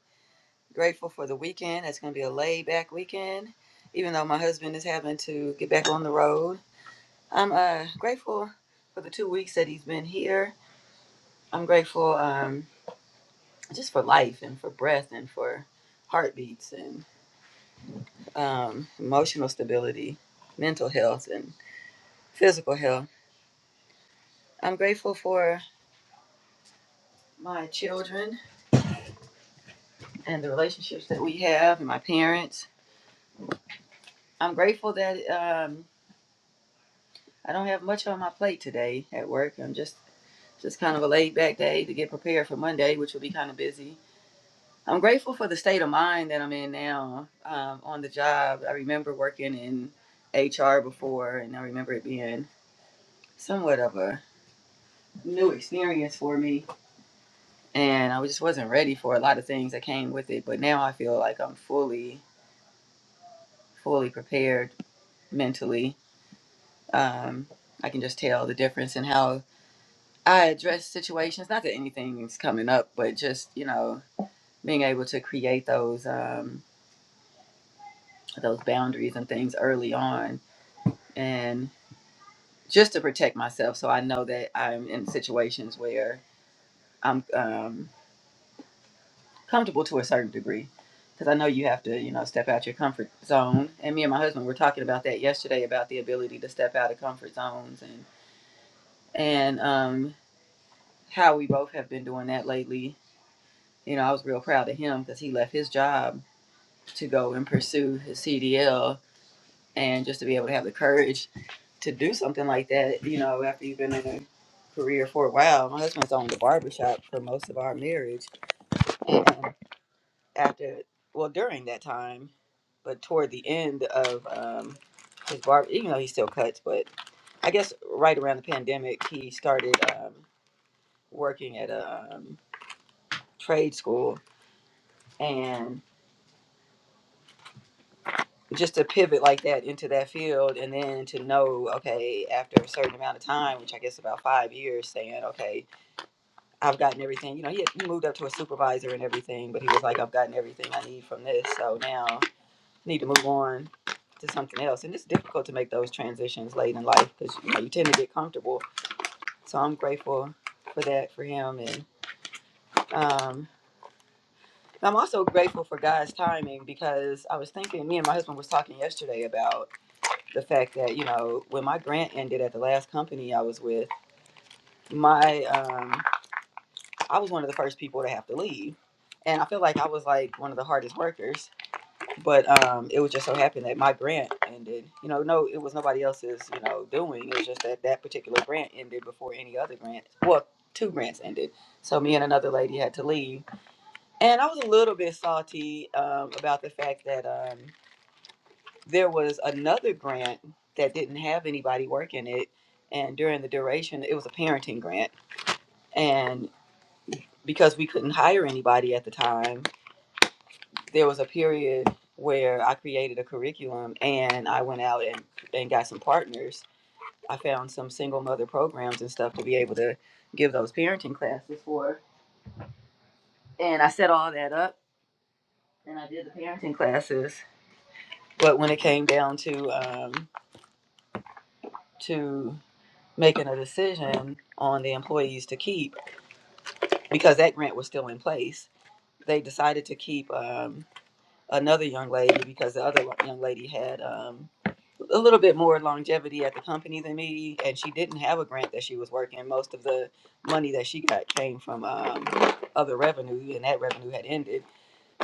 Grateful for the weekend. It's going to be a laid back weekend, even though my husband is having to get back on the road. I'm uh, grateful for the two weeks that he's been here. I'm grateful um, just for life and for breath and for heartbeats and um, emotional stability, mental health, and physical health. I'm grateful for my children and the relationships that we have and my parents I'm grateful that um, I don't have much on my plate today at work. I'm just just kind of a laid back day to get prepared for Monday, which will be kind of busy. I'm grateful for the state of mind that I'm in now um, on the job. I remember working in HR before, and I remember it being somewhat of a new experience for me. And I just wasn't ready for a lot of things that came with it. But now I feel like I'm fully, fully prepared mentally. Um, I can just tell the difference in how I address situations, not that anything's coming up, but just, you know, being able to create those um those boundaries and things early on and just to protect myself so I know that I'm in situations where I'm um comfortable to a certain degree. Because I know you have to, you know, step out your comfort zone. And me and my husband were talking about that yesterday about the ability to step out of comfort zones and and um how we both have been doing that lately. You know, I was real proud of him because he left his job to go and pursue his CDL and just to be able to have the courage to do something like that, you know, after you've been in a career for a while. My husband's owned a barbershop for most of our marriage. And after, well, during that time, but toward the end of um, his barber, even though he still cuts, but I guess right around the pandemic, he started um, working at a um, trade school. and. just to pivot like that into that field and then to know okay after a certain amount of time which i guess about five years saying okay i've gotten everything you know he, had, he moved up to a supervisor and everything but he was like i've gotten everything i need from this so now I need to move on to something else and it's difficult to make those transitions late in life because you, know, you tend to get comfortable so i'm grateful for that for him and um i'm also grateful for god's timing because i was thinking me and my husband was talking yesterday about the fact that you know when my grant ended at the last company I was with, my um, I was one of the first people to have to leave, and I feel like I was like one of the hardest workers. But um, it was just so happened that my grant ended. You know, no, it was nobody else's you know doing. It was just that that particular grant ended before any other grant. Well, two grants ended, so me and another lady had to leave, and I was a little bit salty um, about the fact that. um, there was another grant that didn't have anybody working it and during the duration it was a parenting grant and because we couldn't hire anybody at the time there was a period where i created a curriculum and i went out and, and got some partners i found some single mother programs and stuff to be able to give those parenting classes for and i set all that up and i did the parenting classes but when it came down to um, to making a decision on the employees to keep because that grant was still in place. They decided to keep um, another young lady because the other young lady had um, a little bit more longevity at the company than me, and she didn't have a grant that she was working. Most of the money that she got came from um, other revenue, and that revenue had ended.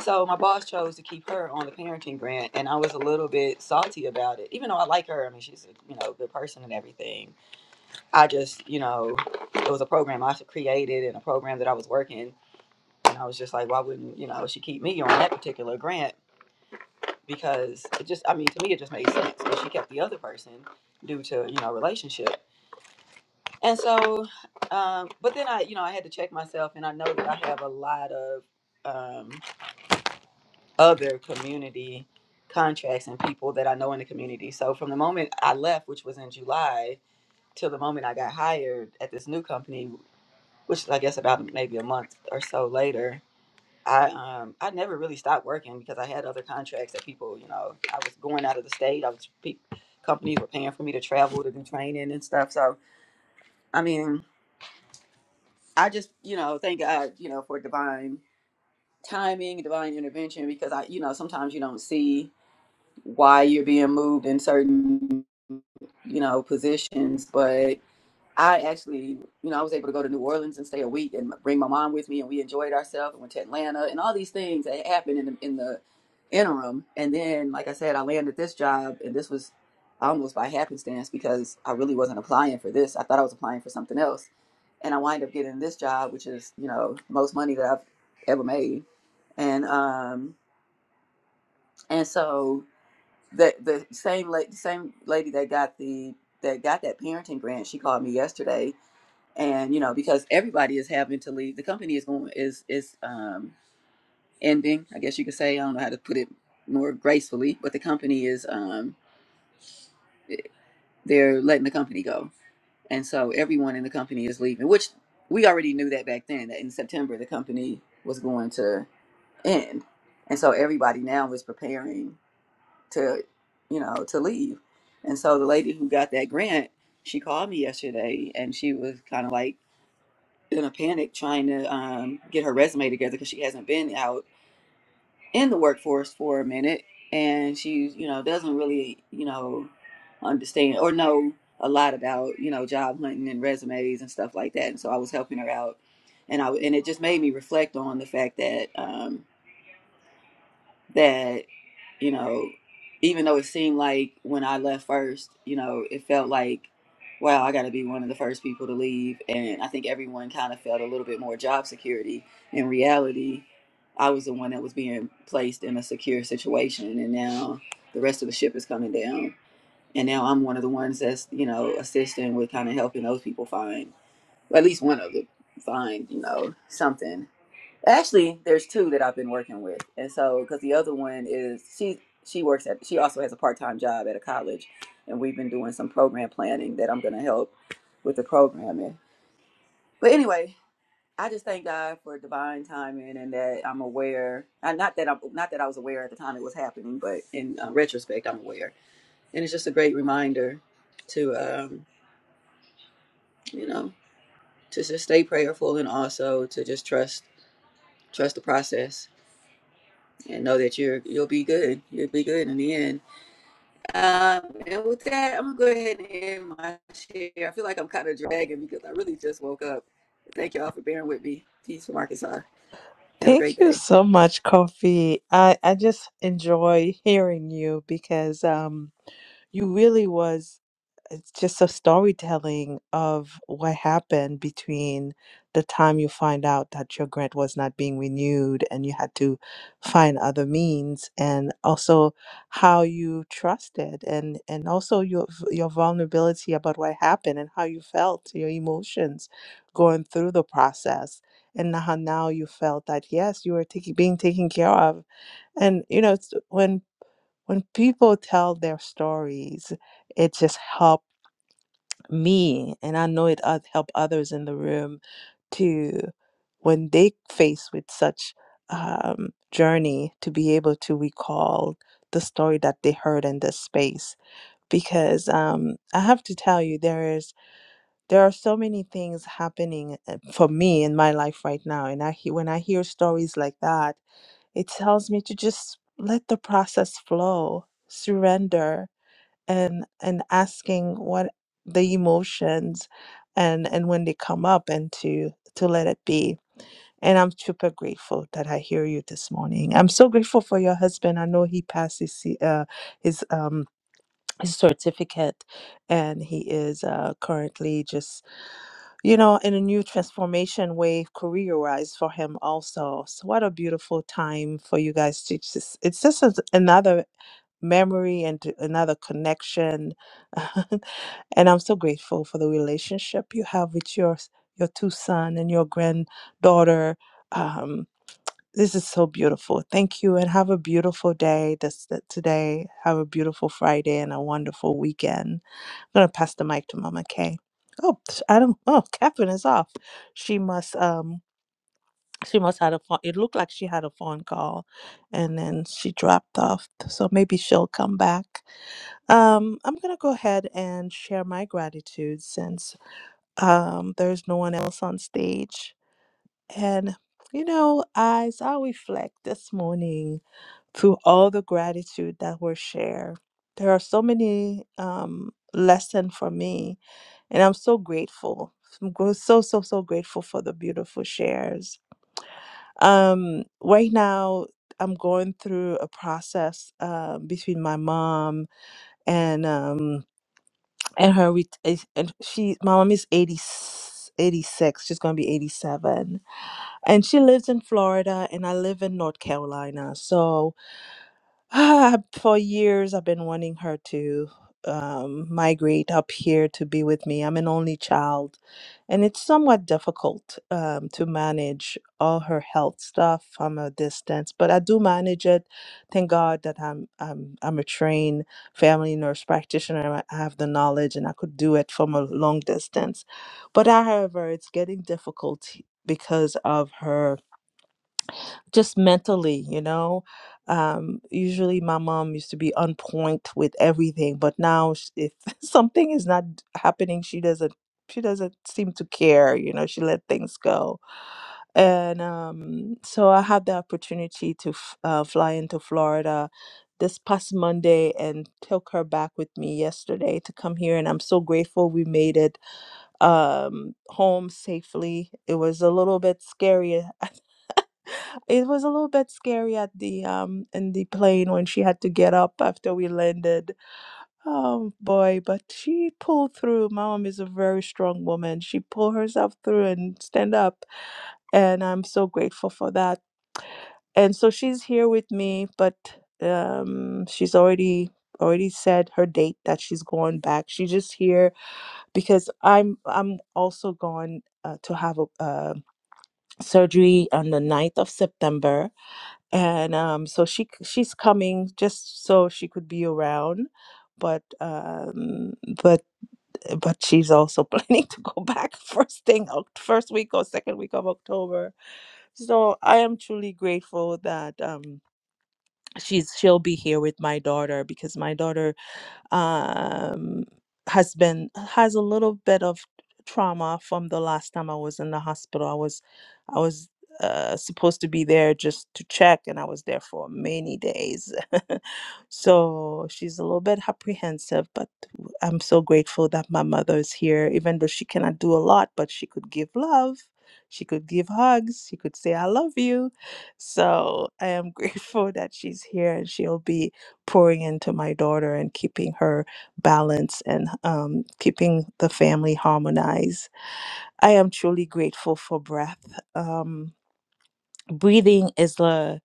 So my boss chose to keep her on the parenting grant, and I was a little bit salty about it, even though I like her. I mean, she's a you know good person and everything I just, you know, it was a program I created and a program that I was working. And I was just like, why wouldn't, you know, she keep me on that particular grant? Because it just, I mean, to me, it just made sense. But she kept the other person due to, you know, relationship. And so, um, but then I, you know, I had to check myself and I know that I have a lot of um, other community contracts and people that I know in the community. So from the moment I left, which was in July, till the moment I got hired at this new company which is I guess about maybe a month or so later. I um I never really stopped working because I had other contracts that people, you know, I was going out of the state. I was pe- companies were paying for me to travel to do training and stuff. So I mean, I just you know thank God you know for divine timing, divine intervention because I you know sometimes you don't see why you're being moved in certain you know positions, but I actually, you know, I was able to go to New Orleans and stay a week and bring my mom with me, and we enjoyed ourselves and went to Atlanta and all these things that happened in the, in the interim. And then, like I said, I landed this job, and this was almost by happenstance because I really wasn't applying for this. I thought I was applying for something else, and I wind up getting this job, which is you know most money that I've ever made, and um and so the the same la- same lady that got the that got that parenting grant, she called me yesterday and you know because everybody is having to leave the company is going is is um ending i guess you could say i don't know how to put it more gracefully but the company is um they're letting the company go and so everyone in the company is leaving which we already knew that back then that in september the company was going to end and so everybody now is preparing to you know to leave and so the lady who got that grant she called me yesterday and she was kind of like in a panic trying to um, get her resume together because she hasn't been out in the workforce for a minute and she you know doesn't really you know understand or know a lot about you know job hunting and resumes and stuff like that and so i was helping her out and i and it just made me reflect on the fact that um, that you know even though it seemed like when i left first you know it felt like wow i got to be one of the first people to leave and i think everyone kind of felt a little bit more job security in reality i was the one that was being placed in a secure situation and now the rest of the ship is coming down and now i'm one of the ones that's you know assisting with kind of helping those people find or at least one of them find you know something Actually, there's two that I've been working with, and so because the other one is she she works at she also has a part time job at a college, and we've been doing some program planning that I'm going to help with the programming. But anyway, I just thank God for divine timing and that I'm aware. uh, Not that I'm not that I was aware at the time it was happening, but in uh, retrospect, I'm aware, and it's just a great reminder to um, you know to just stay prayerful and also to just trust trust the process and know that you're you'll be good. You'll be good in the end. Um, and with that, I'm gonna go ahead and end my share. I feel like I'm kind of dragging because I really just woke up. Thank y'all for bearing with me. Peace from Arkansas. Have a great Thank you day. so much, Kofi. I, I just enjoy hearing you because um you really was it's just a storytelling of what happened between the time you find out that your grant was not being renewed and you had to find other means and also how you trusted and and also your v- your vulnerability about what happened and how you felt your emotions going through the process and how now you felt that yes you were taking being taken care of and you know it's- when when people tell their stories, it just helped me, and I know it oth- helped others in the room to, when they face with such um, journey, to be able to recall the story that they heard in this space. Because um, I have to tell you, there is there are so many things happening uh, for me in my life right now, and I he- when I hear stories like that, it tells me to just let the process flow, surrender, and and asking what the emotions and and when they come up and to to let it be and i'm super grateful that i hear you this morning i'm so grateful for your husband i know he passed his C- uh, his um his certificate and he is uh, currently just you know in a new transformation way career wise for him also so what a beautiful time for you guys to just it's just a, another memory and to another connection. and I'm so grateful for the relationship you have with your s- your two son and your granddaughter. Um, this is so beautiful. Thank you, and have a beautiful day. This th- today. Have a beautiful Friday and a wonderful weekend. I'm gonna pass the mic to Mama Kay. Oh, sh- I don't. Oh, Catherine is off. She must. Um, she must had a phone. It looked like she had a phone call, and then she dropped off. So maybe she'll come back. Um, I'm going to go ahead and share my gratitude since um, there's no one else on stage. And, you know, as I reflect this morning through all the gratitude that were shared, there are so many um, lessons for me, and I'm so grateful. I'm gr- so, so, so grateful for the beautiful shares. Um, right now, I'm going through a process uh, between my mom and. Um, and her ret- is- and she my mom is 80, 86. she's gonna be 87 and she lives in florida and i live in north carolina so for years, I've been wanting her to um, migrate up here to be with me. I'm an only child, and it's somewhat difficult um, to manage all her health stuff from a distance. But I do manage it. Thank God that I'm I'm I'm a trained family nurse practitioner. I have the knowledge, and I could do it from a long distance. But however, it's getting difficult because of her just mentally, you know. Um, usually my mom used to be on point with everything, but now sh- if something is not happening, she doesn't she doesn't seem to care, you know, she let things go. And um, so I had the opportunity to f- uh, fly into Florida this past Monday and took her back with me yesterday to come here. And I'm so grateful we made it um, home safely. It was a little bit scary it was a little bit scary at the um in the plane when she had to get up after we landed. Oh boy, but she pulled through. My mom is a very strong woman. She pulled herself through and stand up, and I'm so grateful for that. And so she's here with me, but um she's already already said her date that she's going back. She's just here because I'm I'm also going uh, to have a uh, surgery on the ninth of September and um, so she c- she's coming just so she could be around but um but but she's also planning to go back first thing Oc- first week or second week of october so i am truly grateful that um she's she'll be here with my daughter because my daughter um, has been has a little bit of trauma from the last time I was in the hospital. I was I was uh, supposed to be there just to check, and I was there for many days. so she's a little bit apprehensive, but w- I'm so grateful that my mother is here, even though she cannot do a lot, but she could give love. She could give hugs. She could say, I love you. So I am grateful that she's here and she'll be pouring into my daughter and keeping her balanced and um, keeping the family harmonized. I am truly grateful for breath. Um, breathing is the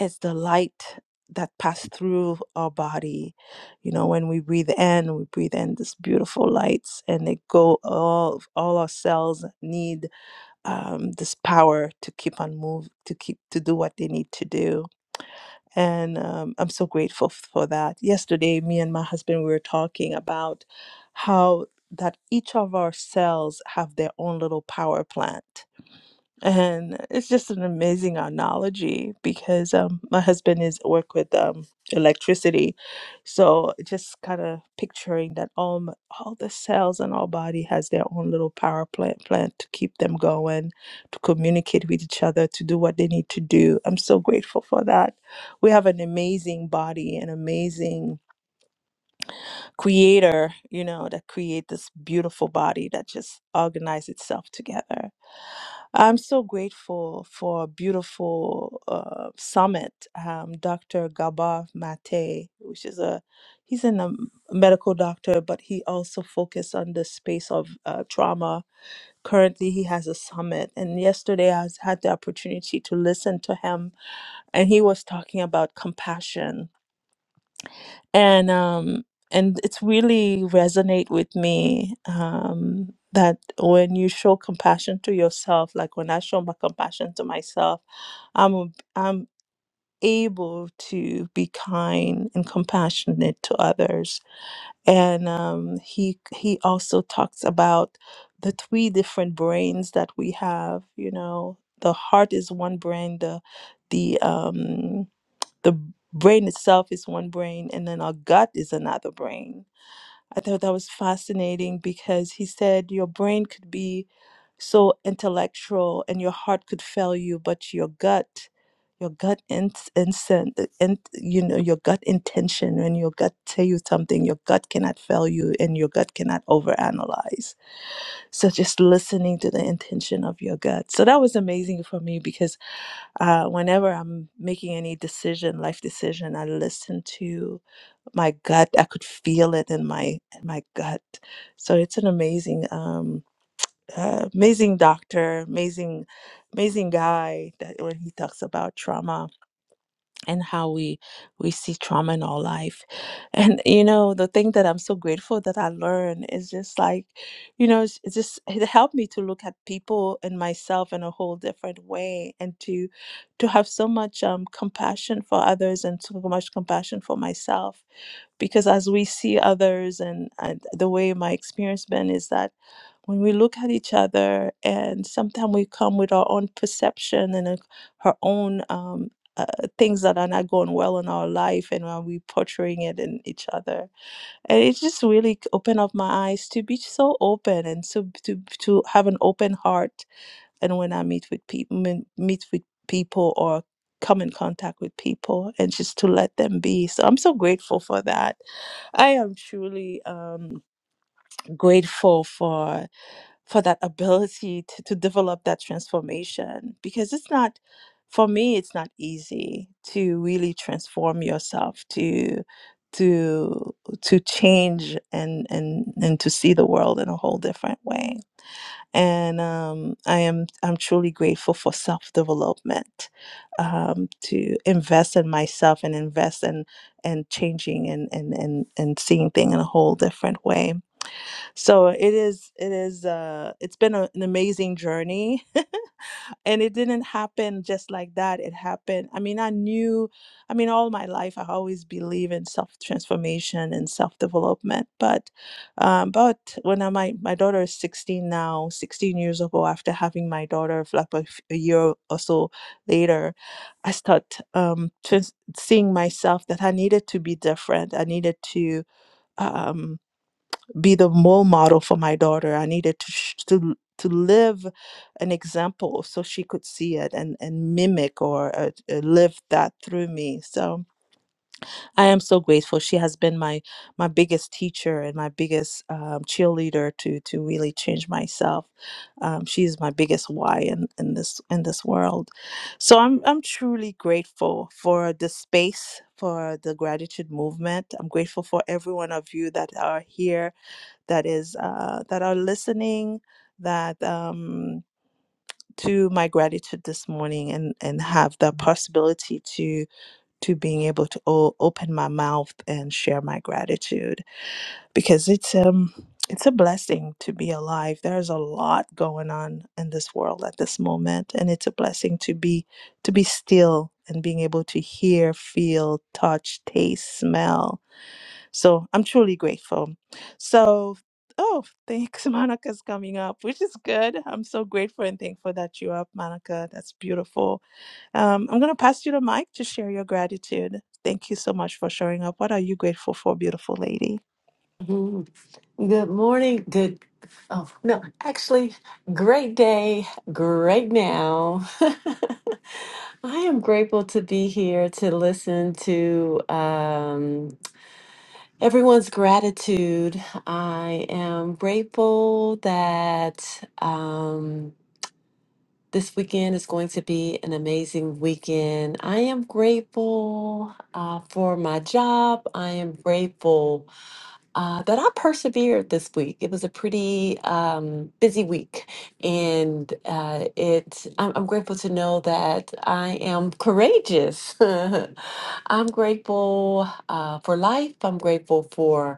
is the light that passes through our body. You know, when we breathe in, we breathe in this beautiful lights, and they go all all our cells need um, this power to keep on move to keep to do what they need to do and um, I'm so grateful f- for that. Yesterday, me and my husband we were talking about how that each of our cells have their own little power plant and it's just an amazing analogy because um, my husband is work with um, electricity so just kind of picturing that all, m- all the cells in our body has their own little power plant plant to keep them going to communicate with each other to do what they need to do i'm so grateful for that we have an amazing body an amazing creator, you know, that create this beautiful body that just organize itself together. I'm so grateful for a beautiful uh, summit. Um, Dr. Gabor Mate, which is a, he's in a m- medical doctor, but he also focused on the space of uh, trauma. Currently, he has a summit. And yesterday, I was, had the opportunity to listen to him, and he was talking about compassion and um and it's really resonate with me um that when you show compassion to yourself like when i show my compassion to myself i'm ab- i'm able to be kind and compassionate to others and um he he also talks about the three different brains that we have you know the heart is one brain the the um the brain itself is one brain and then our gut is another brain I thought that was fascinating because he said your brain could be so intellectual and your heart could fail you, but your gut, your gut ins instinct, in, you know, your gut intention, when your gut tell you something, your gut cannot fail you and your gut cannot overanalyze. So just listening to the intention of your gut. So that was amazing for me because uh, whenever I'm making any decision, life decision, I listen to my gut i could feel it in my in my gut so it's an amazing um uh, amazing doctor amazing amazing guy that when he talks about trauma and how we we see trauma in our life and you know the thing that i'm so grateful that i learned is just like you know it's, it's just it helped me to look at people and myself in a whole different way and to to have so much um, compassion for others and so much compassion for myself because as we see others and, and the way my experience been is that when we look at each other and sometimes we come with our own perception and uh, our own um, uh, things that are not going well in our life and are we portraying it in each other and it just really opened up my eyes to be so open and so to, to have an open heart and when i meet with people meet with people or come in contact with people and just to let them be so i'm so grateful for that I am truly um, grateful for for that ability to, to develop that transformation because it's not for me it's not easy to really transform yourself to to to change and and and to see the world in a whole different way and um, I am I'm truly grateful for self development, um, to invest in myself and invest in and changing and and and and seeing things in a whole different way. So it is it is uh, it's been a, an amazing journey. and it didn't happen just like that it happened i mean i knew i mean all my life i always believe in self transformation and self development but um, but when I, my my daughter is 16 now 16 years ago after having my daughter like a, f- a year or so later i start um trans- seeing myself that i needed to be different i needed to um be the role model for my daughter. I needed to sh- to to live an example so she could see it and and mimic or uh, uh, live that through me. So I am so grateful. She has been my my biggest teacher and my biggest um, cheerleader to to really change myself. Um, she's my biggest why in in this in this world. So I'm I'm truly grateful for the space. For the gratitude movement. I'm grateful for every one of you that are here that is uh, that are listening that um, to my gratitude this morning and and have the possibility to to being able to o- open my mouth and share my gratitude because it's um it's a blessing to be alive there's a lot going on in this world at this moment and it's a blessing to be to be still and being able to hear feel touch taste smell so I'm truly grateful. So, oh, thanks. Monica's coming up, which is good. I'm so grateful and thankful that you're up, Monica. That's beautiful. Um, I'm going to pass you the mic to share your gratitude. Thank you so much for showing up. What are you grateful for, beautiful lady? Mm, Good morning. Good. Oh, no, actually, great day, great now. I am grateful to be here to listen to um, everyone's gratitude. I am grateful that um, this weekend is going to be an amazing weekend. I am grateful uh, for my job. I am grateful uh, that I persevered this week. It was a pretty um, busy week, and uh, it. I'm, I'm grateful to know that I am courageous. I'm grateful uh, for life. I'm grateful for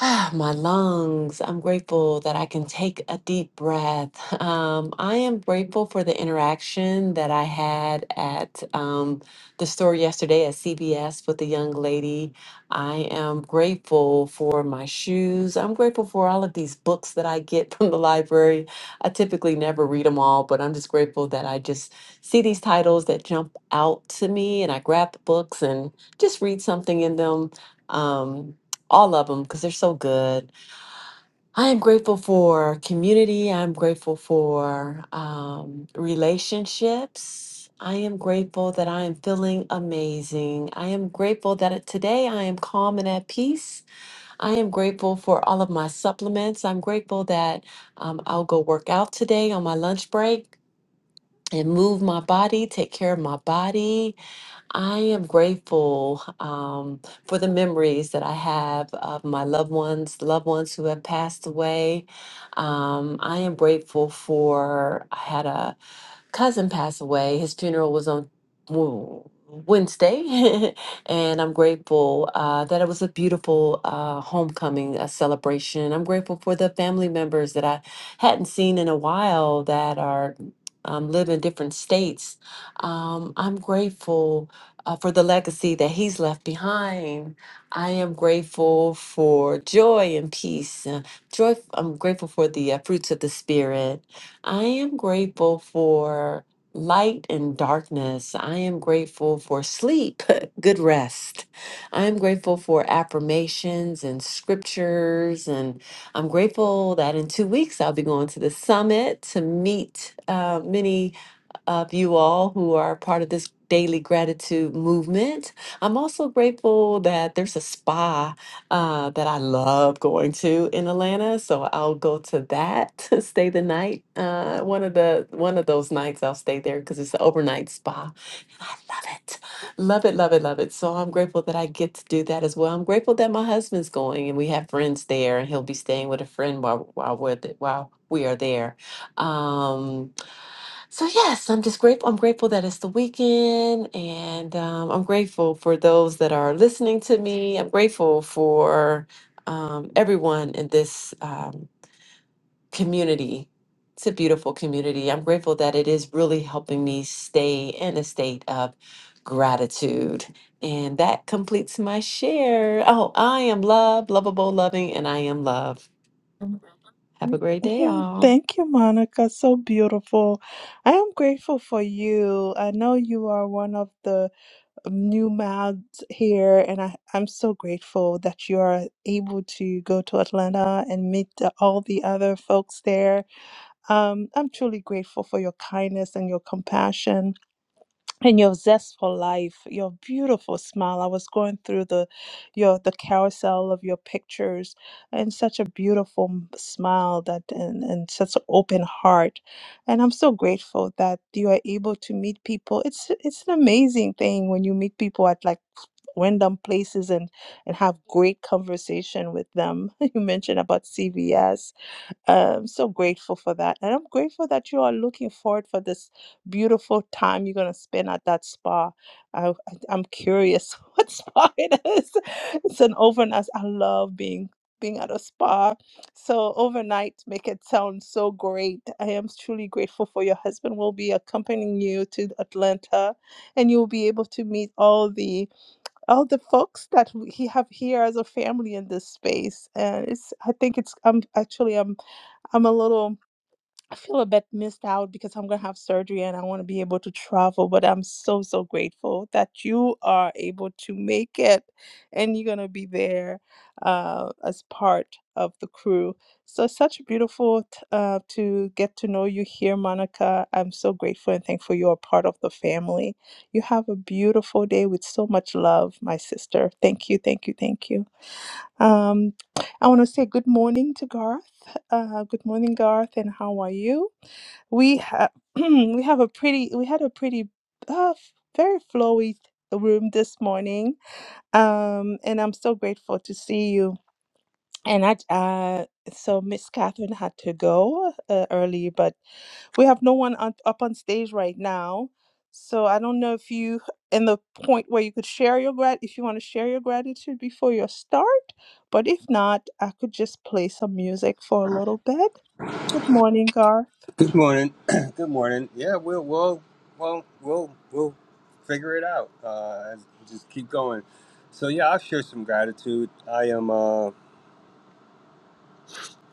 Ah, My lungs. I'm grateful that I can take a deep breath. Um, I am grateful for the interaction that I had at um, the store yesterday at CBS with the young lady. I am grateful for my shoes. I'm grateful for all of these books that I get from the library. I typically never read them all, but I'm just grateful that I just see these titles that jump out to me and I grab the books and just read something in them. Um, all of them because they're so good. I am grateful for community. I'm grateful for um, relationships. I am grateful that I am feeling amazing. I am grateful that today I am calm and at peace. I am grateful for all of my supplements. I'm grateful that um, I'll go work out today on my lunch break and move my body, take care of my body. I am grateful um, for the memories that I have of my loved ones, loved ones who have passed away. Um, I am grateful for, I had a cousin passed away. His funeral was on Wo- Wednesday, and I'm grateful uh, that it was a beautiful uh, homecoming a celebration. I'm grateful for the family members that I hadn't seen in a while that are um, live in different states. Um, I'm grateful uh, for the legacy that he's left behind. I am grateful for joy and peace. Uh, joy. I'm grateful for the uh, fruits of the spirit. I am grateful for light and darkness. I am grateful for sleep, good rest. I am grateful for affirmations and scriptures. And I'm grateful that in two weeks I'll be going to the summit to meet uh, many of you all who are part of this daily gratitude movement. I'm also grateful that there's a spa uh, that I love going to in Atlanta, so I'll go to that. to stay the night. Uh, one of the one of those nights I'll stay there because it's an overnight spa, and I love it, love it, love it, love it. So I'm grateful that I get to do that as well. I'm grateful that my husband's going and we have friends there, and he'll be staying with a friend while while we're th- while we are there. Um, so yes, I'm just grateful. I'm grateful that it's the weekend, and um, I'm grateful for those that are listening to me. I'm grateful for um, everyone in this um, community. It's a beautiful community. I'm grateful that it is really helping me stay in a state of gratitude, and that completes my share. Oh, I am love, lovable, loving, and I am love. Have Mhm. a great day, all. Thank you, Monica. So beautiful. I am grateful for you. I know you are one of the new mouths here, and I, I'm so grateful that you are able to go to Atlanta and meet the, all the other folks there. Um, I'm truly grateful for your kindness and your compassion and your zest for life, your beautiful smile. I was going through the your the carousel of your pictures and such a beautiful m- smile that and, and such an open heart. And I'm so grateful that you are able to meet people. It's it's an amazing thing when you meet people at like random places and and have great conversation with them. You mentioned about CVS I'm so grateful for that. And I'm grateful that you are looking forward for this beautiful time you're going to spend at that spa. I, I- I'm curious what spa it is. It's an overnight. I love being being at a spa. So overnight make it sound so great. I am truly grateful for your husband will be accompanying you to Atlanta and you'll be able to meet all the all the folks that we he have here as a family in this space. And it's I think it's I'm actually I'm I'm a little, I feel a bit missed out because I'm going to have surgery and I want to be able to travel. But I'm so, so grateful that you are able to make it and you're going to be there uh, as part of the crew. So, such beautiful t- uh, to get to know you here, Monica. I'm so grateful and thankful you are part of the family. You have a beautiful day with so much love, my sister. Thank you, thank you, thank you. Um, I want to say good morning to Garth. Uh, good morning, Garth, and how are you? We have we have a pretty we had a pretty uh, very flowy room this morning, um, and I'm so grateful to see you. And I uh, so Miss Catherine had to go uh, early, but we have no one on, up on stage right now. So I don't know if you in the point where you could share your grat if you want to share your gratitude before your start, but if not, I could just play some music for a little bit. Good morning, Garth. Good morning. Good morning. Yeah, we'll we'll well we'll we'll figure it out. Uh, just keep going. So yeah, I'll share some gratitude. I am uh,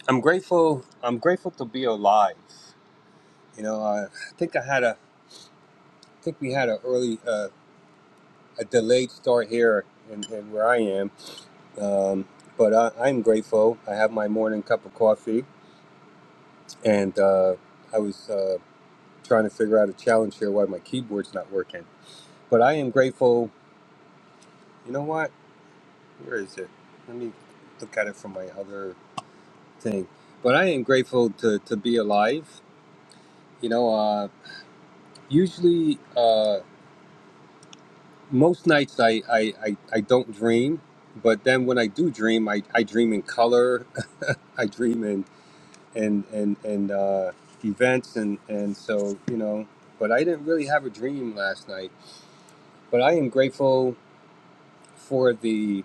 I'm grateful. I'm grateful to be alive. You know, I think I had a I think we had a early uh, a delayed start here and in, in where I am. Um, but I, I'm grateful. I have my morning cup of coffee, and uh, I was uh, trying to figure out a challenge here why my keyboard's not working. But I am grateful You know what? Where is it? Let me look at it from my other thing. But I am grateful to, to be alive. You know, uh, usually uh, most nights I, I, I, I don't dream, but then when I do dream, I, I dream in color. I dream in and and and uh, events and and so you know. But I didn't really have a dream last night. But I am grateful for the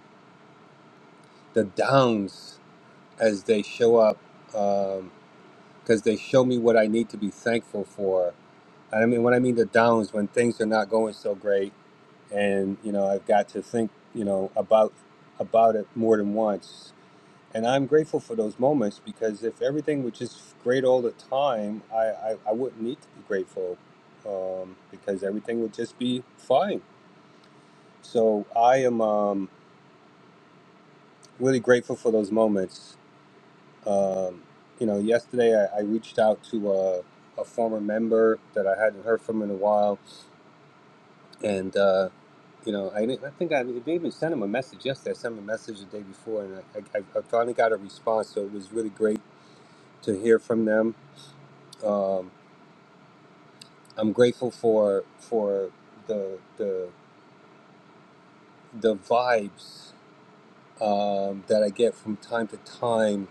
the downs as they show up. Um, because they show me what I need to be thankful for. I mean, when I mean the downs, when things are not going so great, and you know, I've got to think, you know, about about it more than once. And I'm grateful for those moments because if everything was just great all the time, I I, I wouldn't need to be grateful um, because everything would just be fine. So I am um, really grateful for those moments Um, you know, yesterday I, I reached out to a, a former member that I hadn't heard from in a while, and uh, you know, I, didn't- I think I didn't even sent him a message yesterday. I sent him a message the day before, and I, I, I finally got a response. So it was really great to hear from them. Um, I'm grateful for for the the the vibes um, that I get from time to time.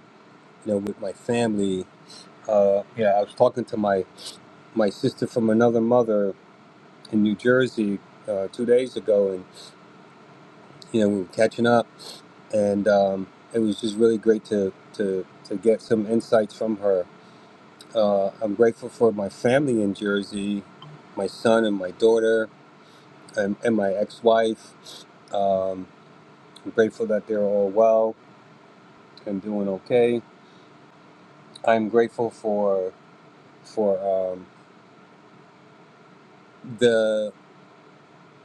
You know, with my family. Uh, yeah, I was talking to my my sister from another mother in New Jersey uh, two days ago, and you know we were catching up, and um, it was just really great to to to get some insights from her. Uh, I'm grateful for my family in Jersey, my son and my daughter, and, and my ex-wife. Um, I'm grateful that they're all well and doing okay. I'm grateful for for um, the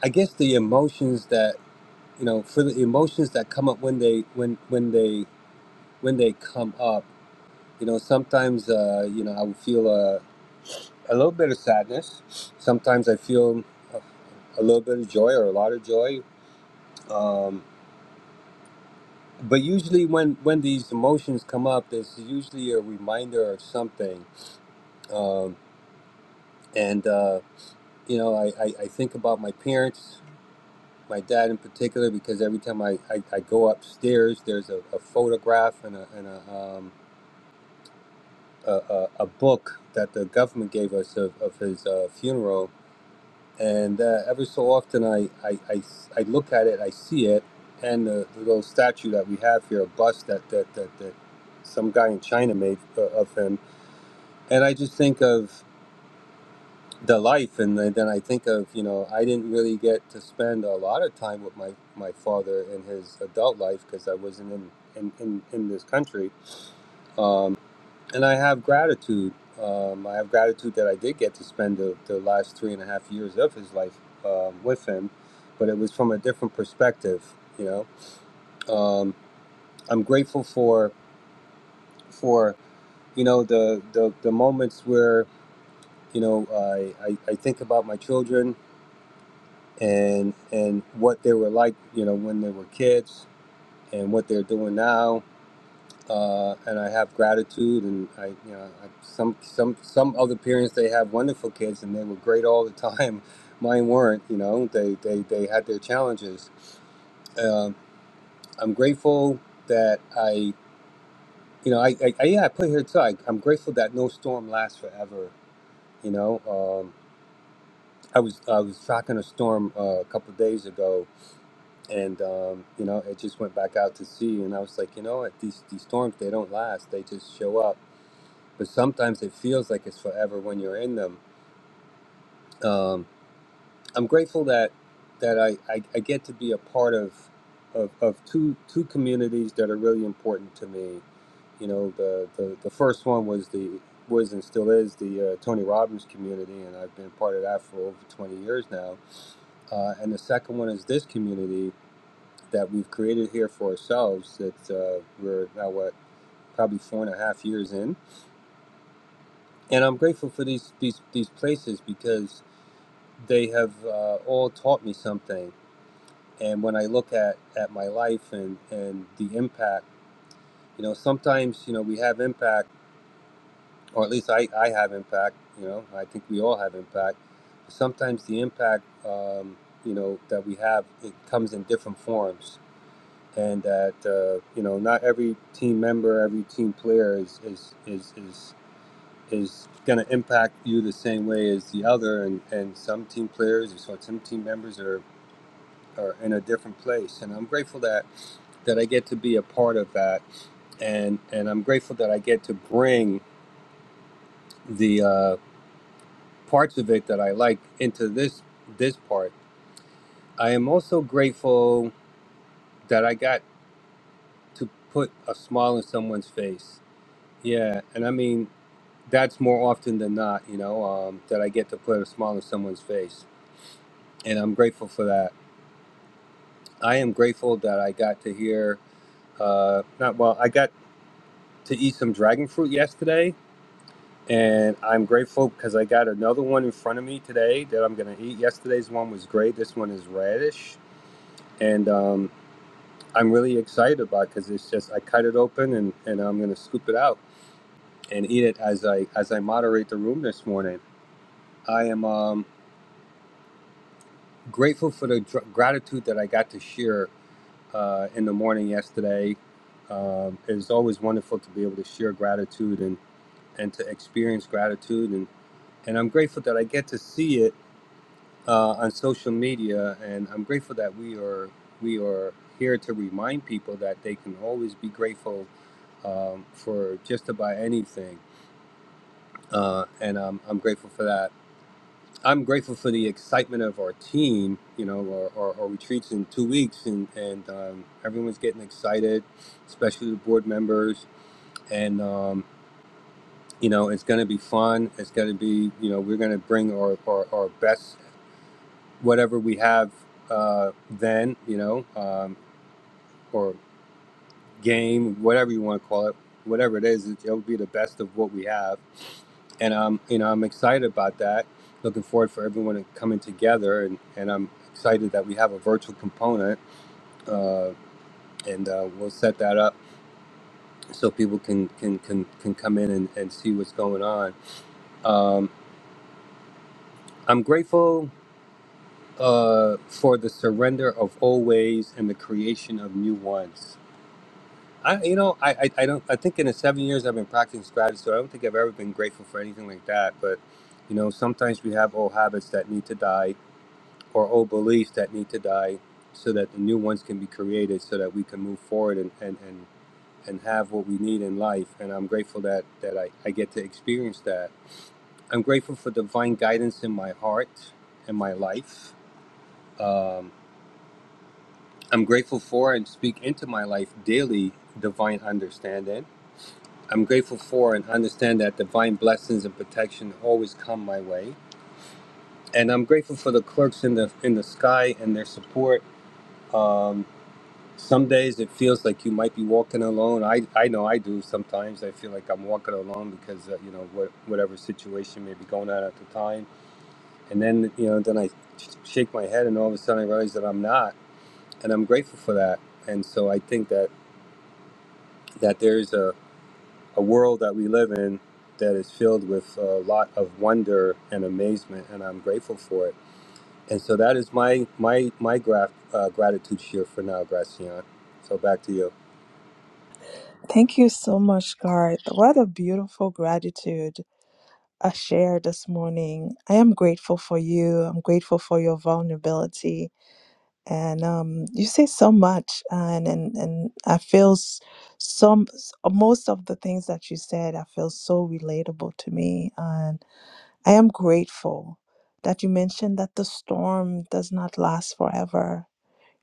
I guess the emotions that you know for the emotions that come up when they when when they when they come up you know sometimes uh, you know i would feel uh, a little bit of sadness sometimes i feel a, a little bit of joy or a lot of joy um, but usually when when these emotions come up there's usually a reminder of something um, and uh, you know I, I, I think about my parents my dad in particular because every time i, I, I go upstairs there's a, a photograph and a, and a um, a, a, a book that the government gave us of, of his uh, funeral and uh, every so often I, I, I, I look at it, I see it, and the, the little statue that we have here, a bust that that, that, that some guy in China made uh, of him, and I just think of the life, and then then I think of you know I didn't really get to spend a lot of time with my, my father in his adult life because I wasn't in in, in, in this country, Um, and I have gratitude. Um, I have gratitude that I did get to spend the, the last three and a half years of his life um, with him, but it was from a different perspective. You know, um, I'm grateful for for you know the the, the moments where you know I, I I think about my children and and what they were like. You know, when they were kids and what they're doing now uh, and I have gratitude. And I, you know, I, some some some other parents they have wonderful kids, and they were great all the time. Mine weren't. You know, they they, they had their challenges. Um, I'm grateful that I, you know, I, I, I yeah, I put here too. I, I'm grateful that no storm lasts forever. You know, um, I was I was tracking a storm uh, a couple of days ago. And um, you know, it just went back out to sea, and I was like, you know, what? these these storms they don't last; they just show up but sometimes it feels like it's forever when you're in them. Um, I'm grateful that that I, I, I get to be a part of, of of two two communities that are really important to me. You know, the the, the first one was the was and still is the uh, Tony Robbins community, and I've been part of that for over 20 years now. Uh, and the second one is this community that we've created here for ourselves. That uh, we're now what probably four and a half years in, and I'm grateful for these these these places because they have uh, all taught me something. And when I look at, at my life and, and the impact, you know, sometimes, you know, we have impact, or at least I, I have impact, you know, I think we all have impact. Sometimes the impact, um, you know, that we have, it comes in different forms. And that, uh, you know, not every team member, every team player is, is, is, is, is going to impact you the same way as the other. And, and some team players or some team members are or in a different place and i'm grateful that that i get to be a part of that and and i'm grateful that i get to bring the uh, parts of it that i like into this this part i am also grateful that i got to put a smile on someone's face yeah and i mean that's more often than not you know um, that i get to put a smile on someone's face and i'm grateful for that i am grateful that i got to hear uh, not well i got to eat some dragon fruit yesterday and I'm grateful because I got another one in front of me today that I'm going to eat. Yesterday's one was great. This one is radish, and um, I'm really excited about because it's just I cut it open and, and I'm going to scoop it out and eat it as I as I moderate the room this morning. I am um, grateful for the dr- gratitude that I got to share uh, in the morning yesterday. Um, it was always wonderful to be able to share gratitude and, and to experience gratitude and, and I'm grateful that I get to see it uh, on social media, and I'm grateful that we are we are here to remind people that they can always be grateful um, for just about anything, uh, and am I'm grateful for that. I'm grateful for the excitement of our team. You know, our, our, our retreats in two weeks, and and um, everyone's getting excited, especially the board members, and. Um, you know, it's going to be fun. It's going to be, you know, we're going to bring our, our, our best whatever we have uh, then, you know, um, or game, whatever you want to call it, whatever it is, it, it'll be the best of what we have. And I'm, you know, I'm excited about that. Looking forward for everyone to coming together, and, and I'm excited that we have a virtual component, uh, and uh, we'll set that up so people can can can, can come in and, and see what's going on. Um, I'm grateful uh, for the surrender of old ways and the creation of new ones I, you know, I, I, I don't. I think in the seven years I've been practicing strategy, so I don't think I've ever been grateful for anything like that. But, you know, sometimes we have old habits that need to die, or old beliefs that need to die, so that the new ones can be created, so that we can move forward and and and, and have what we need in life. And I'm grateful that that I, I get to experience that. I'm grateful for divine guidance in my heart and my life. Um, I'm grateful for and speak into my life daily divine understanding. I'm grateful for and understand that divine blessings and protection always come my way. And I'm grateful for the clerks in the in the sky and their support. Um, some days it feels like you might be walking alone. I, I know I do sometimes. I feel like I'm walking alone because uh, you know what, whatever situation may be going on at the time. And then you know then I sh- shake my head and all of a sudden I realize that I'm not. And I'm grateful for that. And so I think that that there's a a world that we live in that is filled with a lot of wonder and amazement, and I'm grateful for it. And so that is my my my graf, uh, gratitude here for now, Gracian. So back to you. Thank you so much, Garth. What a beautiful gratitude. a share this morning. I am grateful for you. I'm grateful for your vulnerability. And um, you say so much, and and, and I feel s- some s- most of the things that you said. I feel so relatable to me, and I am grateful that you mentioned that the storm does not last forever.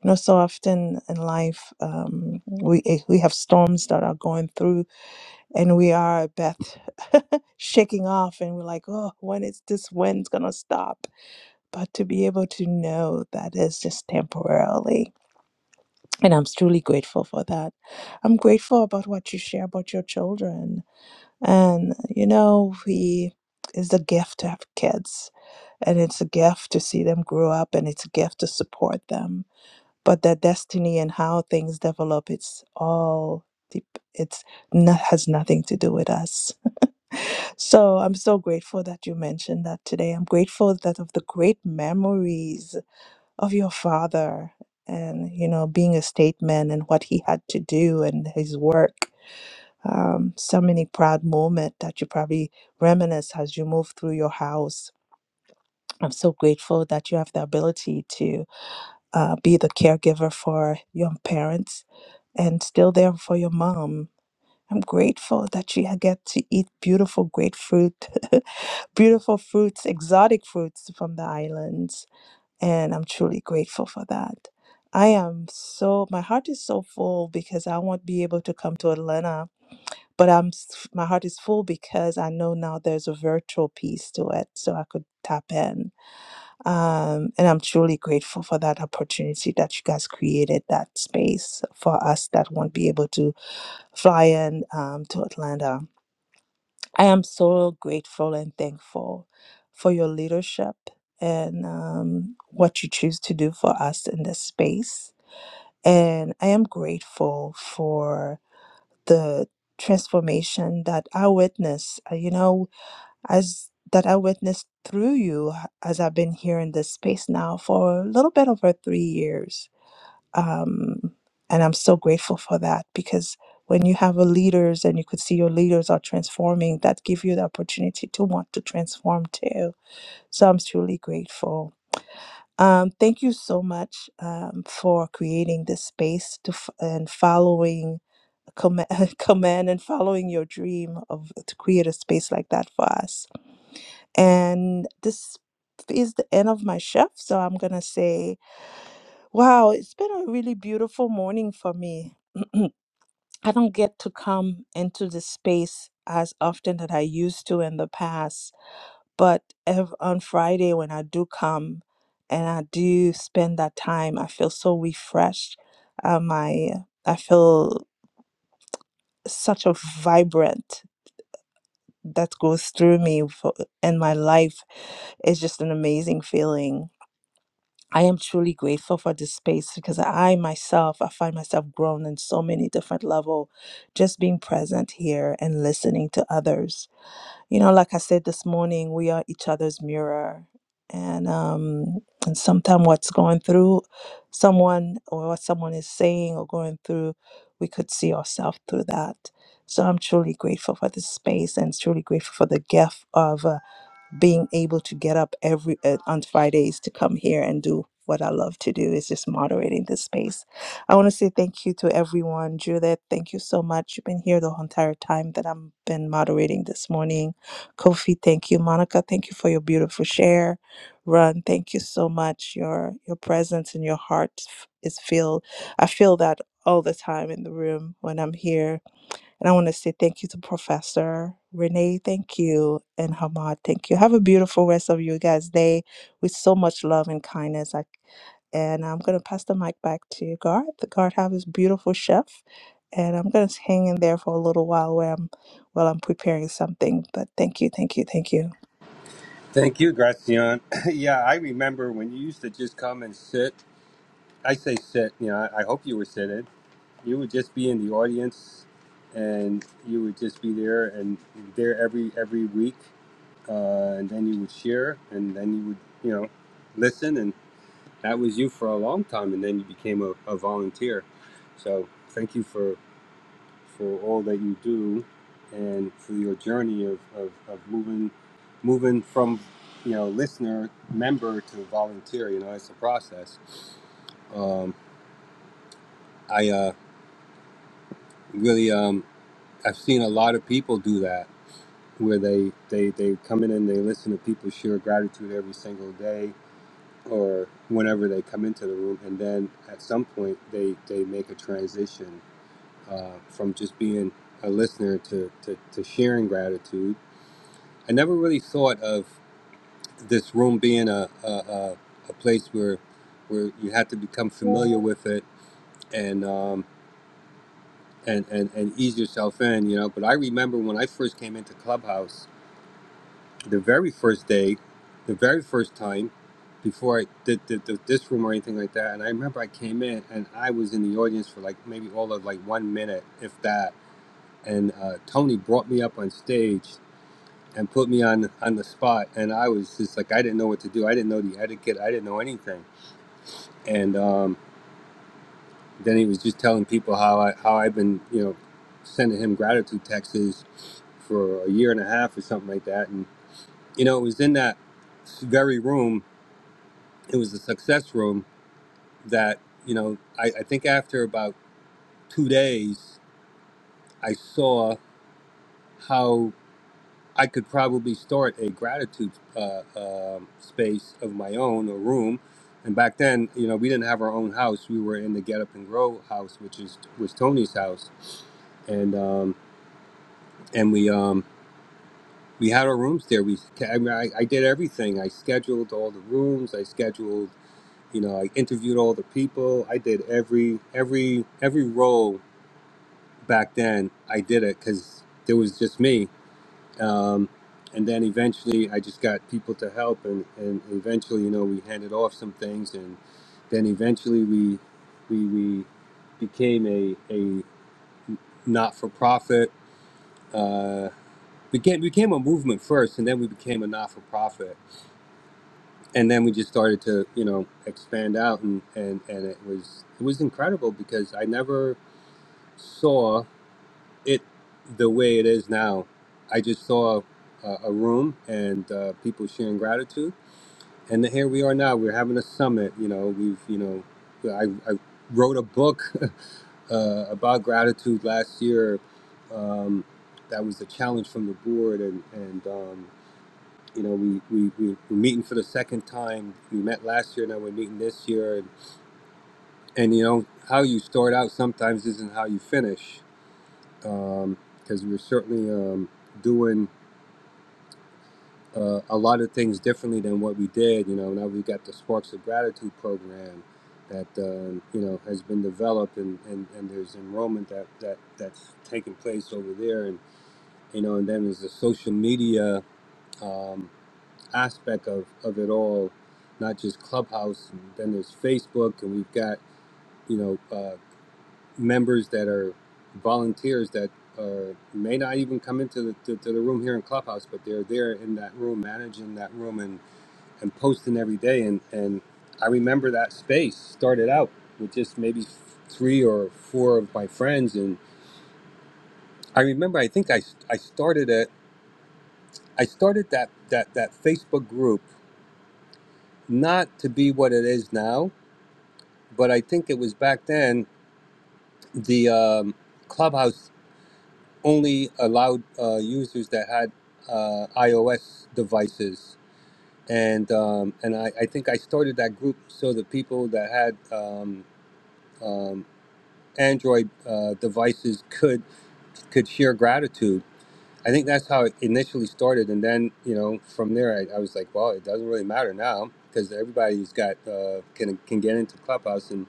You know, so often in life, um, we eh, we have storms that are going through and we are Beth shaking off and we're like, oh, when is this wind's gonna stop? But to be able to know that it's just temporarily. And I'm truly grateful for that. I'm grateful about what you share about your children. And you know, we it's a gift to have kids and it's a gift to see them grow up and it's a gift to support them. But their destiny and how things develop, it's all deep it's not has nothing to do with us so I'm so grateful that you mentioned that today. I'm grateful that of the great memories of your father and, you know, being a statesman and what he had to do and his work. Um, so many proud moments that you probably reminisce as you move through your house. I'm so grateful that you have the ability to uh, be the caregiver for your parents and still there for your mom. I'm grateful that you get to eat beautiful grapefruit beautiful fruits, exotic fruits from the islands, and I'm truly grateful for that. I am so my heart is so full because I won't be able to come to Atlanta, but I'm s- my heart is full because I know now there's a virtual piece to it, so I could tap in. Um, and I'm truly grateful for that opportunity that you guys created that space for us that won't be able to fly in um, to Atlanta I am so grateful and thankful for your leadership and um, what you choose to do for us in this space. And I am grateful for the transformation that I witness, uh, you know, as that I witnessed through you as I've been here in this space now for a little bit over three years um, and I'm so grateful for that because when you have a leaders and you could see your leaders are transforming, that give you the opportunity to want to transform too. So I'm truly grateful. Um, thank you so much um, for creating this space to f- and following command, command and following your dream of to create a space like that for us. And this is the end of my shift, so I'm gonna say. Wow, it's been a really beautiful morning for me. I don't get to come into this space as often that I used to in the past, but ev- on Friday when I do come and I do spend that time, I feel so refreshed. Um, I I feel such a vibrant that goes through me for, in my life. It's just an amazing feeling. I am truly grateful for this space because I myself, I find myself grown in so many different level, just being present here and listening to others. You know, like I said this morning, we are each other's mirror, and um, and sometimes what's going through someone or what someone is saying or going through, we could see ourselves through that. So I'm truly grateful for this space and truly grateful for the gift of being able to get up every uh, on Fridays to come here and do what I love to do is just moderating this space. I want to say thank you to everyone. Judith, thank you so much. You've been here the whole entire time that I've been moderating this morning. Kofi, thank you. Monica, thank you for your beautiful share. Run, thank you so much. Your your presence and your heart f- is filled. I feel that all the time in the room when I'm here and I want to say thank you to Professor Renee. Thank you. And Hamad, thank you. Have a beautiful rest of your guys' day with so much love and kindness. I, and I'm going to pass the mic back to Garth. Garth have his beautiful chef. And I'm going to hang in there for a little while where I'm, while I'm preparing something. But thank you, thank you, thank you. Thank you, Gracian. yeah, I remember when you used to just come and sit. I say sit, you know. I, I hope you were sitting. You would just be in the audience, and you would just be there and there every every week, uh, and then you would share, and then you would you know listen and that was you for a long time, and then you became a, a volunteer. So thank you for for all that you do, and for your journey of, of, of moving moving from you know listener member to volunteer. You know, it's a process. Um, I uh, really um, I've seen a lot of people do that where they, they they come in and they listen to people share gratitude every single day or whenever they come into the room and then at some point they they make a transition uh, from just being a listener to, to, to sharing gratitude. I never really thought of this room being a, a, a, a place where where you had to become familiar with it and, um, and, and and ease yourself in, you know. But I remember when I first came into Clubhouse, the very first day, the very first time, before I did, did, did this room or anything like that, and I remember I came in and I was in the audience for like maybe all of like one minute, if that and uh, Tony brought me up on stage and put me on on the spot, and I was just like I didn't know what to do. I didn't know the etiquette. I didn't know anything. And um, then he was just telling people how I how I've been you know sending him gratitude texts for a year and a half or something like that. And you know it was in that very room. It was the success room that you know I, I think after about two days I saw how. I could probably start a gratitude uh, um space of my own, a room. And back then, you know, we didn't have our own house. We were in the Get Up and Grow house, which is was Tony's house, and um, and we um, we had our rooms there. We I, mean, I, I did everything. I scheduled all the rooms. I scheduled, you know, I interviewed all the people. I did every every every role back then. I did it because there was just me um, and then eventually I just got people to help, and, and eventually, you know, we handed off some things, and then eventually we we, we became a, a not for profit. Uh, became became a movement first, and then we became a not for profit, and then we just started to you know expand out, and, and and it was it was incredible because I never saw it the way it is now. I just saw a, a room and uh, people sharing gratitude and here we are now. We're having a summit. You know, we've you know, I, I wrote a book uh, about gratitude last year. Um, that was the challenge from the board, and and um, you know we, we we we're meeting for the second time. We met last year, now we're meeting this year, and, and you know how you start out sometimes isn't how you finish, because um, we're certainly um, doing. uh, a lot of things differently than what we did. You know, now we've got the Sparks of Gratitude program that um, you know has been developed, and, and, and there's enrollment that, that that's taking place over there, and you know, and then there's the social media um, aspect of, of it all, not just Clubhouse. And then there's Facebook, and we've got you know uh, members that are volunteers that. Are, may not even come into the, to, to the room here in Clubhouse, but they're there in that room, managing that room, and and posting every day. And, and I remember that space started out with just maybe three or four of my friends. And I remember, I think I, I started it, I started that, that, that Facebook group not to be what it is now, but I think it was back then the um, Clubhouse only allowed uh, users that had uh, iOS devices. And, um, and I, I think I started that group so that people that had um, um, Android uh, devices could could share gratitude. I think that's how it initially started, and then you know from there I, I was like, well, it doesn't really matter now because everybody's got uh, can can get into Clubhouse, and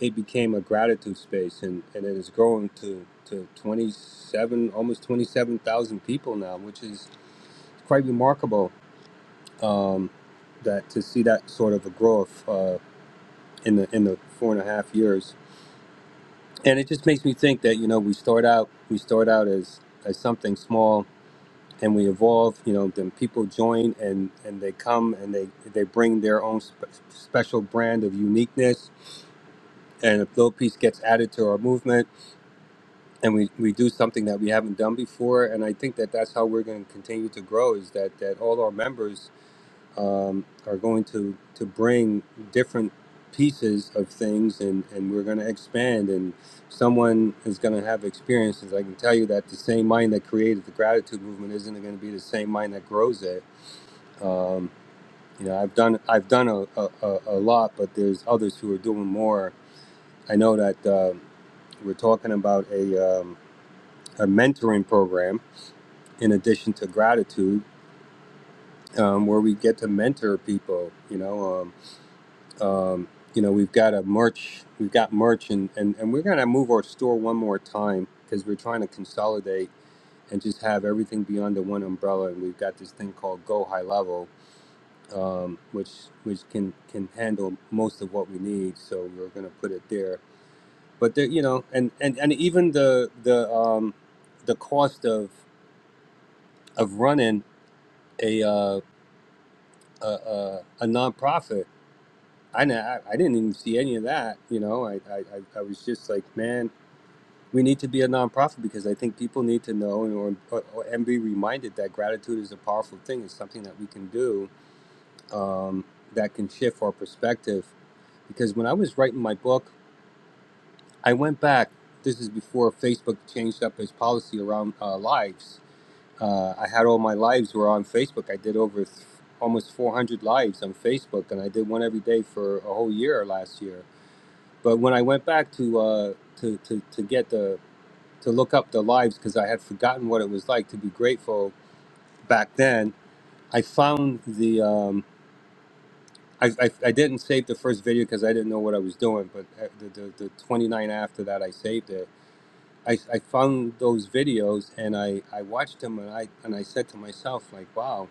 it became a gratitude space, and, and it is growing to to twenty seven almost twenty seven thousand people now, which is quite remarkable. Um, that to see that sort of a growth uh, in the in the four and a half years and it just makes me think that you know we start out we start out as as something small and we evolve you know then people join and and they come and they they bring their own spe- special brand of uniqueness and a little piece gets added to our movement and we we do something that we haven't done before and i think that that's how we're going to continue to grow is that that all our members um, are going to to bring different pieces of things and and we're going to expand and someone is going to have experiences i can tell you that the same mind that created the gratitude movement isn't going to be the same mind that grows it um, you know i've done i've done a, a, a lot but there's others who are doing more i know that uh, we're talking about a, um, a mentoring program in addition to gratitude um, where we get to mentor people you know um, Um, you know, we've got a merch, we've got merch, and, and, and we're going to move our store one more time because we're trying to consolidate and just have everything be under one umbrella. And we've got this thing called Go High Level, um, which which can can handle most of what we need. So we're going to put it there. But there, you know, and, and, and even the the um, the cost of of running a uh, a, a, a nonprofit I, n- I I didn't even see any of that. You know, I, I, I I was just like, man. we need to be a nonprofit because I think people need to know and, or, or, and be reminded that gratitude is a powerful thing. It's something that we can do um, that can shift our perspective. Because when I was writing my book, I went back. This is before Facebook changed up its policy around uh, lives. Uh, I had all my lives were on Facebook. I did over th- almost 400 lives on Facebook, and I did one every day for a whole year last year. But when I went back to uh, to, to to get the to look up the lives because I had forgotten what it was like to be grateful back then. I found the um, I, I, I didn't save the first video because I didn't know what I was doing, but uh, the, the, the 29 after that I saved it. I, I found those videos and I, I watched them and I and I said to myself like, wow,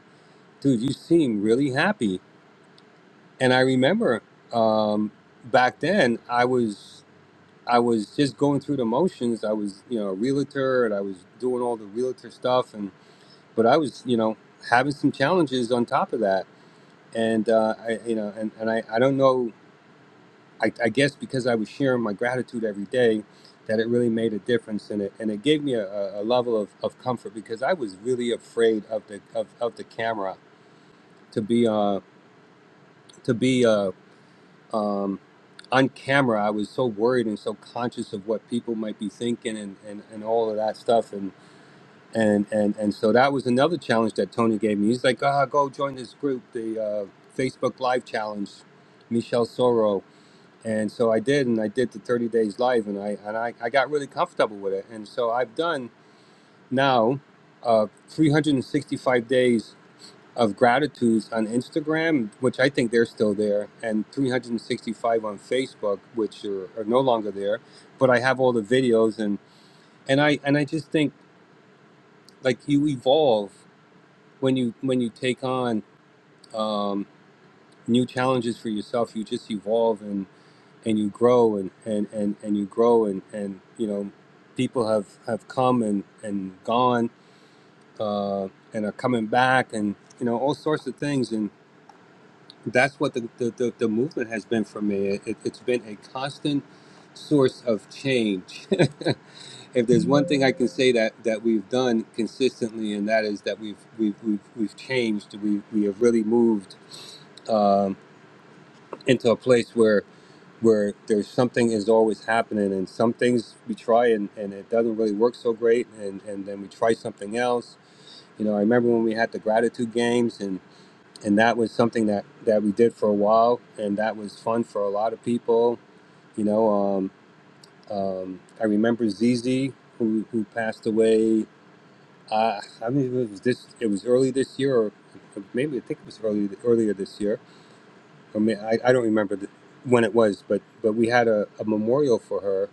dude, you seem really happy. And I remember um, back then I was I was just going through the motions. I was you know a realtor and I was doing all the realtor stuff and but I was, you know, having some challenges on top of that. And, uh, I, you know, and, and I, I don't know, I, I guess because I was sharing my gratitude every day that it really made a difference in it. And it gave me a, a level of, of comfort because I was really afraid of the, of, of the camera to be, uh, to be, uh, um, on camera, I was so worried and so conscious of what people might be thinking and, and, and all of that stuff. and. and and and so that was another challenge that Tony gave me. He's like, ah, go join this group, the uh, Facebook Live Challenge, Michelle Soro. And so I did, and I did the 30 days live, and I and I, I got really comfortable with it. And so I've done now uh, 365 days of gratitudes on Instagram, which I think they're still there, and 365 on Facebook, which are, are no longer there. But I have all the videos, and and I and I just think like you evolve when you when you take on um, new challenges for yourself, you just evolve and and you grow and and and, and you grow and and you know people have have come and and gone uh, and are coming back and you know all sorts of things and that's what the the, the, the movement has been for me. It, it, it's been a constant source of change. if there's one thing I can say that that we've done consistently, and that is that we've we've we've, we've changed. We we have really moved um, into a place where where there's something is always happening and some things we try and, and it doesn't really work so great and, and then we try something else you know i remember when we had the gratitude games and and that was something that that we did for a while and that was fun for a lot of people you know um, um, i remember zz who, who passed away uh, i mean it was this it was early this year or maybe i think it was early, earlier this year I mean, I, I don't remember the, when it was, but but we had a, a memorial for her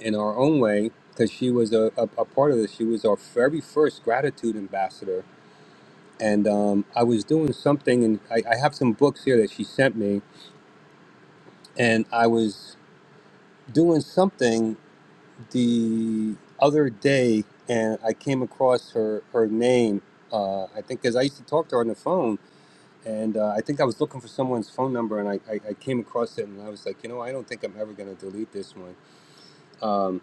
in our own way because she was a, a, a part of this. She was our very first gratitude ambassador, and um, I was doing something, and I, I have some books here that she sent me, and I was doing something the other day, and I came across her her name. Uh, I think because I used to talk to her on the phone, and uh, I think I was looking for someone's phone number, and I, I, I came across it, and I was like, you know, I don't think I'm ever going to delete this one. Um,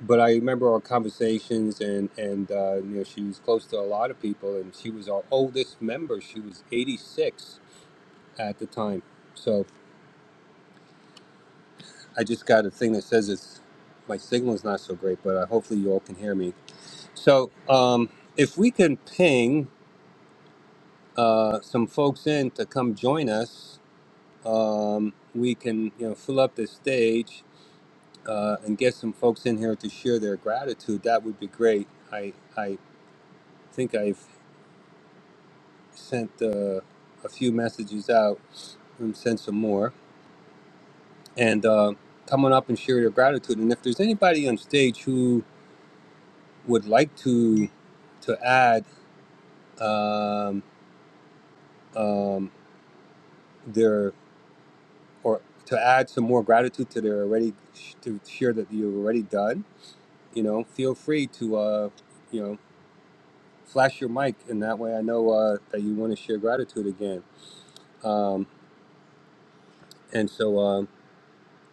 but I remember our conversations, and and uh, you know, she was close to a lot of people, and she was our oldest member. She was 86 at the time, so I just got a thing that says it's my signal is not so great, but uh, hopefully you all can hear me. So um, if we can ping uh, some folks in to come join us, um, we can you know fill up the stage uh, and get some folks in here to share their gratitude, that would be great. I, I think I've sent uh, a few messages out and sent some more. And uh, come on up and share your gratitude. And if there's anybody on stage who would like to to add um, um, their or to add some more gratitude to their already to share that you've already done, you know, feel free to. Uh, you know flash your mic, and that way I know uh, that you want to share gratitude again. Um, and so, um,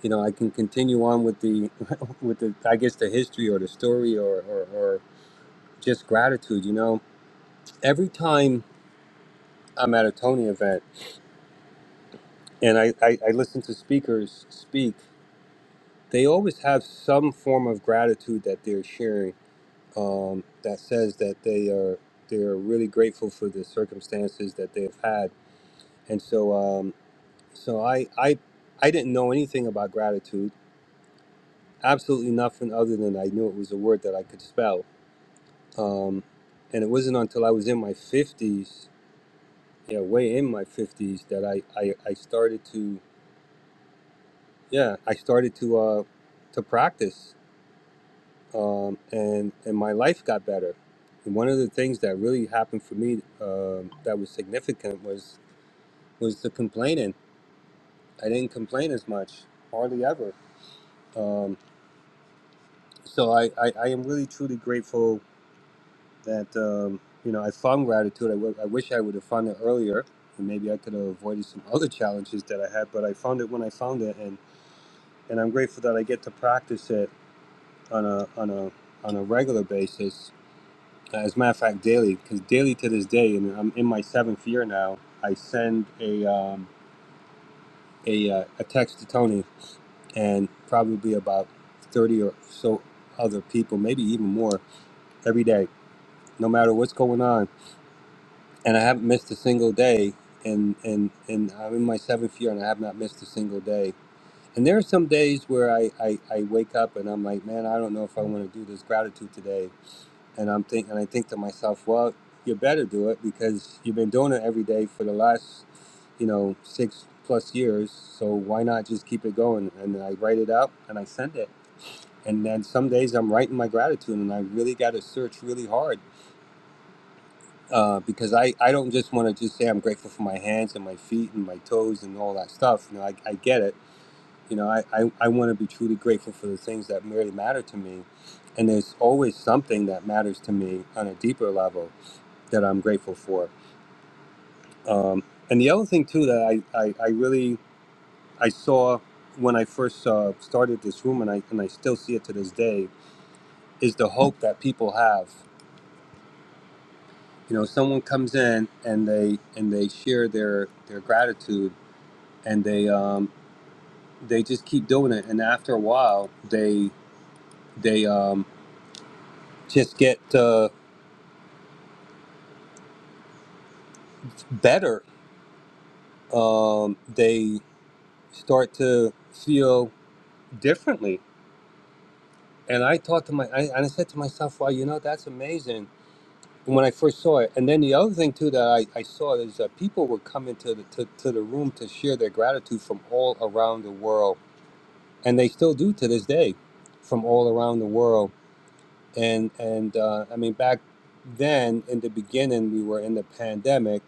you know, I can continue on with the, with the, I guess the history or the story or, or, or just gratitude. You know, every time I'm at a Tony event and I, I, I listen to speakers speak, they always have some form of gratitude that they're sharing um, that says that they are they are really grateful for the circumstances that they've had. And so, um, So I, I, I didn't know anything about gratitude. Absolutely nothing other than I knew it was a word that I could spell. Um, and it wasn't until I was in my fifties, yeah, way in my fifties, that I, I, I started to, yeah, I started to, uh, to practice. Um, and and my life got better. And one of the things that really happened for me um that was significant was was the complaining. I didn't complain as much, hardly ever. Um, so I, I, I am really truly grateful that um, you know I found gratitude. I w- I wish I would have found it earlier, and maybe I could have avoided some other challenges that I had. But I found it when I found it, and, and I'm grateful that I get to practice it on a on a on a regular basis. As a matter of fact, daily, because daily to this day, and I'm in my seventh year now. I send a um, a uh, a text to Tony and probably about thirty or so other people, maybe even more, every day no matter what's going on and I haven't missed a single day. And and and I'm in my seventh year, and I have not missed a single day. And there are some days where I I, I wake up and I'm like, man, I don't know if I want to do this gratitude today. And I'm think and I think to myself, well, you better do it because you've been doing it every day for the last, you know, six plus years. So why not just keep it going? And I write it out and I send it. And then some days I'm writing my gratitude, and I really got to search really hard uh, because I, I don't just want to just say I'm grateful for my hands and my feet and my toes and all that stuff. You know, I, I get it. You know, I, I, I want to be truly grateful for the things that really matter to me. And there's always something that matters to me on a deeper level that I'm grateful for. Um, and the other thing, too, that I, I, I really I saw when I first uh, started this room and I, and I still see it to this day is the hope that people have. You know, someone comes in and they and they share their their gratitude and they um, they just keep doing it. And after a while, they they um, just get uh, better. Um, they start to feel differently. And I thought to my I, and I said to myself, "Wow, you know that's amazing." When I first saw it, and then the other thing too that I, I saw is that people were coming to the to, to the room to share their gratitude from all around the world, and they still do to this day, from all around the world and and uh, I mean back then in the beginning we were in the pandemic,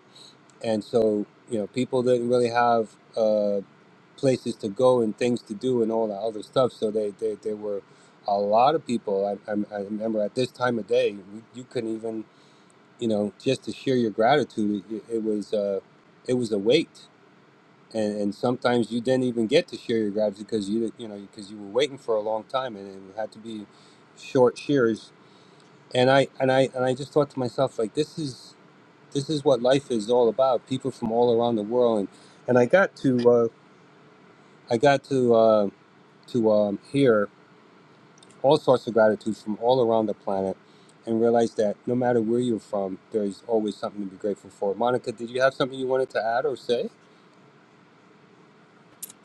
and so you know people didn't really have uh, places to go and things to do and all that other stuff. So they they, they were a lot of people. I, I, I remember at this time of day we, you couldn't even you know just to share your gratitude. It, it was uh, it was a wait. And, and sometimes you didn't even get to share your gratitude because you you know because you were waiting for a long time and it had to be short shares and I and I and I just thought to myself like this is this is what life is all about. People from all around the world, and and I got to uh, I got to uh, to um, hear all sorts of gratitude from all around the planet, and realized that no matter where you're from, there's always something to be grateful for. Monica, did you have something you wanted to add or say?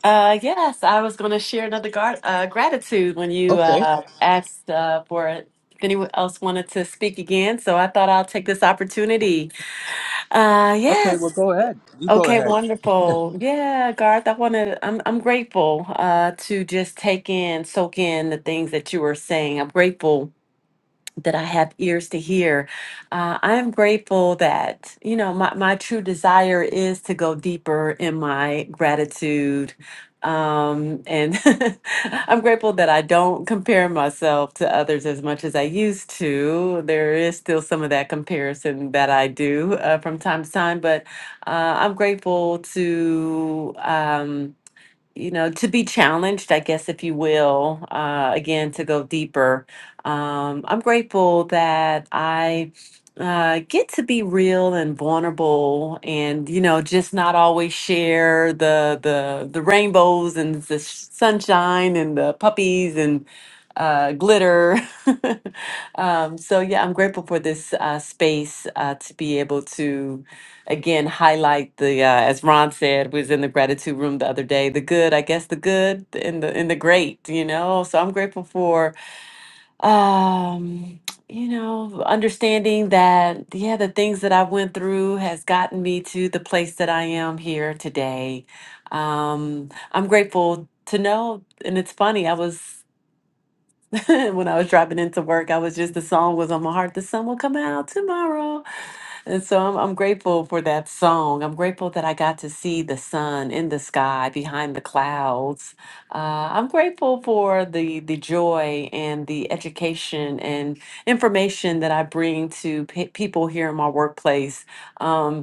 Uh, yes, I was going to share another gar- uh, gratitude when you Okay, uh, asked uh, for it. If anyone else wanted to speak again, so I thought I'll take this opportunity. Uh, okay, well yes. go ahead. You go Okay, ahead. wonderful. Yeah, Garth, I want to, I'm, I'm grateful uh, to just take in, soak in the things that you were saying. I'm grateful that I have ears to hear. Uh, I am grateful that, you know, my, my true desire is to go deeper in my gratitude. Um, and I'm grateful that I don't compare myself to others as much as I used to. There is still some of that comparison that I do uh, from time to time, but uh, I'm grateful to. Um, you know, to be challenged, I guess, if you will, uh, again, to go deeper. Um, I'm grateful that I uh, get to be real and vulnerable and, you know, just not always share the, the, the rainbows and the sh- sunshine and the puppies and uh, glitter. um, so, yeah, I'm grateful for this uh, space uh, to be able to again highlight the uh, as Ron said was in the gratitude room the other day the good I guess the good and the and the great you know so I'm grateful for um you know understanding that yeah the things that I went through has gotten me to the place that I am here today um I'm grateful to know and it's funny I was when I was driving into work I was just the song was on my heart the sun will come out tomorrow and so I'm, I'm grateful for that song. I'm grateful that I got to see the sun in the sky behind the clouds. Uh, I'm grateful for the the joy and the education and information that I bring to pe- people here in my workplace. Um,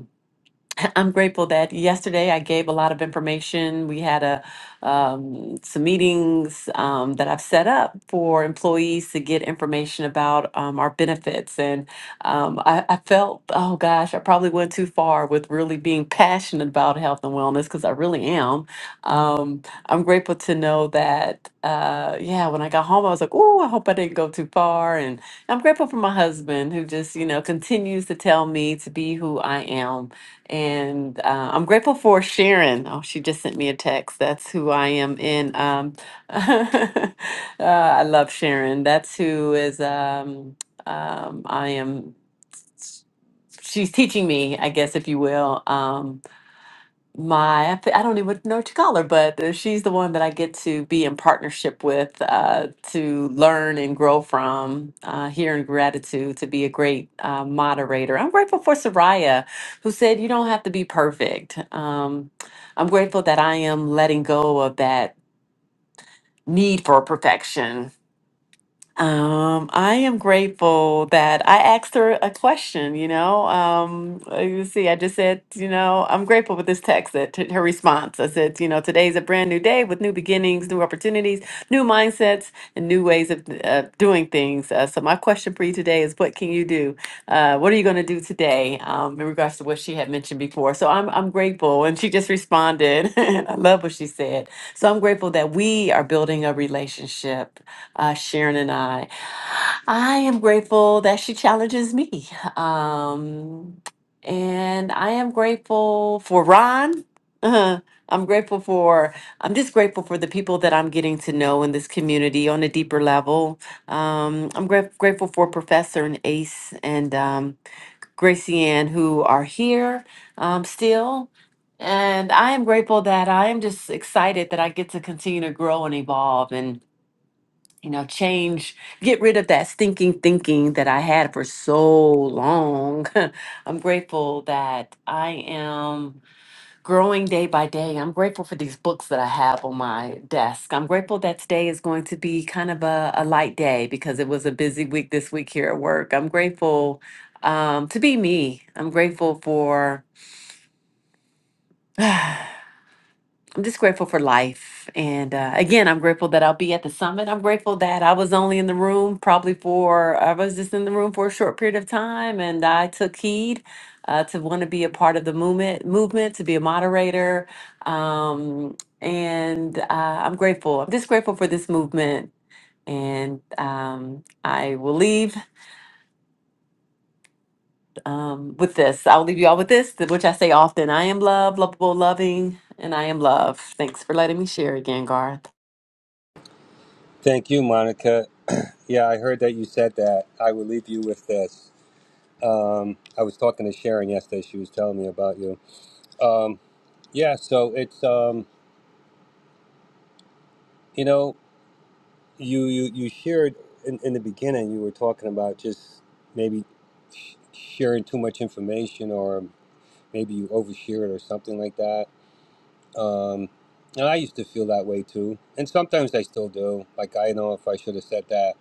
I'm grateful that yesterday I gave a lot of information. We had a um, some meetings um, that I've set up for employees to get information about um, our benefits, and um, I, I felt, oh gosh, I probably went too far with really being passionate about health and wellness because I really am. Um, I'm grateful to know that, uh, yeah, when I got home, I was like, oh, I hope I didn't go too far, and I'm grateful for my husband who just, you know, continues to tell me to be who I am and uh, I'm grateful for Sharon. Oh, she just sent me a text. That's who I am in. Um, uh, I love Sharon. That's who is, um, um, I am, she's teaching me, I guess, if you will. Um, my I f- I don't even know Tagalog, but uh, she's the one that I get to be in partnership with uh, to learn and grow from uh, here in gratitude to be a great uh, moderator. I'm grateful for Soraya, who said you don't have to be perfect. Um, I'm grateful that I am letting go of that need for perfection um, I am grateful that I asked her a question, you know. Um, uh, you see, I just said, you know, I'm grateful with this text that t- her response. I said, you know, today's a brand new day with new beginnings, new opportunities, new mindsets, and new ways of uh, doing things. Uh, so my question for you today is what can you do? Uh, what are you going to do today um, in regards to what she had mentioned before? So I'm, I'm grateful. And she just responded. I love what she said. So I'm grateful that we are building a relationship uh, Sharon and I. I am grateful that she challenges me. Um, and I am grateful for Ron. Uh, I'm grateful for, I'm just grateful for the people that I'm getting to know in this community on a deeper level. Um, I'm gra- grateful for Professor and Ace and um, Gracie Ann who are here um, still. And I am grateful that I am just excited that I get to continue to grow and evolve you know, change, get rid of that stinking thinking that I had for so long. I'm grateful that I am growing day by day. I'm grateful for these books that I have on my desk. I'm grateful that today is going to be kind of a, a light day because it was a busy week this week here at work. I'm grateful um, to be me. I'm grateful for. I'm just grateful for life. And uh, again, I'm grateful that I'll be at the summit. I'm grateful that I was only in the room probably for, I was just in the room for a short period of time and I took heed uh, to want to be a part of the movement, movement to be a moderator. Um, and uh, I'm grateful. I'm just grateful for this movement. And um, I will leave um, with this. I'll leave you all with this, which I say often I am love, lovable, loving, and I am love. Thanks for letting me share again, Garth. Thank you, Monica. Yeah, I heard that you said that. I will leave you with this. Um, I was talking to Sharon yesterday. She was telling me about you Um, yeah, so it's um, you know, you you you shared in, in the beginning. You were talking about just maybe sh- sharing too much information, or maybe you overshare it, or something like that. Um, and I used to feel that way too, and sometimes I still do. Like I know if I should have said that,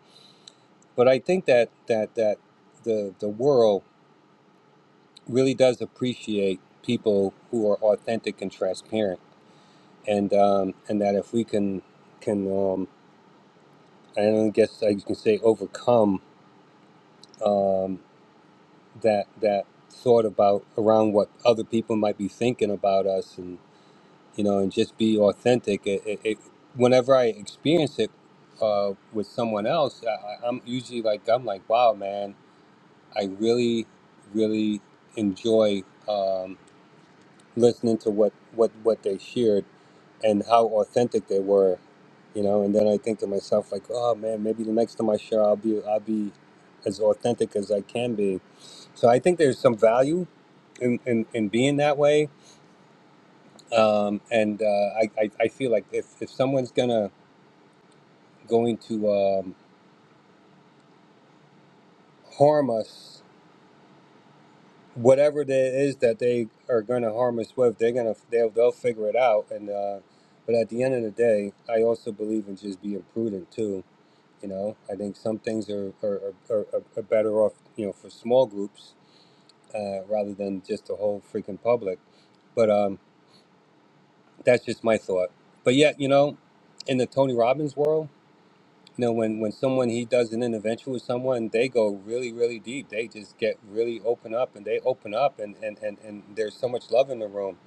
but I think that that that the the world really does appreciate people who are authentic and transparent, and um, and that if we can can. um, and I guess I can say overcome um, that that thought about around what other people might be thinking about us, and you know, and just be authentic. It, it, it, whenever I experience it uh, with someone else, I, I- I'm usually like, I'm like, wow, man, I really, really enjoy um, listening to what what what they shared and how authentic they were, you know. And then I think to myself, like, oh man, maybe the next time I share, I'll be I'll be as authentic as I can be. So I think there's some value in in, in being that way. Um, and uh, I, I I feel like if if someone's gonna going to um, harm us, whatever it is that they are gonna harm us with, they're gonna they'll they'll figure it out. And uh, but at the end of the day, I also believe in just being prudent too You know, I think some things are are, are, are are better off, you know, for small groups uh, rather than just the whole freaking public. But um, that's just my thought. But yet, you know, in the Tony Robbins world, you know, when when someone he does an intervention with someone, they go really, really deep. They just get really open up, and they open up, and and and, and there's so much love in the room.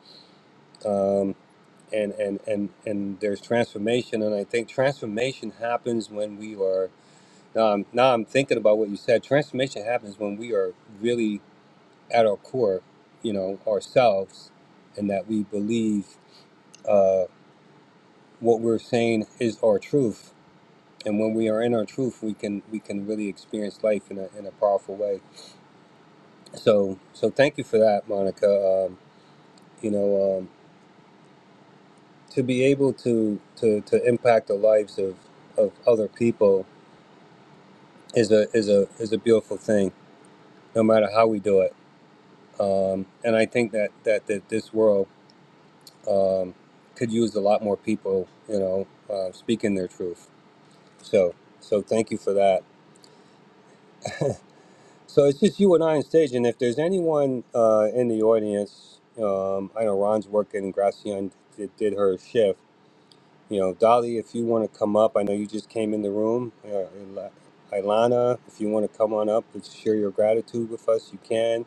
Um, and, and, and, and there's transformation and I think transformation happens when we are Um, now I'm thinking about what you said. Transformation happens when we are really at our core, you know, ourselves, and that we believe uh, what we're saying is our truth. And when we are in our truth, we can we can really experience life in a, in a powerful way. So so thank you for that, Monica. Um, you know, um, to be able to, to to impact the lives of, of other people is a is a is a beautiful thing, no matter how we do it um, and I think that that that this world um, could use a lot more people, you know, uh, speaking their truth. So, so thank you for that. So it's just you and I on stage, and if there's anyone uh, in the audience, um, I know Ron's working, Gracian did, did her shift. You know, Dolly, if you want to come up, I know you just came in the room. Uh, Il- Ilana, if you want to come on up and share your gratitude with us, you can.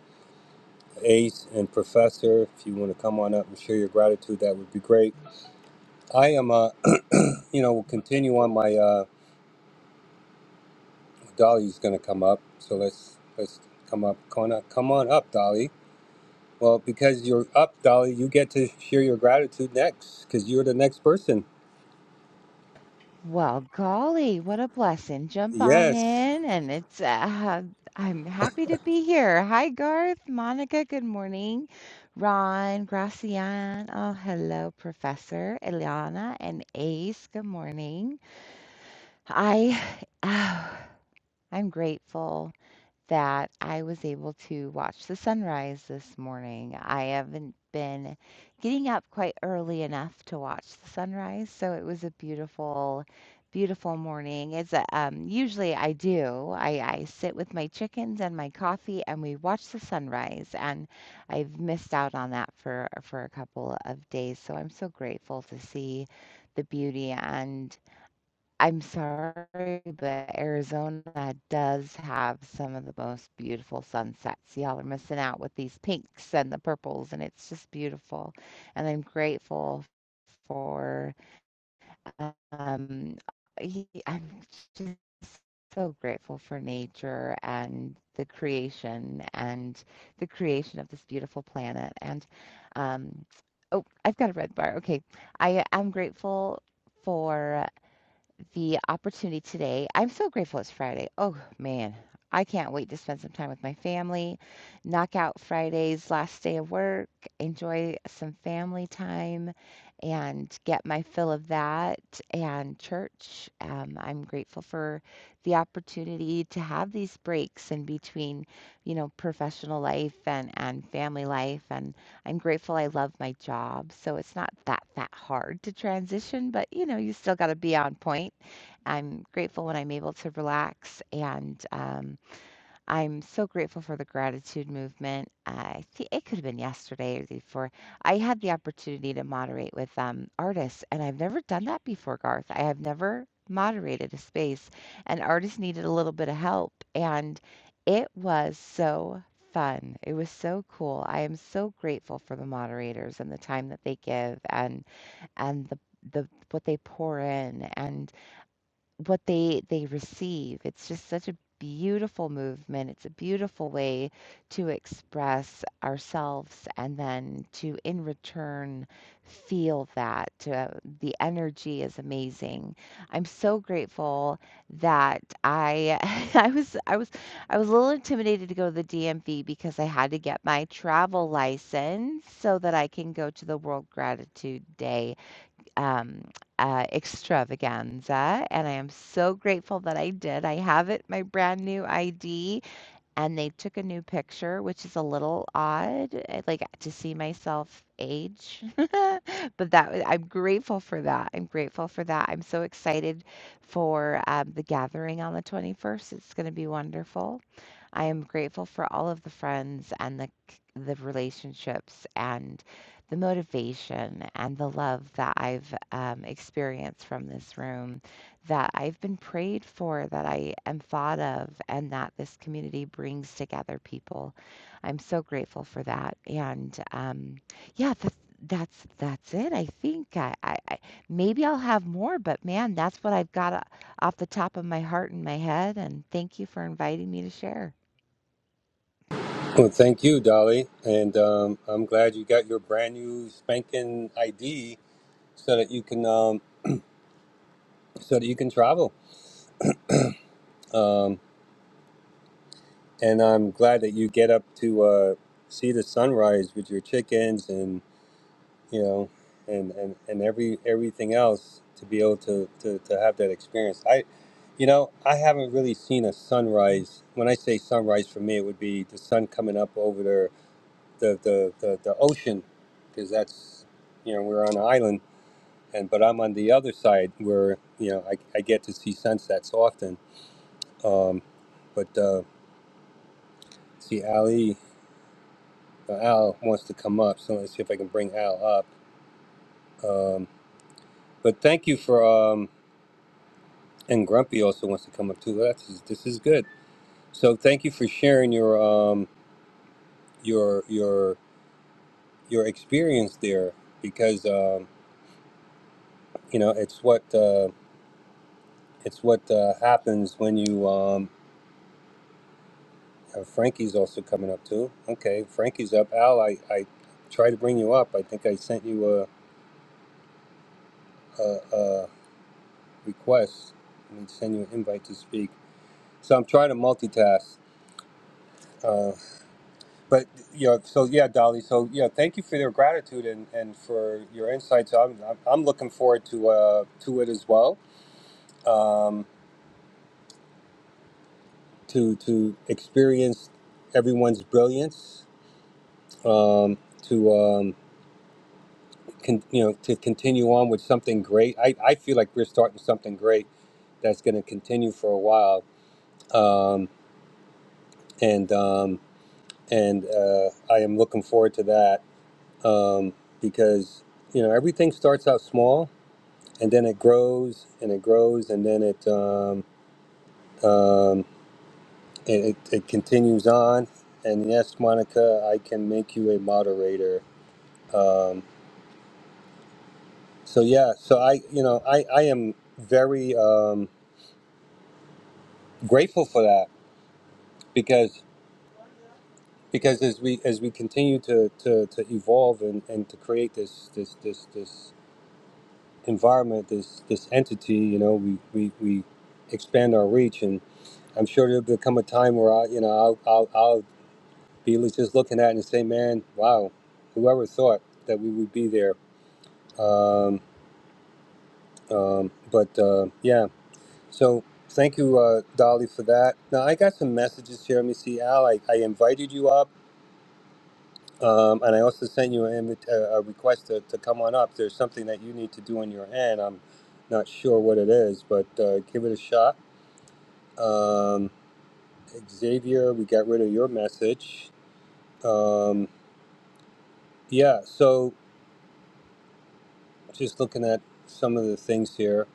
Ace and Professor, if you want to come on up and share your gratitude, that would be great. I am, uh, you know, we'll continue on my, uh, Dolly's gonna come up, so let's, let's come up, come on come on up, Dolly. Well, because you're up, Dolly, you get to share your gratitude next, because you're the next person. Well, golly, what a blessing. Jump on Yes. in and it's uh, I'm happy to be here. Hi Garth, Monica, good morning. Ron, Gracian, oh hello, Professor Eliana and Ace, good morning. I I'm grateful that I was able to watch the sunrise this morning. I haven't been getting up quite early enough to watch the sunrise, so it was a beautiful, beautiful morning. It's a, um, usually I do. I, I sit with my chickens and my coffee, and we watch the sunrise. And I've missed out on that for for a couple of days, so I'm so grateful to see the beauty. And I'm sorry, but Arizona does have some of the most beautiful sunsets. Y'all are missing out with these pinks and the purples, and it's just beautiful. And I'm grateful for, um, he- I'm just so grateful for nature and the creation and the creation of this beautiful planet. And, um, oh, I've got a red bar. Okay. I am grateful. For the opportunity today. I'm so grateful it's Friday. Oh, man. I can't wait to spend some time with my family, knock out Friday's last day of work, enjoy some family time, and get my fill of that and church. Um, I'm grateful for the opportunity to have these breaks in between, you know, professional life and, and family life. And I'm grateful I love my job, so it's not that that hard to transition, but you know, you still got to be on point. I'm grateful when I'm able to relax and um, I'm so grateful for the gratitude movement. I think it could have been yesterday or the day before. I had the opportunity to moderate with um, artists, and I've never done that before, Garth. I have never moderated a space, and artists needed a little bit of help. And it was so fun. It was so cool. I am so grateful for the moderators and the time that they give and and the the what they pour in what they they receive. It's just such a beautiful movement. It's a beautiful way to express ourselves and then to in return feel that uh, the energy is amazing. I'm so grateful that I I was I was I was a little intimidated to go to the DMV because I had to get my travel license so that I can go to the World Gratitude Day um, uh, extravaganza, and I am so grateful that I did. I have it, my brand new ID, and they took a new picture, which is a little odd, uh, like to see myself age. But that wa- I'm grateful for that. I'm grateful for that. I'm so excited for um, the gathering on the 21st. It's going to be wonderful. I am grateful for all of the friends and the c- the relationships and the motivation and the love that I've um, experienced from this room, that I've been prayed for, that I am thought of, and that this community brings together people. I'm so grateful for that. And um, yeah, that's that's that's it. I think I, I, I maybe I'll have more, but man, that's what I've got uh, off the top of my heart and my head. And thank you for inviting me to share. Well, thank you, Dolly, and, um, I'm glad you got your brand new spanking ID so that you can, um, so that you can travel. Um, and I'm glad that you get up to, uh, see the sunrise with your chickens and. you know, and, and, and every everything else to be able to, to, to have that experience. I, you know, I haven't really seen a sunrise. When I say sunrise, for me, it would be the sun coming up over the the the, the, the ocean, because that's you know we're on an island, and but I'm on the other side where you know I, I get to see sunsets often. Um, but uh, see, Ali uh, Al wants to come up, so let's see if I can bring Al up. Um, but thank you for. Um, And Grumpy also wants to come up too. That's this is good. So thank you for sharing your um your your your experience there because um you know it's what uh, it's what uh, happens when you um uh, Frankie's also coming up too. Okay, Frankie's up. Al, I I tried to bring you up. I think I sent you a a, a request. Let me send you an invite to speak. So I'm trying to multitask. uh, but you know, so yeah, Dolly. So yeah, thank you for your gratitude and, and for your insights. I'm, I'm I'm looking forward to uh to it as well. Um, to to experience everyone's brilliance. Um, to um, con- you know, to continue on with something great. I, I feel like we're starting something great that's going to continue for a while. Um, and um, and uh, I am looking forward to that um, because you know everything starts out small and then it grows and it grows and then it um, um, it, it, it continues on and yes monica i can make you a moderator um, so yeah so i you know i, I am very um, grateful for that because because as we as we continue to, to, to evolve and, and to create this this this this environment this this entity you know we, we, we expand our reach and I'm sure there'll become a time where I you know I'll, I'll, I'll He was just looking at it and say, man, wow, whoever thought that we would be there. Um, um, but uh, yeah, so thank you, uh, Dolly, for that. Now, I got some messages here. Let me see, Al, I, I invited you up. Um, and I also sent you an invit- a, a request to, to come on up. There's something that you need to do on your end. I'm not sure what it is, but uh, give it a shot. Um, Xavier, we got rid of your message. Um, yeah, so just looking at some of the things here.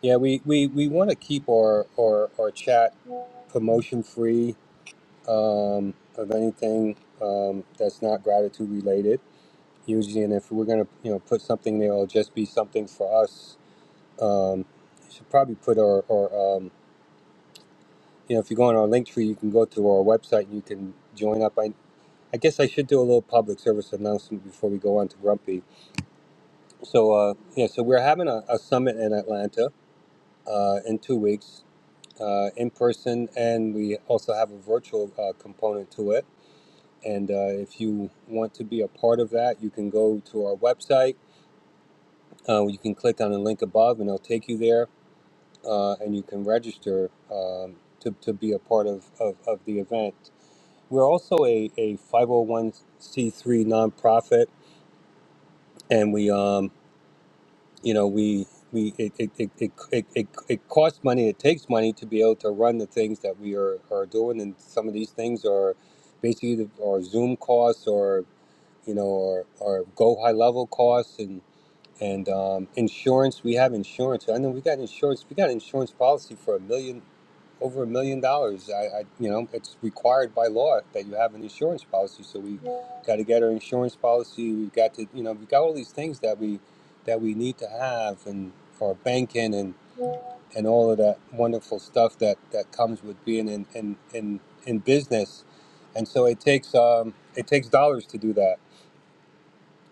Yeah, we, we, we want to keep our, our, our chat promotion free um, of anything um, that's not gratitude related. Usually, and if we're gonna you know put something there, it'll just be something for us. Um, should probably put our, our um, you know if you go on our link tree, you can go to our website and you can join up. I, I guess I should do a little public service announcement before we go on to Grumpy. So uh, yeah, so we're having a, a summit in Atlanta uh, in two weeks. uh, in person, and we also have a virtual uh, component to it. And uh, if you want to be a part of that, you can go to our website. Uh, you can click on the link above, and it'll take you there, uh, and you can register um, to, to be a part of, of, of the event. We're also a, a 501c3 nonprofit, and we um, you know we we it it, it, it, it, it it costs money it takes money to be able to run the things that we are, are doing and some of these things are basically the, or zoom costs or you know or, or go high level costs and and um, insurance we have insurance i know we got insurance we got an insurance policy for a million over a million dollars. I, I, you know, it's required by law that you have an insurance policy. So we got to get our insurance policy. We've got to, you know, we've got all these things that we that we need to have, and our banking and and all of that wonderful stuff that that comes with being in in in, in business. And so it takes um, it takes dollars to do that.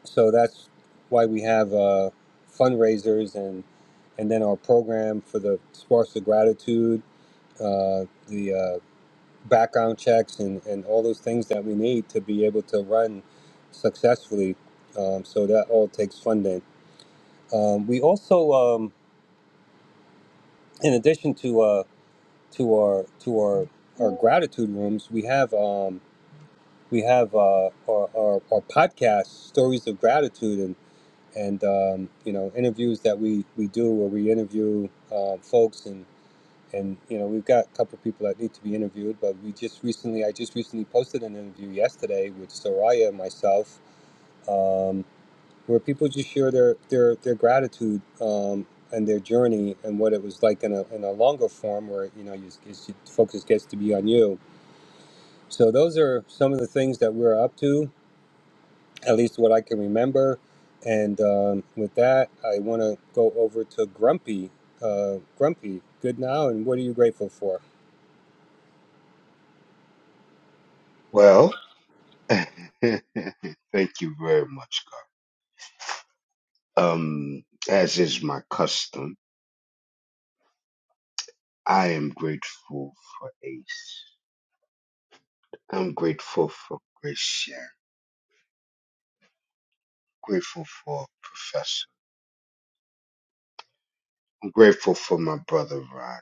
So that's why we have uh, fundraisers and and then our program for the Sparks of Gratitude. Uh, the uh, background checks and, and all those things that we need to be able to run successfully. Um, so that all takes funding. Um, we also, um, in addition to uh, to our to our our gratitude rooms, we have um, we have uh, our, our our podcast stories of gratitude and and um, you know interviews that we we do where we interview uh, folks and and you know we've got a couple of people that need to be interviewed but we just recently i just recently posted an interview yesterday with soraya and myself um, where people just share their their their gratitude um, and their journey and what it was like in a, in a longer form where you know you, you, focus gets to be on you so those are some of the things that we're up to at least what i can remember and um, with that i want to go over to grumpy uh, grumpy good now and what are you grateful for Well, thank you very much, God. Um, as is my custom, I am grateful for Ace. I'm grateful for Gracia. Grateful for Professor. I'm grateful for my brother Rod.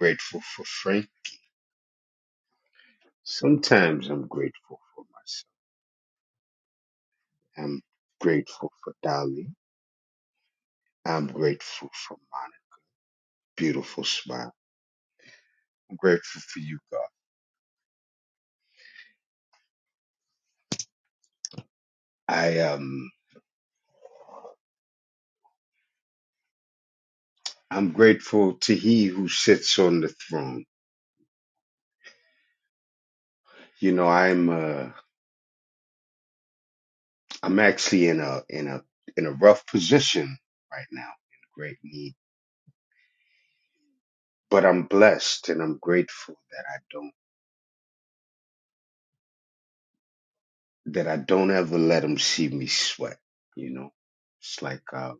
grateful for Frank. Sometimes I'm grateful for myself. I'm grateful for Dolly. I'm grateful for Monica. Beautiful smile. I'm grateful for you, God. I am. I'm grateful to He who sits on the throne. You know, I'm uh, I'm actually in a in a in a rough position right now, in great need. But I'm blessed and I'm grateful that I don't that I don't ever let Him see me sweat. You know, it's like uh,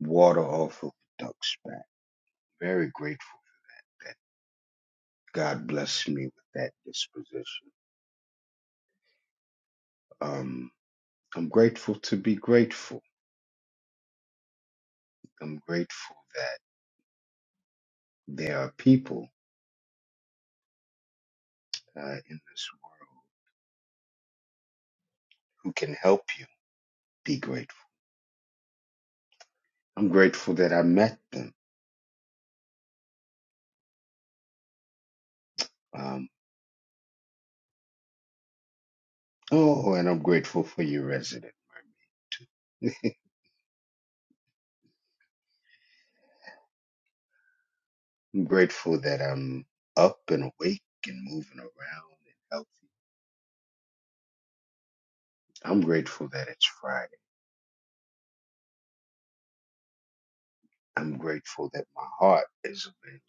water off of a duck's back. Very grateful that God blessed me with that disposition. Um, I'm grateful to be grateful. I'm grateful that there are people uh, in this. who can help you be grateful. I'm grateful that I met them. Um, oh, and I'm grateful for your resident. mermaid. I'm grateful that I'm up and awake and moving around and healthy. I'm grateful that it's Friday. I'm grateful that my heart is available.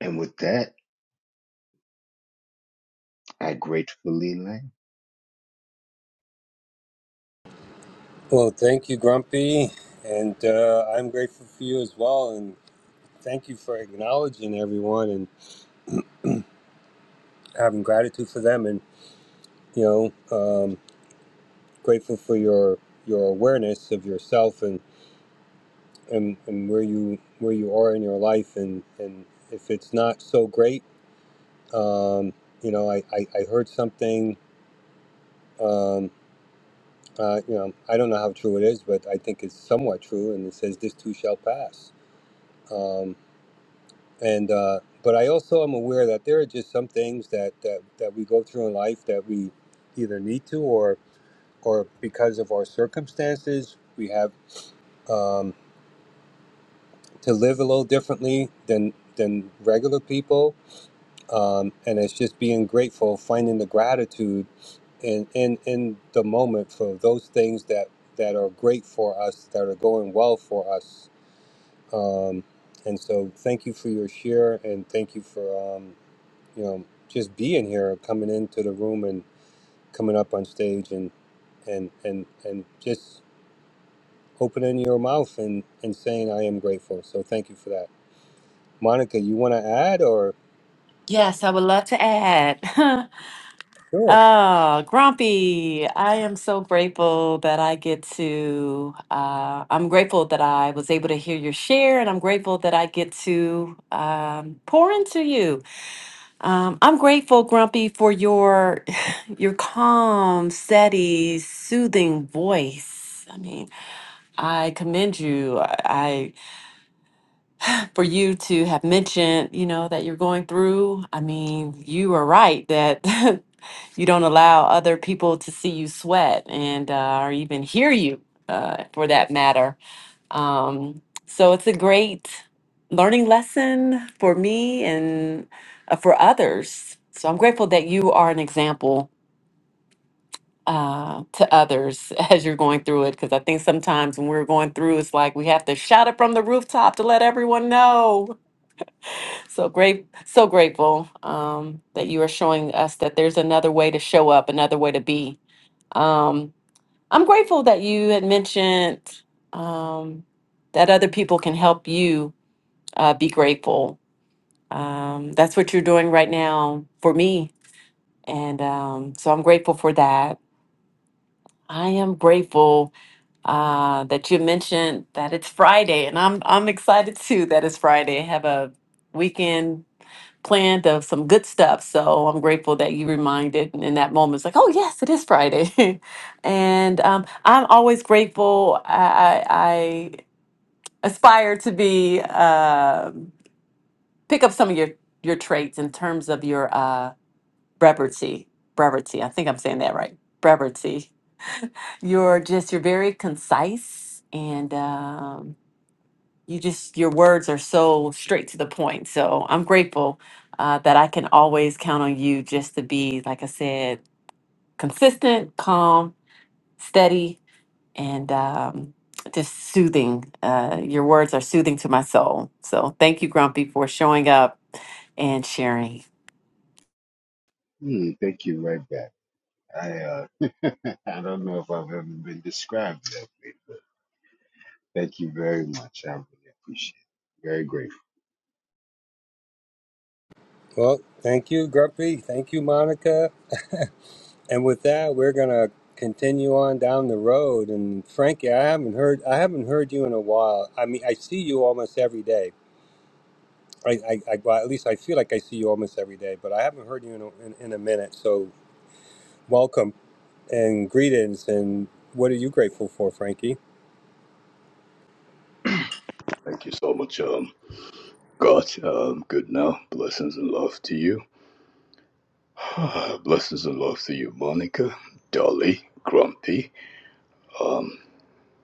And with that, I gratefully land. Well, thank you, Grumpy, and uh, I'm grateful for you as well. And thank you for acknowledging everyone and having gratitude for them. And you know, um, grateful for your your awareness of yourself and, and and where you where you are in your life. And and if it's not so great, um, you know, I I, I heard something. Um, uh, you know, I don't know how true it is, but I think it's somewhat true. And it says, "This too shall pass." Um, and uh, but I also am aware that there are just some things that, that that we go through in life that we either need to or or because of our circumstances we have um, to live a little differently than than regular people um, and it's just being grateful finding the gratitude in, in in the moment for those things that that are great for us that are going well for us um, and so thank you for your share and thank you for um, you know, just being here, coming into the room and coming up on stage and and and and just opening your mouth and and saying I am grateful. So thank you for that, Monica. You want to add or Yes, I would love to add. sure? oh, Grumpy, I am so grateful that I get to, uh, I'm grateful that I was able to hear your share, and I'm grateful that I get to um, pour into you. Um, I'm grateful, Grumpy, for your your calm, steady, soothing voice. I mean, I commend you. I I- for you to have mentioned, you know, that you're going through. I mean, you are right that you don't allow other people to see you sweat and uh, or even hear you uh, for that matter um, so it's a great learning lesson for me and uh, for others so i'm grateful that you are an example uh, to others as you're going through it because i think sometimes when we're going through it's like we have to shout it from the rooftop to let everyone know so great so grateful um, that you are showing us that there's another way to show up another way to be Um, I'm grateful that you had mentioned um, that other people can help you uh, be grateful. Um, that's what you're doing right now for me. And um, so I'm grateful for that. I am grateful uh, that you mentioned that it's Friday, and I'm I'm excited too that it's Friday. have a weekend planned of some good stuff. So I'm grateful that you reminded in that moment. It's like, oh yes, it is Friday, and um, I'm always grateful. I, I, I aspire to be um pick up some of your your traits in terms of your uh, brevity. Brevity. I think I'm saying that right. Brevity. You're just you're very concise and. Um, you just your words are so straight to the point so i'm grateful uh, that i can always count on you just to be like i said consistent calm steady and um, just soothing uh, your words are soothing to my soul so thank you grumpy for showing up and sharing Hmm, thank you right back. I uh, I don't know if I've ever been described that. Thank you very much. I really appreciate it. Very grateful. Well, thank you, Grumpy. Thank you, Monica. And with that, we're gonna continue on down the road. And Frankie, I haven't heard I haven't heard you in a while. I mean, I see you almost every day. I, I, I well, at least I feel like I see you almost every day, but I haven't heard you in a, in, in a minute. So welcome. and greetings. And what are you grateful for, Frankie? Thank you so much, um, God. Um, good now. Blessings and love to you. Ah, Blessings and love to you, Monica, Dolly, Grumpy,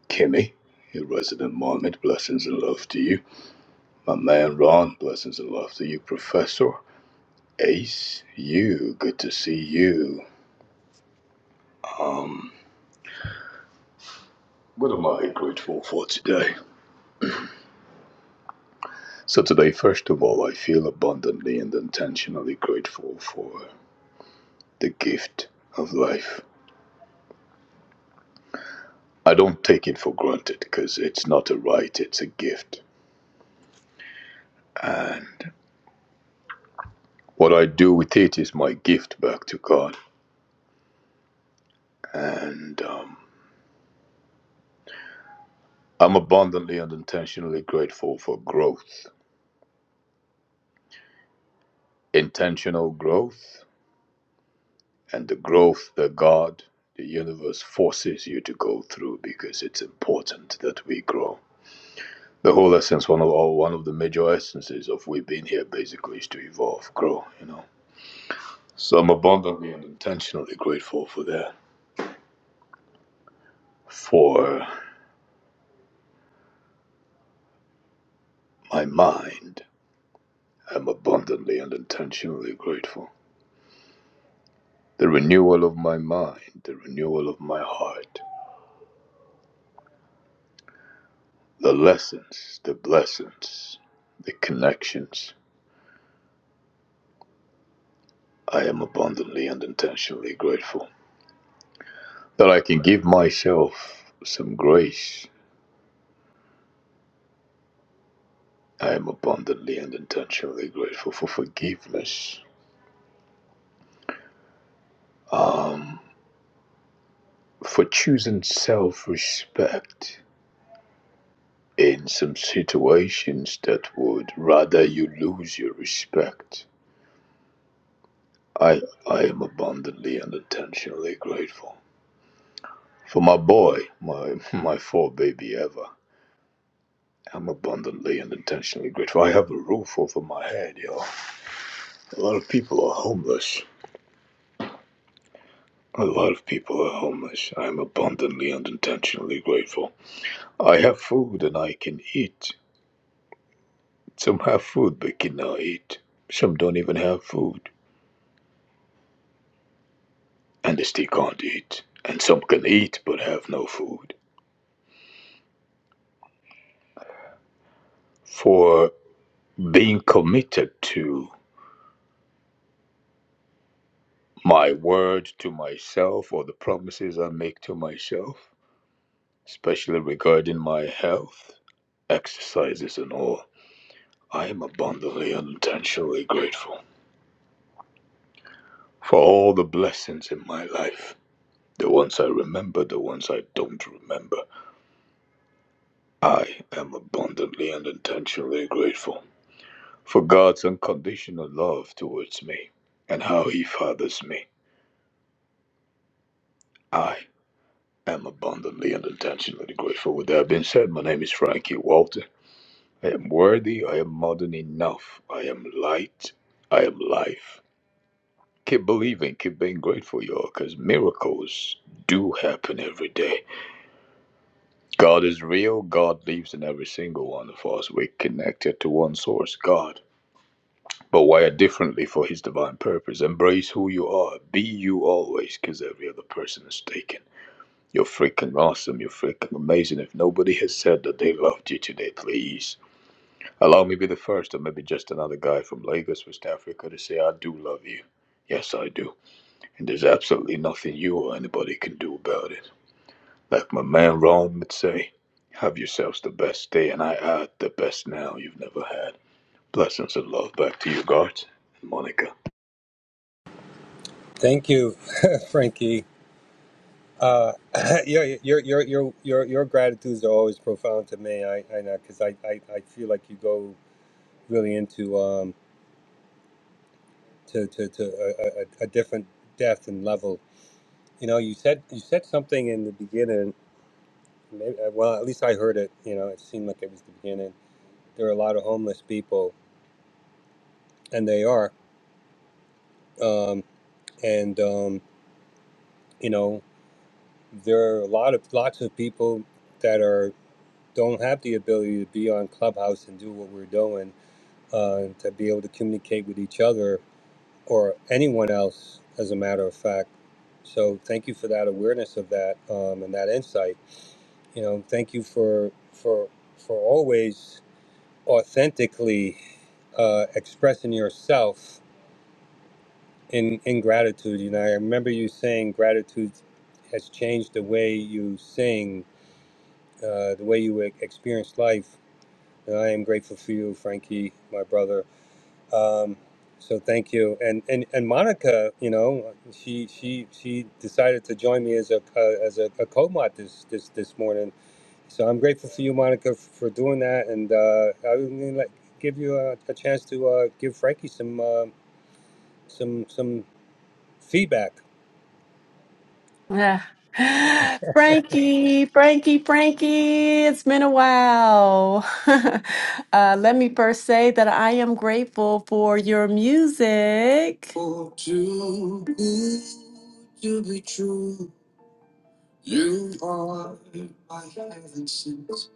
Kimmy, your resident Marmot. Blessings and love to you. My man Ron, blessings and love to you, Professor. Ace, you, good to see you. What am I grateful for today? So, today, first of all, I feel abundantly and intentionally grateful for the gift of life. I don't take it for granted because it's not a right, it's a gift. And what I do with it is my gift back to God. And um, I'm abundantly and intentionally grateful for growth, intentional growth, and the growth that God, the universe, forces you to go through because it's important that we grow. The whole essence, one of or one of the major essences of we being here, basically, is to evolve, grow. You know. So I'm abundantly and intentionally grateful for that. For My mind, I am abundantly and intentionally grateful. The renewal of my mind, the renewal of my heart, the lessons, the blessings, the connections. I am abundantly and intentionally grateful that I can give myself some grace. I am abundantly and intentionally grateful for forgiveness, for choosing self respect in some situations that would rather you lose your respect I I am abundantly and intentionally grateful for my boy, my my four baby ever. I'm abundantly and intentionally grateful. I have a roof over my head, yo. A lot of people are homeless. A lot of people are homeless. I'm abundantly and intentionally grateful. I have food and I can eat. Some have food but cannot eat. Some don't even have food and they still can't eat. And some can eat but have no food. For being committed to my word to myself or the promises I make to myself, especially regarding my health, exercises, and all, I am abundantly and intentionally grateful for all the blessings in my life. The ones I remember, the ones I don't remember. I am abundantly and intentionally grateful for God's unconditional love towards me and how He fathers me. I am abundantly and intentionally grateful. With that being said, my name is Frankie Walton. I am worthy. I am more than enough. I am light. I am life. Keep believing. Keep being grateful, y'all, because miracles do happen every day. God is real. God lives in every single one of us. We're connected to one source, God, but wired differently for His divine purpose. Embrace who you are. Be you always, because every other person is taken. You're freaking awesome. You're freaking amazing. If nobody has said that they loved you today, please. Allow me be the first, or maybe just another guy from Lagos, West Africa, to say I do love you. Yes, I do. And there's absolutely nothing you or anybody can do about it. Like my man Rome would say, have yourselves the best day, and I add the best now you've never had. Blessings and love back to you, Garth and Monica. Thank you, Frankie. Uh, your, your your your your your gratitudes are always profound to me. I I know because I, I I feel like you go really into um to to, to a, a, a different depth and level. You know, you said you said something in the beginning. Maybe, well, at least I heard it. You know, it seemed like it was the beginning. There are a lot of homeless people, and they are. Um, and um, you know, there are a lot of lots of people that are don't have the ability to be on Clubhouse and do what we're doing uh, to be able to communicate with each other or anyone else, as a matter of fact. So thank you for that awareness of that um, and that insight. You know, thank you for for for always authentically uh, expressing yourself in in gratitude. You know, I remember you saying gratitude has changed the way you sing uh, the way you e- experienced life. And I am grateful for you, Frankie, my brother. Um, so thank you. And, and and Monica, you know, she she she decided to join me as a uh, as a, a co-mod this this this morning. So I'm grateful for you, Monica, f- for doing that. And uh, I would really like give you a, a chance to uh, give Frankie some uh, some some feedback. Yeah. Frankie, Frankie, Frankie, it's been a while. uh, let me first say that I am grateful for your music. For too good to be true, you are my heaven since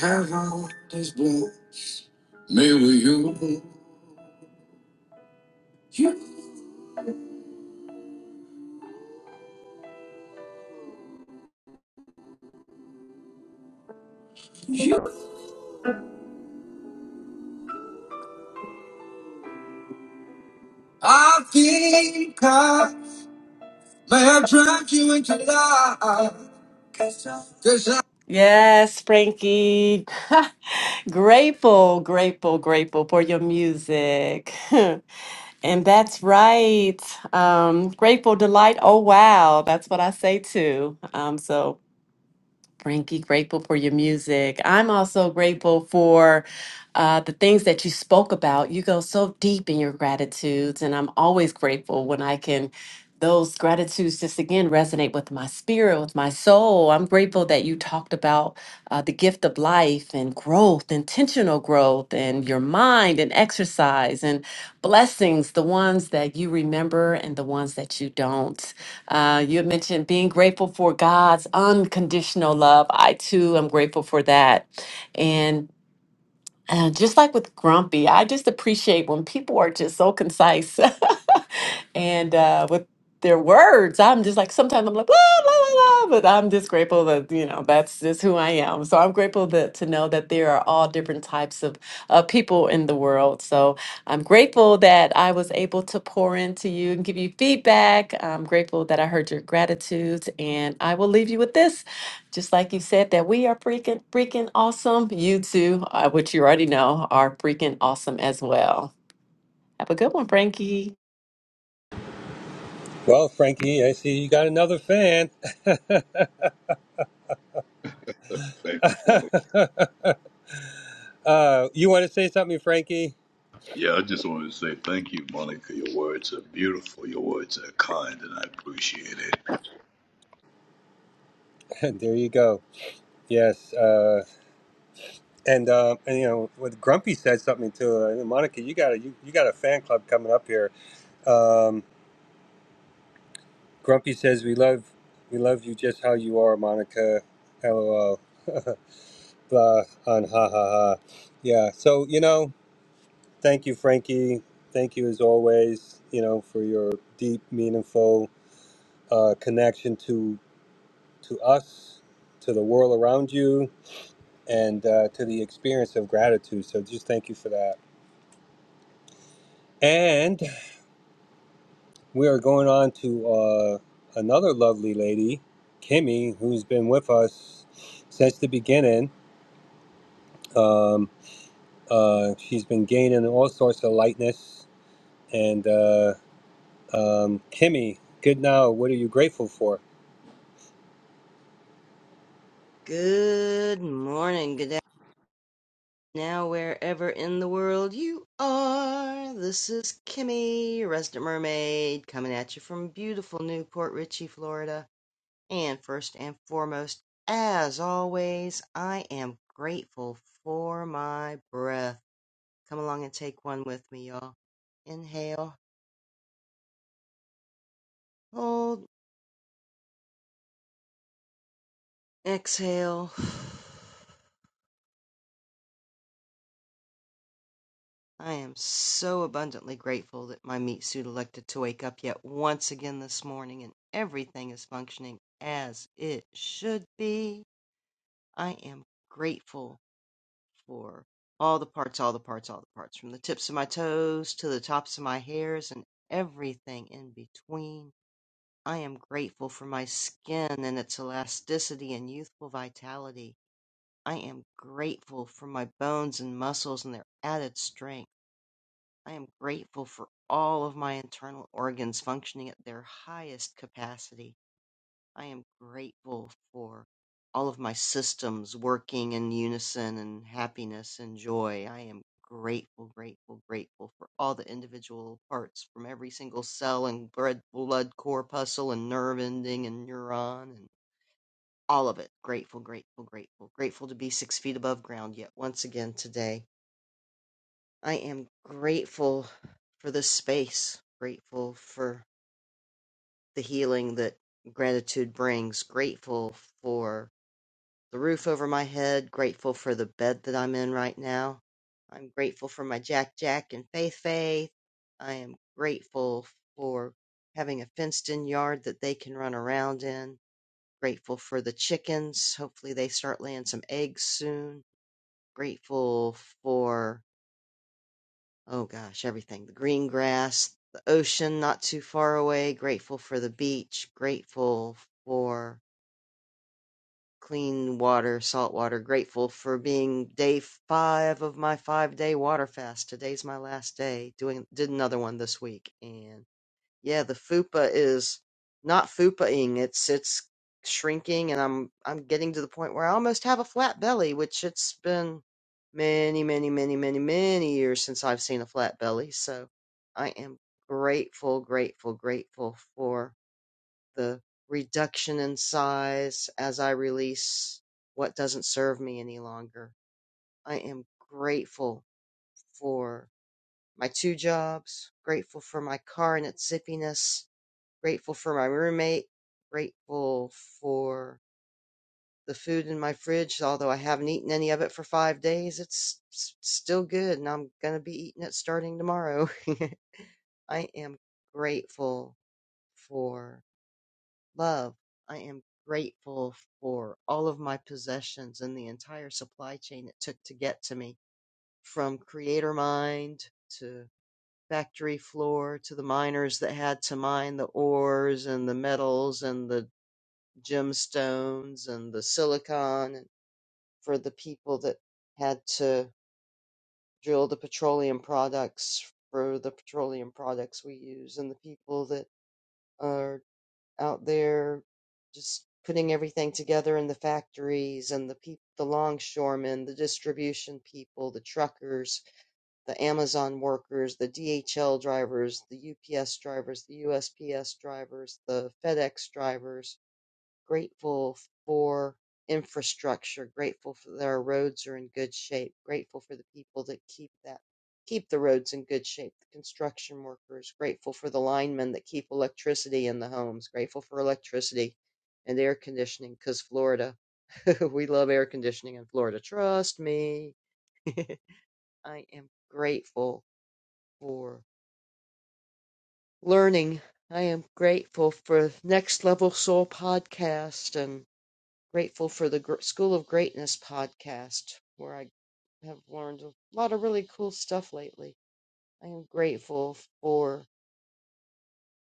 heaven is blessed. Me with you. You, you. I think May I drive you into life? Cause I Yes, Frankie. grateful, grateful, grateful for your music. and that's right. Um, grateful delight. Oh wow, that's what I say too. Um, so Frankie, grateful for your music. I'm also grateful for uh, the things that you spoke about. You go so deep in your gratitudes, and I'm always grateful when I can. Those gratitudes just again resonate with my spirit, with my soul. I'm grateful that you talked about uh, the gift of life and growth, intentional growth, and your mind and exercise and blessings, the ones that you remember and the ones that you don't. Uh, you had mentioned being grateful for God's unconditional love. I too am grateful for that. Uh, just like with Grumpy, I just appreciate when people are just so concise and uh, with their words. I'm just like, sometimes I'm like, blah, blah, blah, blah, but I'm just grateful that, you know, that's just who I am. So I'm grateful that, to know that there are all different types of uh, people in the world. So I'm grateful that I was able to pour into you and give you feedback. I'm grateful that I heard your gratitudes. And I will leave you with this. Just like you said, that we are freaking, freaking awesome. You too, uh, which you already know, are freaking awesome as well. Have a good one, Frankie. Well, Frankie, I see you got another fan. Uh, Thank you, Monica. uh, you want to say something, Frankie? Yeah, I just wanted to say thank you, Monica. Your words are beautiful. Your words are kind, and I appreciate it. there you go. Yes, uh, and, uh, and you know what Grumpy said something too. Uh, Monica, you got a you, you got a fan club coming up here. Um, Grumpy says we love we love you just how you are, Monica. LOL. Blah on ha ha ha. Yeah. So you know, thank you, Frankie. Thank you as always. You know for your deep, meaningful uh, connection to to us, to the world around you and uh, to the experience of gratitude. So just thank you for that. And we are going on to uh, another lovely lady, Kimmy, who's been with us since the beginning. Um, uh, she's been gaining all sorts of lightness. And uh, um, Kimmy, good now. What are you grateful for? Good morning, good afternoon, now wherever in the world you are. This is Kimmy, Resident Mermaid, coming at you from beautiful Newport Richey, Florida. And first and foremost, as always, I am grateful for my breath. Come along and take one with me, y'all. Inhale, hold, exhale. I am so abundantly grateful that my meat suit elected to wake up yet once again this morning and everything is functioning as it should be. I am grateful for all the parts, all the parts, all the parts, from the tips of my toes to the tops of my hairs and everything in between. I am grateful for my skin and its elasticity and youthful vitality. I am grateful for my bones and muscles and their added strength. I am grateful for all of my internal organs functioning at their highest capacity. I am grateful for all of my systems working in unison and happiness and joy. I am grateful, grateful, grateful for all the individual parts from every single cell and blood, blood corpuscle and nerve ending and neuron and all of it. Grateful, grateful, grateful. Grateful to be six feet above ground yet once again today I am grateful for this space, grateful for the healing that gratitude brings, grateful for the roof over my head, grateful for the bed that I'm in right now. I'm grateful for my Jack Jack and Faith Faith. I am grateful for having a fenced in yard that they can run around in. Grateful for the chickens. Hopefully they start laying some eggs soon. Grateful for Oh gosh, everything. The green grass, the ocean not too far away, grateful for the beach, grateful for clean water, salt water, grateful for being day five of my five day water fast. Today's my last day. Doing did another one this week and yeah, the fupa is not fupaing. It's it's shrinking, and I'm I'm getting to the point where I almost have a flat belly, which it's been many, many, many, many, many years since I've seen a flat belly. So I am grateful, grateful, grateful for the reduction in size as I release what doesn't serve me any longer. I am grateful for my two jobs, grateful for my car and its zippiness, grateful for my roommate, grateful for the food in my fridge, although I haven't eaten any of it for five days. It's s- still good, and I'm going to be eating it starting tomorrow. I am grateful for love. I am grateful for all of my possessions and the entire supply chain it took to get to me from creator mind to factory floor to the miners that had to mine the ores and the metals and the gemstones and the silicon and for the people that had to drill the petroleum products for the petroleum products we use and the people that are out there just putting everything together in the factories and the people the longshoremen the distribution people the truckers the amazon workers the dhl drivers the ups drivers the usps drivers the fedex drivers grateful for infrastructure, grateful for that our roads are in good shape, grateful for the people that keep that keep the roads in good shape, the construction workers, grateful for the linemen that keep electricity in the homes, grateful for electricity and air conditioning cuz Florida we love air conditioning in Florida. Trust me. I am grateful for learning. I am grateful for Next Level Soul podcast and. grateful for the Gr- School of Greatness podcast, where I have learned a lot of really cool stuff lately. I am grateful for,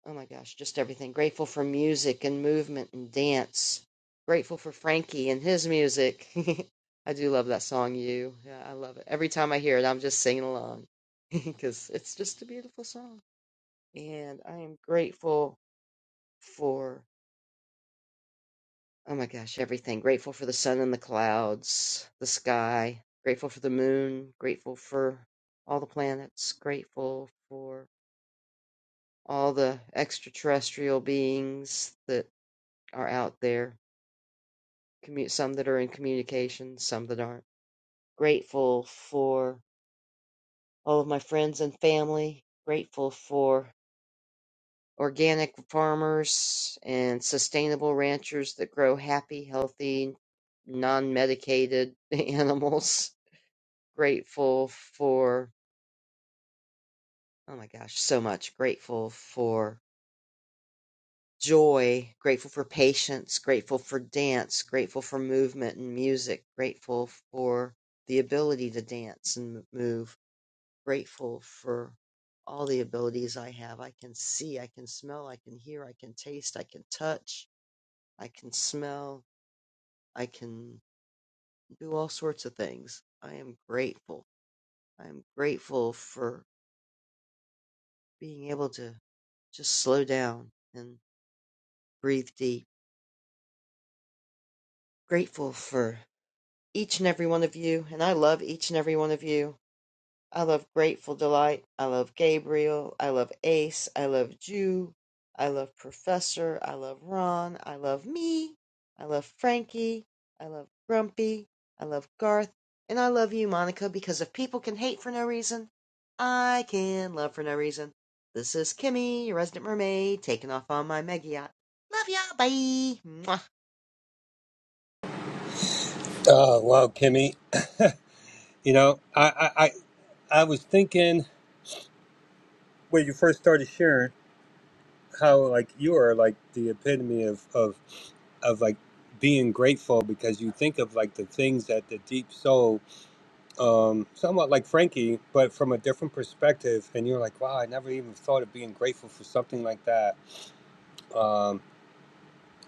oh my gosh, just everything. Grateful for music and movement and dance. Grateful for Frankie and his music. I do love that song, You. Yeah, I love it. Every time I hear it, I'm just singing along because it's just a beautiful song. And I am grateful for. Oh my gosh, everything. Grateful for the sun and the clouds, the sky, grateful for the moon, grateful for all the planets, grateful for all the extraterrestrial beings that are out there, commu- some that are in communication, some that aren't. Grateful for all of my friends and family, grateful for organic farmers and sustainable ranchers that grow happy, healthy, non medicated animals Grateful for, oh my gosh, so much. Grateful for joy, grateful for patience, grateful for dance, grateful for movement and music, grateful for the ability to dance and move, grateful for all the abilities I have. I can see, I can smell, I can hear, I can taste, I can touch, I can smell, I can do all sorts of things. I am grateful. I am grateful for being able to just slow down and. Breathe deep. Grateful for each and every one of you. And I love each and every one of you. I love Grateful Delight. I love Gabriel. I love Ace. I love Jew. I love Professor. I love Ron. I love me. I love Frankie. I love Grumpy. I love Garth. And I love you, Monica, because if people can hate for no reason, I can love for no reason. This is Kimmy, your resident mermaid, taking off on my mega yacht. Love y'all. Bye. Mwah. Oh, wow, Kimmy. You know, I, I, I, I was thinking when you first started sharing how like you are like the epitome of, of of like being grateful because you think of like the things that the deep soul um somewhat like frankie but from a different perspective and you're like wow i never even thought of being grateful for something like that um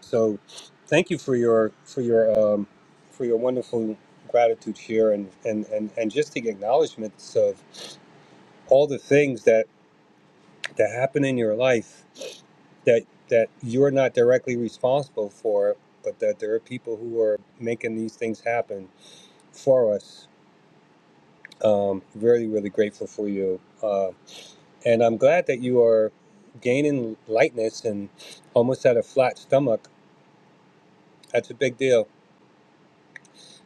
so thank you for your for your um for your wonderful gratitude here and and and, and just the acknowledgments of all the things that that happen in your life that that you're not directly responsible for but that there are people who are making these things happen for us. Um, really, really grateful for you. Uh, and I'm glad that you are gaining lightness and almost at a flat stomach. That's a big deal.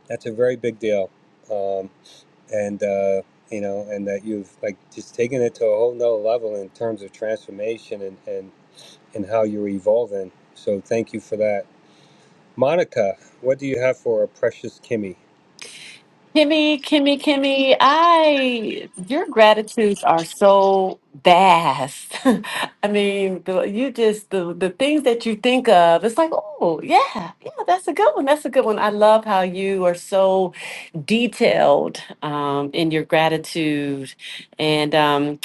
That's a very big deal. Um, and, uh, you know, and that you've like just taken it to a whole nother level in terms of transformation and, and, and how you're evolving. So thank you for that. Monica, what do you have for our precious Kimmy? Kimmy, Kimmy, Kimmy, I, your gratitudes are so vast. I mean, the, you just, the, the things that you think of, it's like, oh, yeah, yeah, that's a good one. That's a good one. I love how you are so detailed um, in your gratitude. And, um,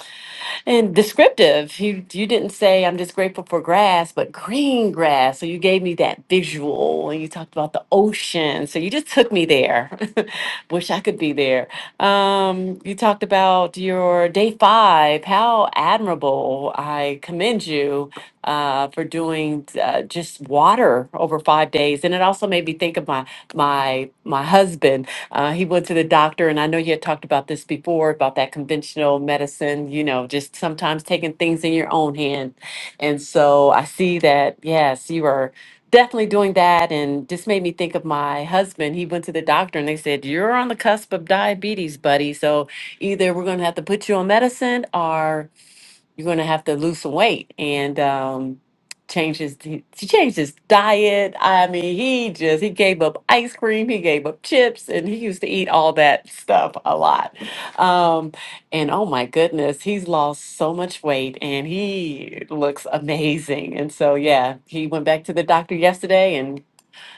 and descriptive. You you didn't say I'm just grateful for grass, but green grass. So you gave me that visual, and you talked about the ocean. So you just took me there. Wish I could be there. Um, you talked about your day five. How admirable! I commend you uh, for doing uh, just water over five days, and it also made me think of my my my husband uh, he went to the doctor, and I know you had talked about this before about that conventional medicine, you know, just sometimes taking things in your own hand. And so I see that, yes, you are definitely doing that. And just made me think of my husband. He went to the doctor, and they said, You're on the cusp of diabetes, buddy. So either we're going to have to put you on medicine or you're going to have to lose some weight and um change his he he changed his diet i mean he just he gave up ice cream he gave up chips and he used to eat all that stuff a lot um and oh my goodness he's lost so much weight and he looks amazing and so yeah he went back to the doctor yesterday and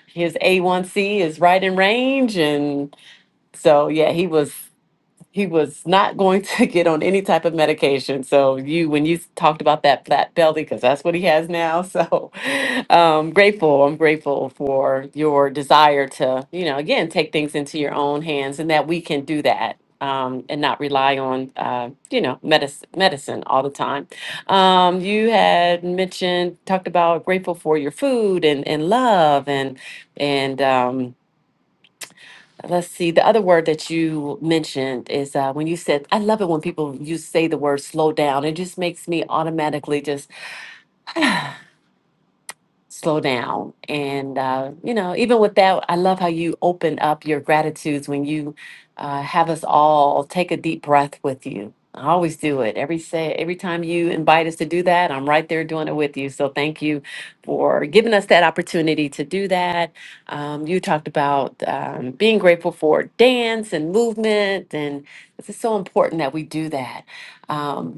his a1c is right in range and so yeah he was he was not going to get on any type of medication. So you, when you talked about that flat belly, because that's what he has now. So um, grateful. I'm grateful for your desire to, you know, again, take things into your own hands, and that we can do that. Um, and not rely on, uh, you know, medicine, medicine all the time. Um, you had mentioned, talked about grateful for your food and, and love and and um, Let's see. The other word that you mentioned is uh, when you said, I love it when people you say the word slow down. It just makes me automatically just." slow down. And, uh, you know, even with that, I love how you open up your gratitudes when you uh, have us all take a deep breath with you. I always do it. Every say, every time you invite us to do that, I'm right there doing it with you. So thank you for giving us that opportunity to do that. Um, you talked about um, being grateful for dance and movement, and this is so important that we do that. Um,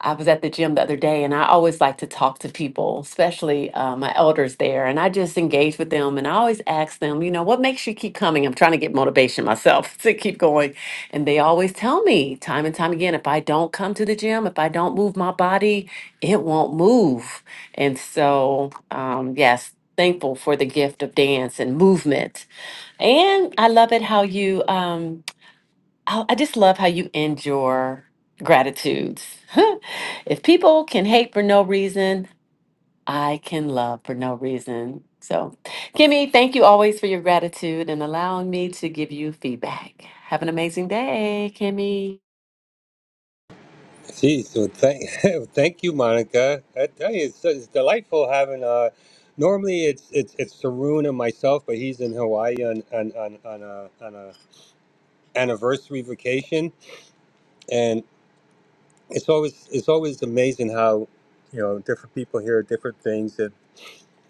I was at the gym the other day and I always like to talk to people, especially uh, my elders there. And I just engage with them and I always ask them, you know, what makes you keep coming? I'm trying to get motivation myself to keep going. And they always tell me time and time again if I don't come to the gym, if I don't move my body, it won't move. And so, um, yes, thankful for the gift of dance and movement. And I love it how you. Um, I I just love how you end your gratitudes. if people can hate for no reason, I can love for no reason. So, Kimmy, thank you always for your gratitude and allowing me to give you feedback. Have an amazing day, Kimmy. Geez, well, thank, thank you, Monica. I tell you, it's, it's delightful having. Uh, normally, it's it's it's Saroon and myself, but he's in Hawaii on on on, on a on a anniversary vacation, and it's always it's always amazing how you know different people hear different things and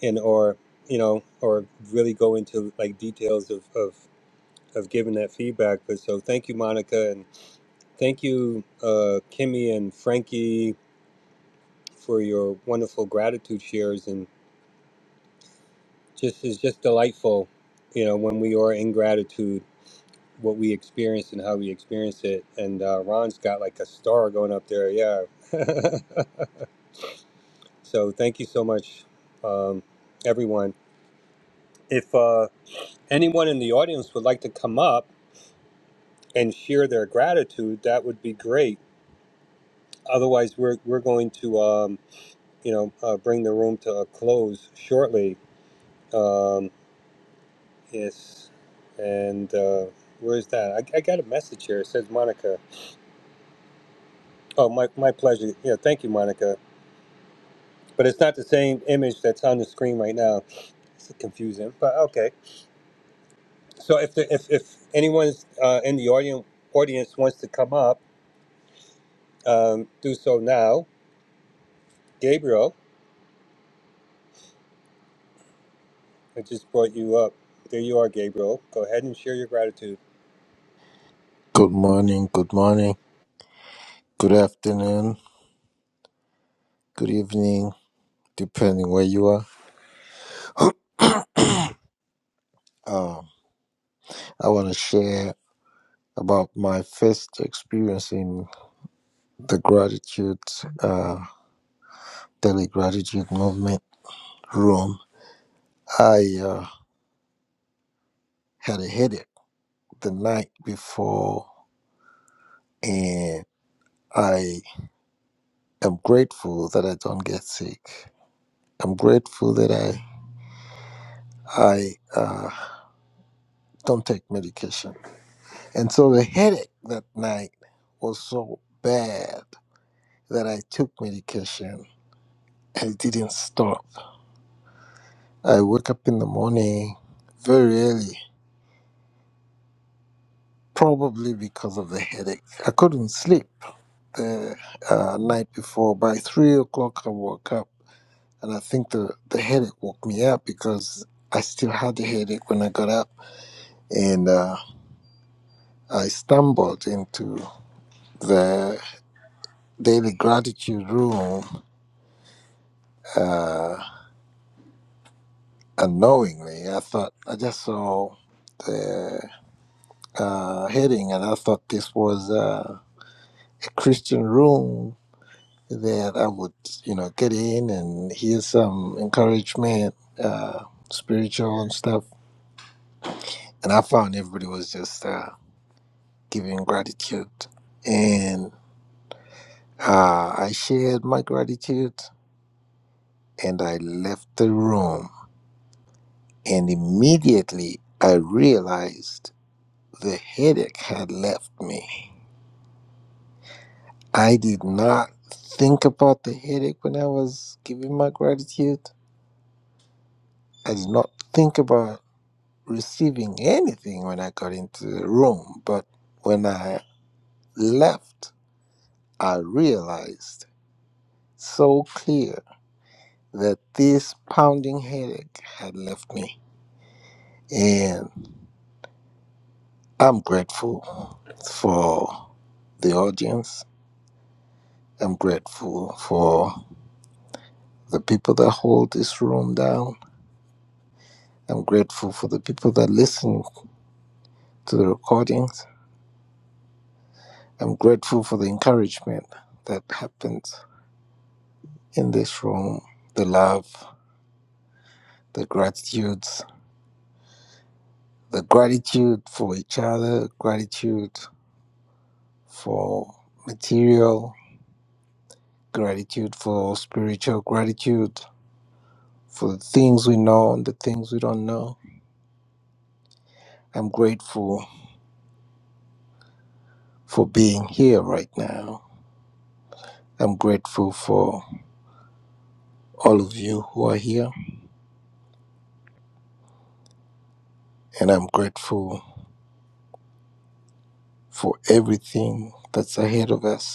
and or you know or really go into like details of of of giving that feedback. But so, thank you, Monica, and thank you, uh, Kimmy and Frankie for your wonderful gratitude shares and just is just delightful you know when we are in gratitude what we experience and how we experience it and uh, ron's got like a star going up there yeah so thank you so much um, everyone if uh, anyone in the audience would like to come up and share their gratitude that would be great otherwise we're, we're going to um, you know uh, bring the room to a close shortly Um, Yes. And uh, where's that? I, I got a message here. It says Monica. Oh, my, my pleasure. Yeah, thank you, Monica. But it's not the same image that's on the screen right now. It's confusing, but okay. So if the, if, if anyone's uh, in the audience audience wants to come up, um, do so now. Gabriel, I just brought you up. There you are, Gabriel. Go ahead and share your gratitude. Good morning, good morning, good afternoon, good evening, depending where you are. Um, I want to share about my first experience in the gratitude, uh, daily gratitude movement room. I uh, had a headache the night before, and I am grateful that I don't get sick. I'm grateful that I I uh, don't take medication. And so the headache that night was so bad that I took medication. I didn't stop. I woke up in the morning very early, probably because of the headache. I couldn't sleep the uh, night before. By three o'clock, I woke up, and I think the, the headache woke me up because I still had the headache when I got up, and uh, I stumbled into the daily gratitude room. Uh, unknowingly, I thought I just saw the uh, heading, and I thought this was uh, a Christian room that I would, you know, get in and hear some encouragement, uh, spiritual and stuff. And I found everybody was just uh, giving gratitude, and uh, I shared my gratitude, and I left the room, and immediately I realized the headache had left me I did not think about the headache when I was giving my gratitude. I did not think about receiving anything when I got into the room. But when I left, I realized so clear that this pounding headache had left me. And I'm grateful for the audience. I'm grateful for the people that hold this room down. I'm grateful for the people that listen to the recordings. I'm grateful for the encouragement that happens in this room, the love, the gratitudes, the gratitude for each other, gratitude for material, gratitude for spiritual gratitude, for the things we know and the things we don't know. I'm grateful for being here right now. I'm grateful for all of you who are here, and I'm grateful for everything that's ahead of us.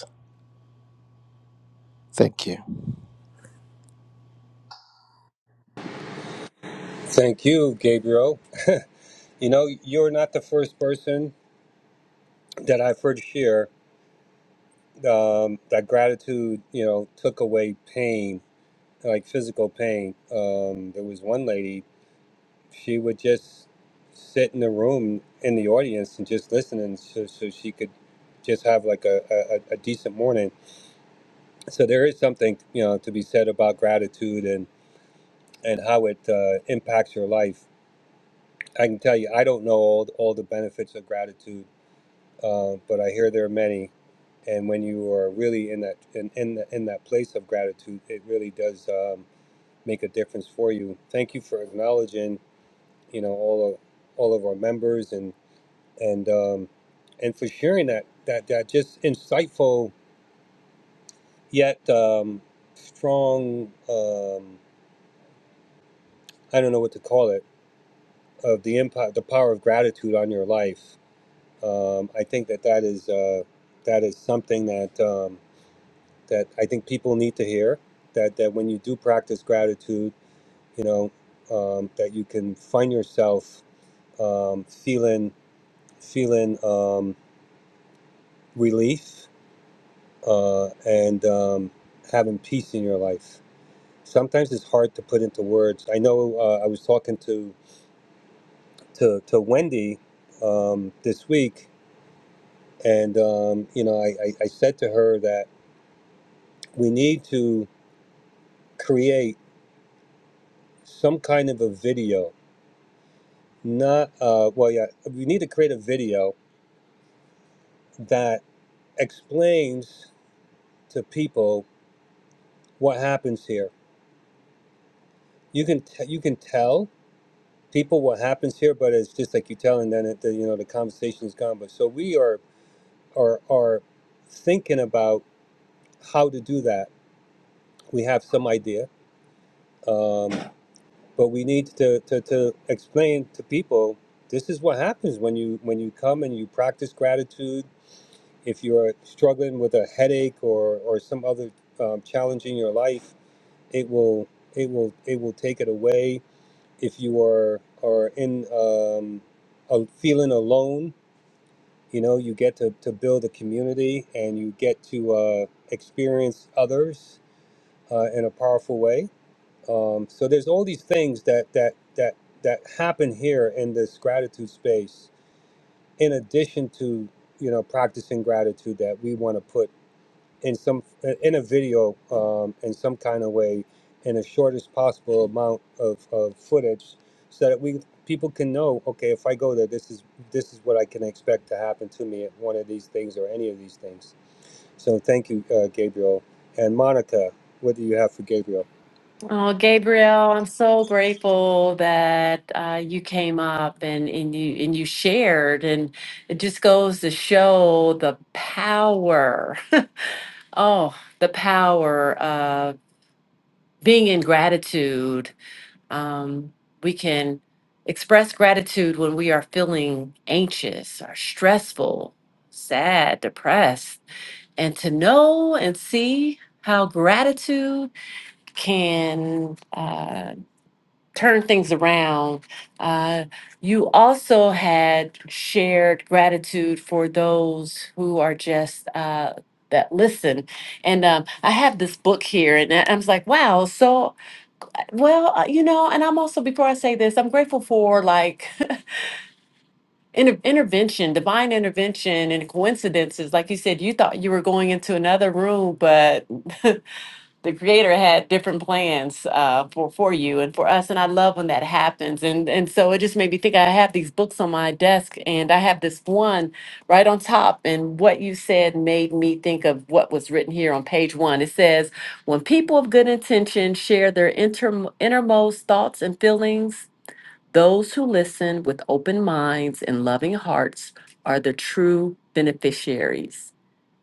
Thank you. Thank you, Gabriel. You know, you're not the first person that I've heard share. um, that gratitude, you know, took away pain, like physical pain. Um, there was one lady, she would just sit in the room in the audience and just listen, and so, so she could just have like a, a, a decent morning. So there is something, you know, to be said about gratitude and and how it uh, impacts your life. I can tell you, I don't know all, all the benefits of gratitude uh, but I hear there are many. And when you are really in that in in, the, in that place of gratitude, it really does um, make a difference for you. Thank you for acknowledging, you know, all of all of our members and and um, and for sharing that that that just insightful yet um, strong. Um, I don't know what to call it of the impact, the power of gratitude on your life. Um, I think that that is uh, that is something that. Um, that I think people need to hear that that when you do practice gratitude, you know, um, that you can find yourself um, feeling feeling um, relief uh, and um, having peace in your life. Sometimes it's hard to put into words. I know uh, I was talking to to, to Wendy um, this week, and um, you know, I, I, I said to her that we need to create some kind of a video Not, uh, well, yeah, we need to create a video that explains to people what happens here. You can t- you can tell people what happens here, but it's just like you tell, and then it, the, you know the conversation is gone. But so we are are are thinking about how to do that. We have some idea, um, but we need to, to to explain to people this is what happens when you when you come and you practice gratitude If you're struggling with a headache or, or some other um, challenge in your life, it will it will it will take it away. If you are are in um, a feeling alone, you know you get to, to build a community and you get to uh, experience others uh, in a powerful way. Um, so there's all these things that that that that happen here in this gratitude space, in addition to you know practicing gratitude that we want to put in some in a video um, in some kind of way in the shortest possible amount of, of footage so that we people can know okay if i go there this is this is what i can expect to happen to me at one of these things or any of these things so thank you uh, gabriel and monica what do you have for gabriel Oh, Gabriel, I'm so grateful that uh, you came up and, and you and you shared, and it just goes to show the power. Oh, the power being in gratitude, um, we can express gratitude when we are feeling anxious or stressful, sad, depressed, and to know and see how gratitude can uh, turn things around. Uh, you also had shared gratitude for those who are just. Uh, that listen and um, i have this book here and i I was like wow so well, uh, you know, and I'm also, before I say this, I'm grateful for like inter intervention, divine intervention and coincidences. Like you said, you thought you were going into another room, but the creator had different plans uh, for for you and for us and i love when that happens and and so it just made me think i have these books on my desk and i have this one right on top and what you said made me think of what was written here on page one it says when people of good intention share their inter- innermost thoughts and feelings those who listen with open minds and loving hearts are the true beneficiaries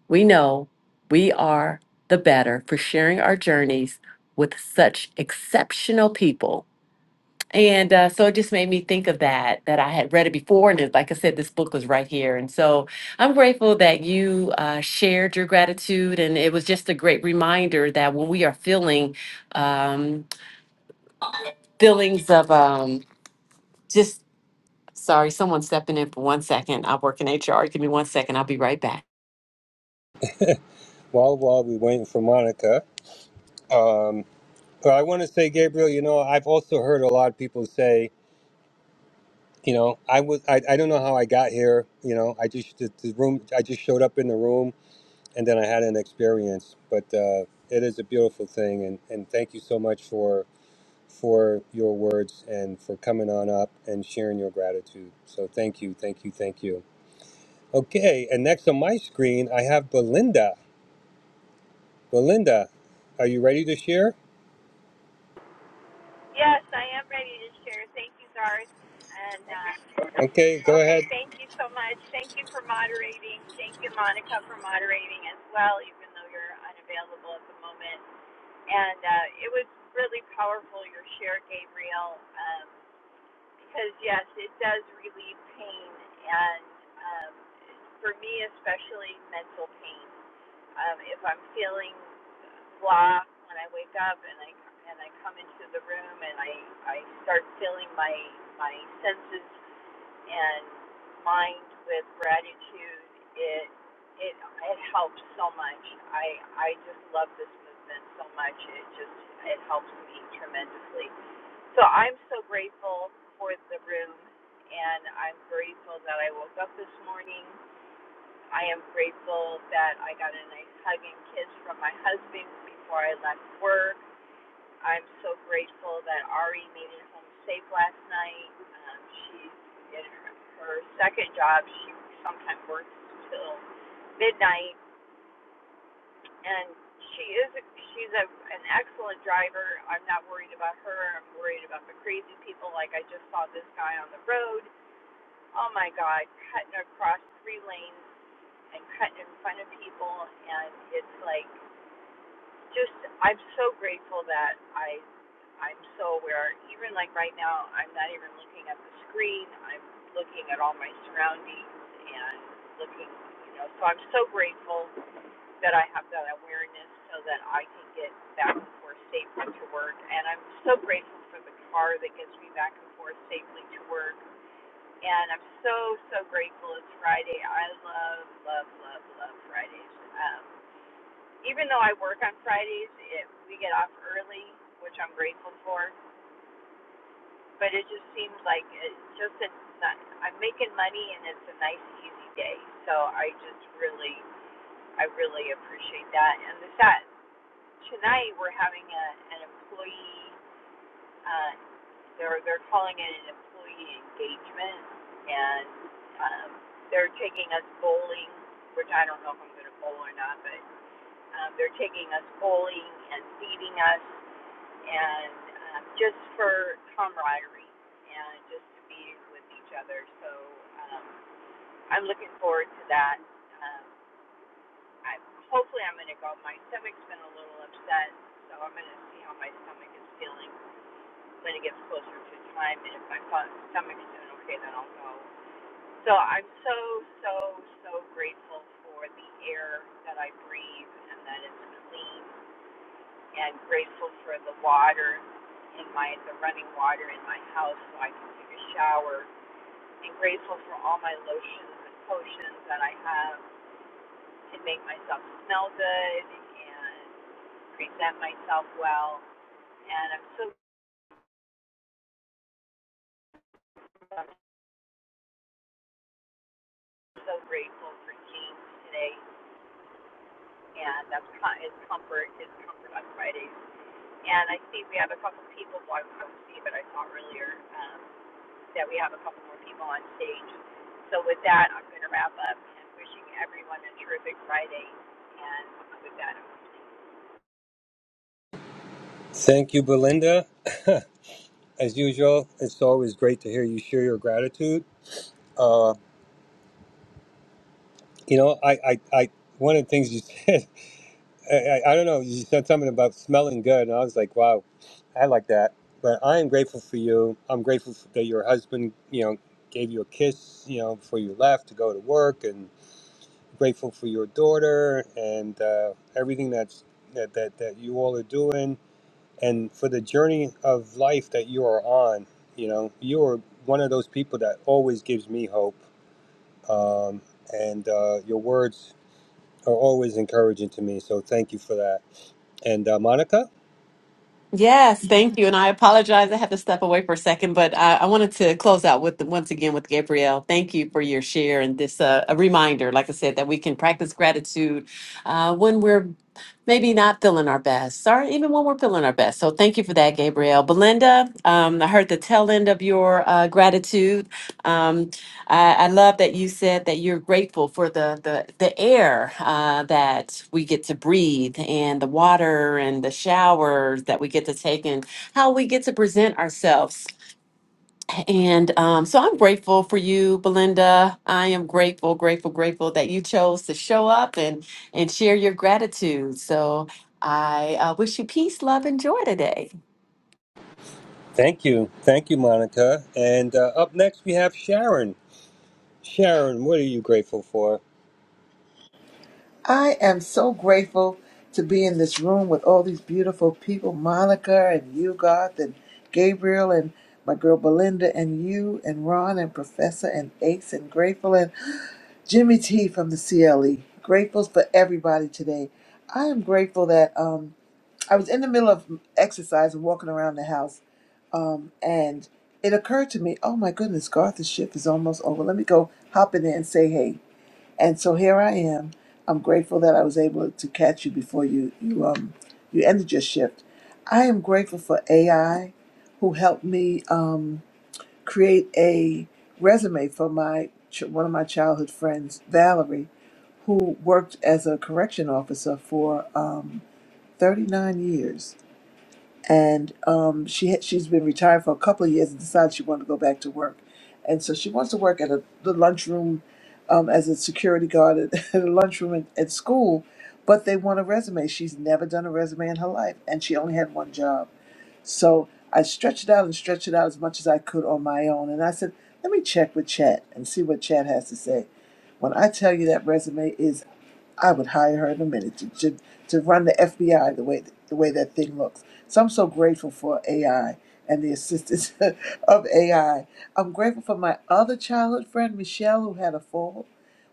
we know we are the better for sharing our journeys with such exceptional people. And uh, so it just made me think of that, that I had read it before. And it- like I said, this book was right here. And so I'm grateful that you uh, shared your gratitude. And it was just a great reminder that when we are feeling um, feelings of um, just Sorry, someone's stepping in for one second. I work in HR. Give me one second. I'll be right back. while while we're waiting for monica um, but i want to say gabriel you know i've also heard a lot of people say you know i was I, I don't know how i got here you know i just the, the room i just showed up in the room and then I had an experience. But uh, it is a beautiful thing, and, and thank you so much for for your words and for coming on up and sharing your gratitude. So thank you, thank you, thank you. Okay, and next on my screen I have Belinda. Belinda, are you ready to share? Yes, I am ready to share. Thank you, Garth. And uh, Okay, go okay, ahead. thank you so much. Thank you for moderating. Thank you, Monica, for moderating as well, even though you're unavailable at the moment. And uh, it was really powerful your share, Gabriel, um, because yes, it does relieve pain, and um, for me especially, mental pain. Um, if I'm feeling blah when I wake up and I and I come into the room and I I start filling my my senses and mind with gratitude, it it it helps so much. I I just love this movement so much. It just it helps me tremendously. So I'm so grateful for the room and I'm grateful that I woke up this morning I am grateful that I got a nice hug and kiss from my husband before I left work. I'm so grateful that Ari made it home safe last night. Um, she's in her, her second job. She sometimes works till midnight, and she is a, she's a, an excellent driver. I'm not worried about her. I'm worried about the crazy people. Like I just saw this guy on the road. Oh my God, cutting across three lanes and cut in front of people and it's like just I'm so grateful that I I'm so aware. Even like right now I'm not even looking at the screen. I'm looking at all my surroundings and looking you know, so I'm so grateful that I have that awareness so that I can get back and forth safely to work. And I'm so grateful for the car that gets me back and forth safely to work and I'm so so grateful it's Friday. I love love love love Fridays. Um, even though I work on Fridays, it, we get off early, which I'm grateful for. But it just seems like it's just a I'm making money and it's a nice easy day. So I just really I really appreciate that. And the that tonight we're having a, an employee uh, They're they're calling it an employee engagement, and um, they're taking us bowling, which I don't know if I'm going to bowl or not, but um, they're taking us bowling and feeding us, and um, just for camaraderie and just to be with each other. So um, I'm looking forward to that. Um, I hopefully I'm going to go. My stomach's been a little upset, so I'm going to see how my stomach is feeling when it gets closer to time and if my stomach's doing okay then I'll go. So I'm so, so, so grateful for the air that I breathe and that it's clean and grateful for the water in my the running water in my house so I can take a shower and grateful for all my lotions and potions that I have to make myself smell good and present myself well. And I'm so so grateful for James today. and that's co- is comfort is comfort on Fridays. And I see we have a couple people. Well, I couldn't see, but I saw earlier um, that we have a couple more people on stage. So with that, I'm going to wrap up and wishing everyone a terrific Friday. And with that, I'm Thank you, Belinda. As usual, it's always great to hear you share your gratitude. Uh, you know, I, I, I, one of the things you said I, I, I don't know. You said something about smelling good, and I was like, wow, I like that. But I am grateful for you. I'm grateful for, that your husband, you know, gave you a kiss, you know, before you left to go to work, and grateful for your daughter and uh, everything that's that, that that you all are doing, and for the journey of life that you are on. You know, you are one of those people that always gives me hope, um, and uh, your words are always encouraging to me. So thank you for that. And uh, Monica, Yes, thank you. And I apologize. I had to step away for a second, but I, I wanted to close out with once again with Gabrielle. Thank you for your share and this uh, a reminder, like I said, that we can practice gratitude uh, when we're maybe not feeling our best, or even when we're feeling our best. So thank you for that, Gabrielle. Belinda, um, I heard the tail end of your uh, gratitude. Um, I, I love that you said that you're grateful for the the, the air uh, that we get to breathe and the water and the showers that we get to take and how we get to present ourselves. And um, so I'm grateful for you, Belinda. I am grateful, grateful, grateful that you chose to show up and and share your gratitude. So I uh, wish you peace, love, and joy today. thank you. Thank you, Monica. And uh, up next, we have Sharon. Sharon, what are you grateful for? I am so grateful to be in this room with all these beautiful people, Monica and you, Garth and Gabriel and my girl Belinda and you and Ron and Professor and Ace and Grateful. and. Jimmy T from the CLE. Grateful for everybody today. I am grateful that um, I was in the middle of exercise and walking around the house, um, and it occurred to me, oh my goodness, Garth's shift is almost over. Let me go hop in there and say hey. And so here I am. I'm grateful that I was able to catch you before you you um you ended your shift. I am grateful for AI, who helped me. Um, create a resume for my ch- one of my childhood friends, Valerie, who worked as a correction officer for um, 39 years, and um, she had, she's been retired for a couple of years and decided she wanted to go back to work, and so she wants to work at a, the lunchroom um, as a security guard at, at a lunchroom at, at school, but they want a resume. She's never done a resume in her life, and she only had one job. So I stretched it out and stretched it out as much as I could on my own. And I said, let me check with Chat and see what Chat has to say. When I tell you that resume is I would hire her in a minute to, to, to run the FBI the way the way that thing looks. So I'm so grateful for AI and the assistance of AI. I'm grateful for my other childhood friend Michelle who had a fall.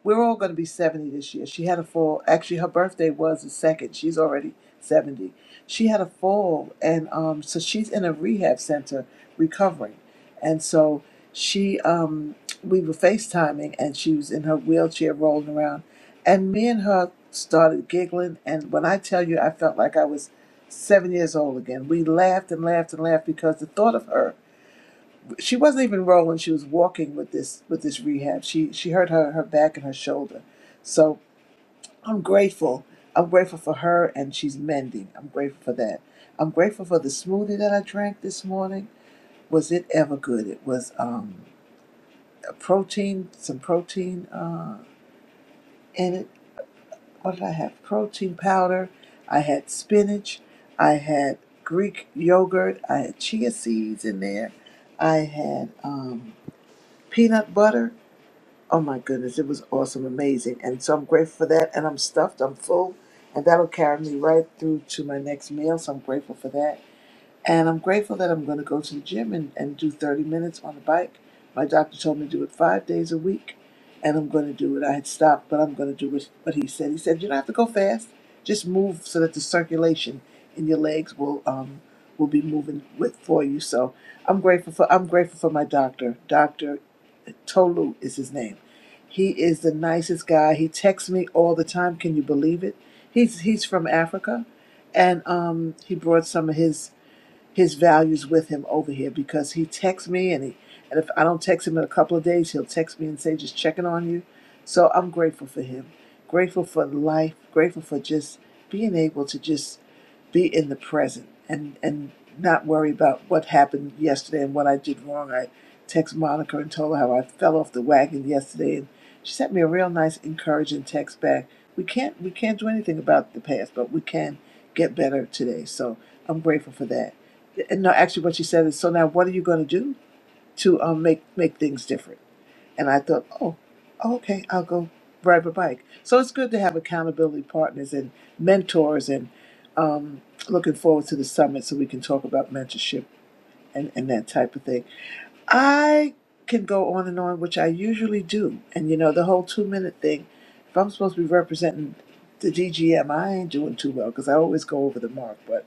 We're all going to be 70 this year. She had a fall. Actually, her birthday was the second. She's already 70. She had a fall, and um, so she's in a rehab center recovering. And so she, um, we were FaceTiming, and she was in her wheelchair rolling around and me and her started giggling. And when I tell you, I felt like I was seven years old again. We laughed and laughed and laughed because the thought of her, she wasn't even rolling. She was walking with this with this rehab. She she hurt her her back and her shoulder. So I'm grateful. I'm grateful for her, and she's mending. I'm grateful for that. I'm grateful for the smoothie that I drank this morning. Was it ever good? It was um, a protein, some protein uh, in it What did I have? Protein powder. I had spinach. I had Greek yogurt. I had chia seeds in there. I had um, peanut butter. Oh my goodness, it was awesome, amazing. And so I'm grateful for that. And I'm stuffed, I'm full. And that'll carry me right through to my next meal. So I'm grateful for that. And I'm grateful that I'm going to go to the gym and, and do 30 minutes on the bike. My doctor told me to do it five days a week, and I'm going to do it. I had stopped, but I'm going to do it, what he said. He said, You don't have to go fast, just move so that the circulation in your legs will. Um, Will be moving with for you, so I'm grateful for I'm grateful for my doctor. Doctor Tolu is his name. He is the nicest guy. He texts me all the time. Can you believe it? He's he's from Africa, and um, he brought some of his his values with him over here because he texts me and he and if I don't text him in a couple of days, he'll text me and say just checking on you. So I'm grateful for him. Grateful for life, grateful for just being able to just be in the present and and not worry about what happened yesterday and what I did wrong. I text Monica and told her how I fell off the wagon yesterday and she sent me a real nice encouraging text back. We can't we can't do anything about the past, but we can get better today. So I'm grateful for that. And no, actually, what she said is, so now what are you going to do to um, make make things different? And I thought, oh, oh, okay, I'll go ride my bike. So it's good to have accountability partners and mentors, and um, looking forward to the summit so we can talk about mentorship and, and that type of thing. I can go on and on, which I usually do. And you know, the whole two minute thing, if I'm supposed to be representing the DGM, I ain't doing too well because I always go over the mark. But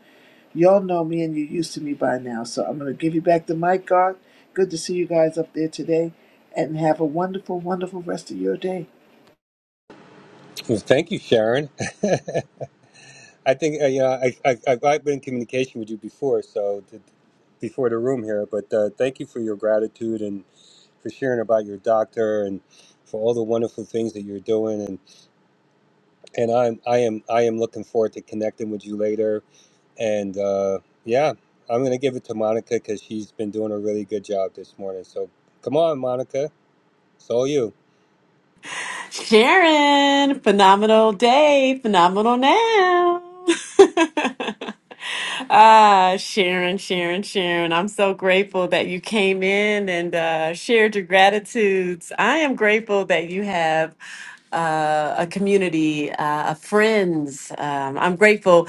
y'all know me and you're used to me by now. So I'm going to give you back the mic, God. Good to see you guys up there today. And have a wonderful, wonderful rest of your day. Well, thank you, Sharon. I think uh, you know, I, I, I've I've been in communication with you before, so th- before the room here, but uh, thank you for your gratitude and for sharing about your doctor and for all the wonderful things that you're doing. And, and I'm, I am, I am looking forward to connecting with you later And uh, yeah, I'm going to give it to Monica because she's been doing a really good job this morning. So come on, Monica. It's all you. Sharon, phenomenal day, phenomenal now. ah, Sharon, Sharon, Sharon, I'm so grateful that you came in and uh, shared your gratitudes. I am grateful that you have uh, a community, uh, a friends. Um, I'm grateful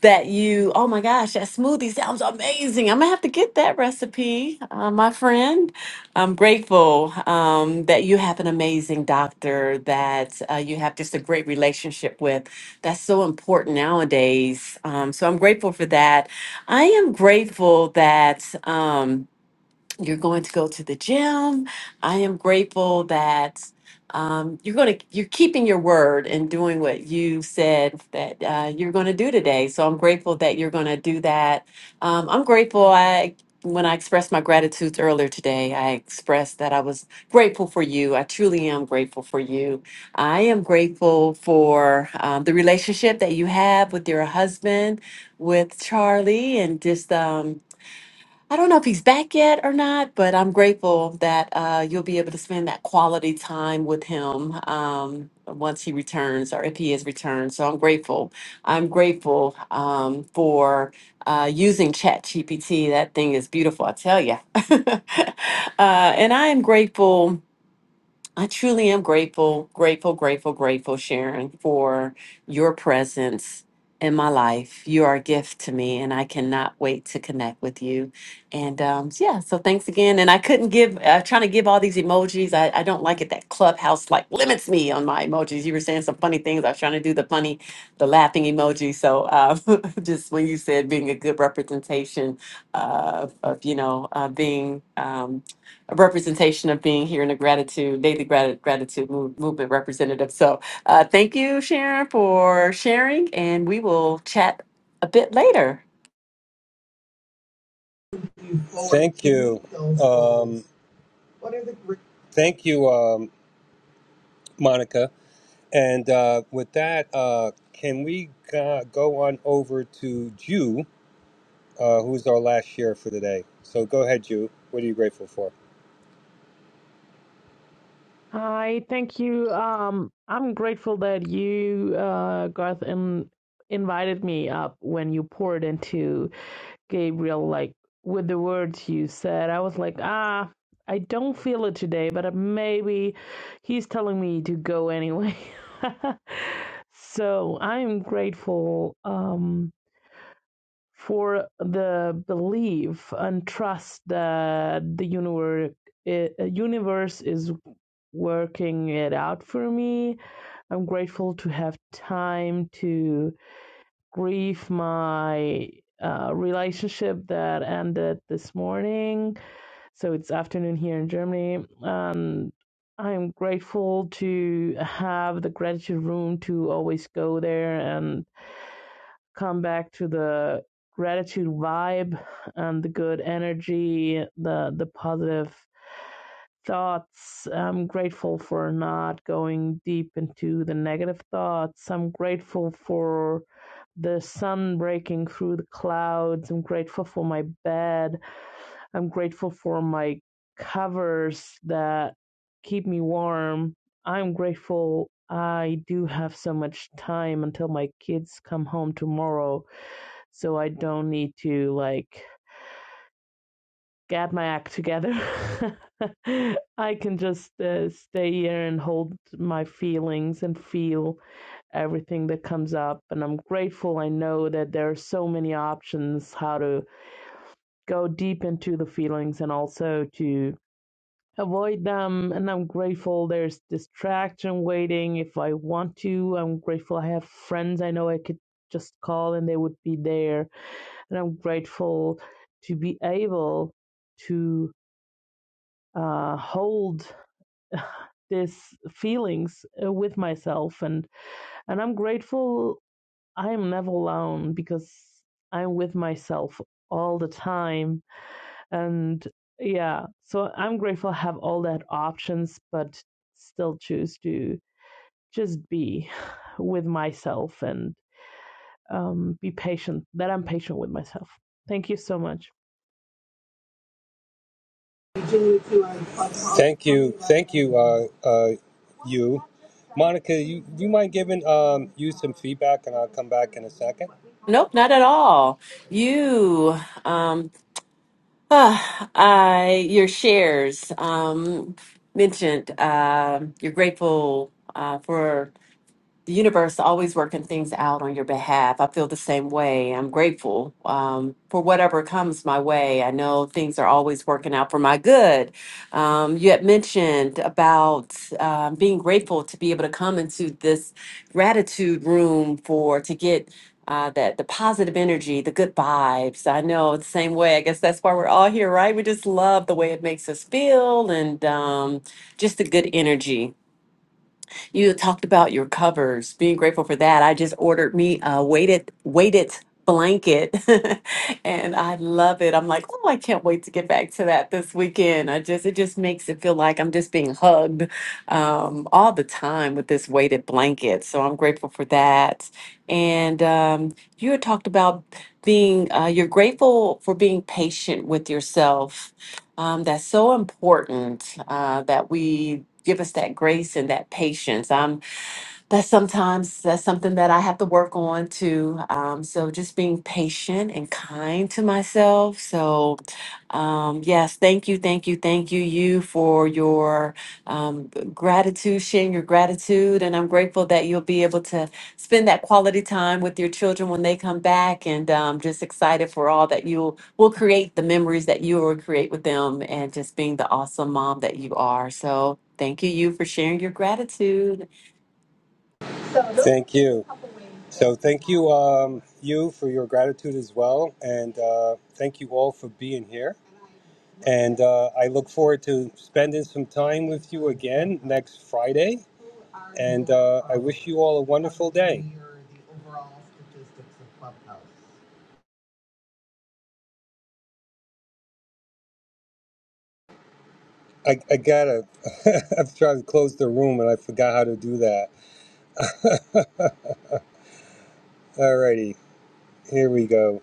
that you. Oh my gosh, that smoothie sounds amazing. I'm gonna have to get that recipe, uh, my friend. I'm grateful um, that you have an amazing doctor that uh, you have just a great relationship with. That's so important nowadays. Um, so I'm grateful for that. I am grateful that. Um, you're going to go to the gym. I am grateful that um, you're going to you're keeping your word and doing what you said that uh, you're going to do today. So I'm grateful that you're going to do that. Um, I'm grateful. I when I expressed my gratitude earlier today, I expressed that I was grateful for you. I truly am grateful for you. I am grateful for um, the relationship that you have with your husband, with Charlie, and just. Um, I don't know if he's back yet or not, but I'm grateful that uh, you'll be able to spend that quality time with him um, once he returns or if he has returned. So I'm grateful. I'm grateful um, for uh, using ChatGPT. That thing is beautiful, I tell you. uh, and I am grateful. I truly am grateful, grateful, grateful, grateful, Sharon, for your presence in my life. You are a gift to me, and I cannot wait to connect with you. And um, yeah, so thanks again. And I couldn't give, I'm trying to give all these emojis. I, I don't like it that Clubhouse like limits me on my emojis. You were saying some funny things. I was trying to do the funny, the laughing emoji. So uh, just when you said being a good representation uh, of, you know, uh, being. Um, a representation of being here in the gratitude daily grat- gratitude move, movement representative. So uh, thank you, Sharon, for sharing, and we will chat a bit later. Thank you. Um, thank you, um, Monica. And uh, with that, uh, can we uh, go on over to Jew, uh, who's our last share for today? So go ahead, Jew. What are you grateful for? Hi, thank you. Um, I'm grateful that you, uh, Garth, in, invited me up when you poured into Gabriel, like with the words you said. I was like, ah, I don't feel it today, but uh, maybe he's telling me to go anyway. so I'm grateful. Um, for the belief and trust that the universe universe is working it out for me. I'm grateful to have time to grieve my uh, relationship that ended this morning. So it's afternoon here in Germany, and I'm grateful to have the gratitude room to always go there and come back to the gratitude vibe and the good energy the the positive thoughts i'm grateful for not going deep into the negative thoughts i'm grateful for the sun breaking through the clouds i'm grateful for my bed i'm grateful for my covers that keep me warm i'm grateful i do have so much time until my kids come home tomorrow so I don't need to like get my act together. I can just uh, stay here and hold my feelings and feel everything that comes up. And I'm grateful. I know that there are so many options how to go deep into the feelings and also to avoid them. And I'm grateful there's distraction waiting if I want to. I'm grateful I have friends I know I could just call and they would be there and I'm grateful to be able to uh, hold these feelings uh, with myself, and and I'm grateful I'm never alone because I'm with myself all the time, and yeah, so I'm grateful I have all that options, but still choose to just be with myself and um, be patient. That I'm patient with myself. Thank you so much. Thank you, thank you, uh, uh, you, Monica. You you mind giving um you some feedback, and I'll come back in a second. Nope, not at all. You, um, ah, I, your shares um, mentioned. um you're grateful uh, for. the universe always working things out on your behalf. I feel the same way. I'm grateful um, for whatever comes my way. I know things are always working out for my good. Um, you had mentioned about um, being grateful to be able to come into this gratitude room for to get. Uh, that the positive energy, the good vibes. I know it's the same way. I guess that's why we're all here, right? We just love the way it makes us feel and um, just the good energy. You talked about your covers, being grateful for that. I just ordered me a weighted weighted blanket and I love it. I'm like, oh, I can't wait to get back to that this weekend. I just it just makes it feel like I'm just being hugged um, all the time with this weighted blanket. So I'm grateful for that. And um, you had talked about being uh, you're grateful for being patient with yourself um, that's so important uh, that we give us that grace and that patience. Um, that's sometimes that's something that I have to work on too. Um, so just being patient and kind to myself. So um, yes, thank you, thank you, thank you, you for your um, gratitude, sharing your gratitude, and I'm grateful that you'll be able to spend that quality time with your children when they come back, and um, just excited for all that you will create, the memories that you will create with them, and just being the awesome mom that you are. So. Thank you, you, for sharing your gratitude. Thank you. So thank you, um, you for your gratitude as well, and uh, thank you all for being here. And uh, I look forward to spending some time with you again next Friday. And uh, I wish you all a wonderful day. I, I gotta. I'm trying to close the room and I forgot how to do that. Alrighty, here we go.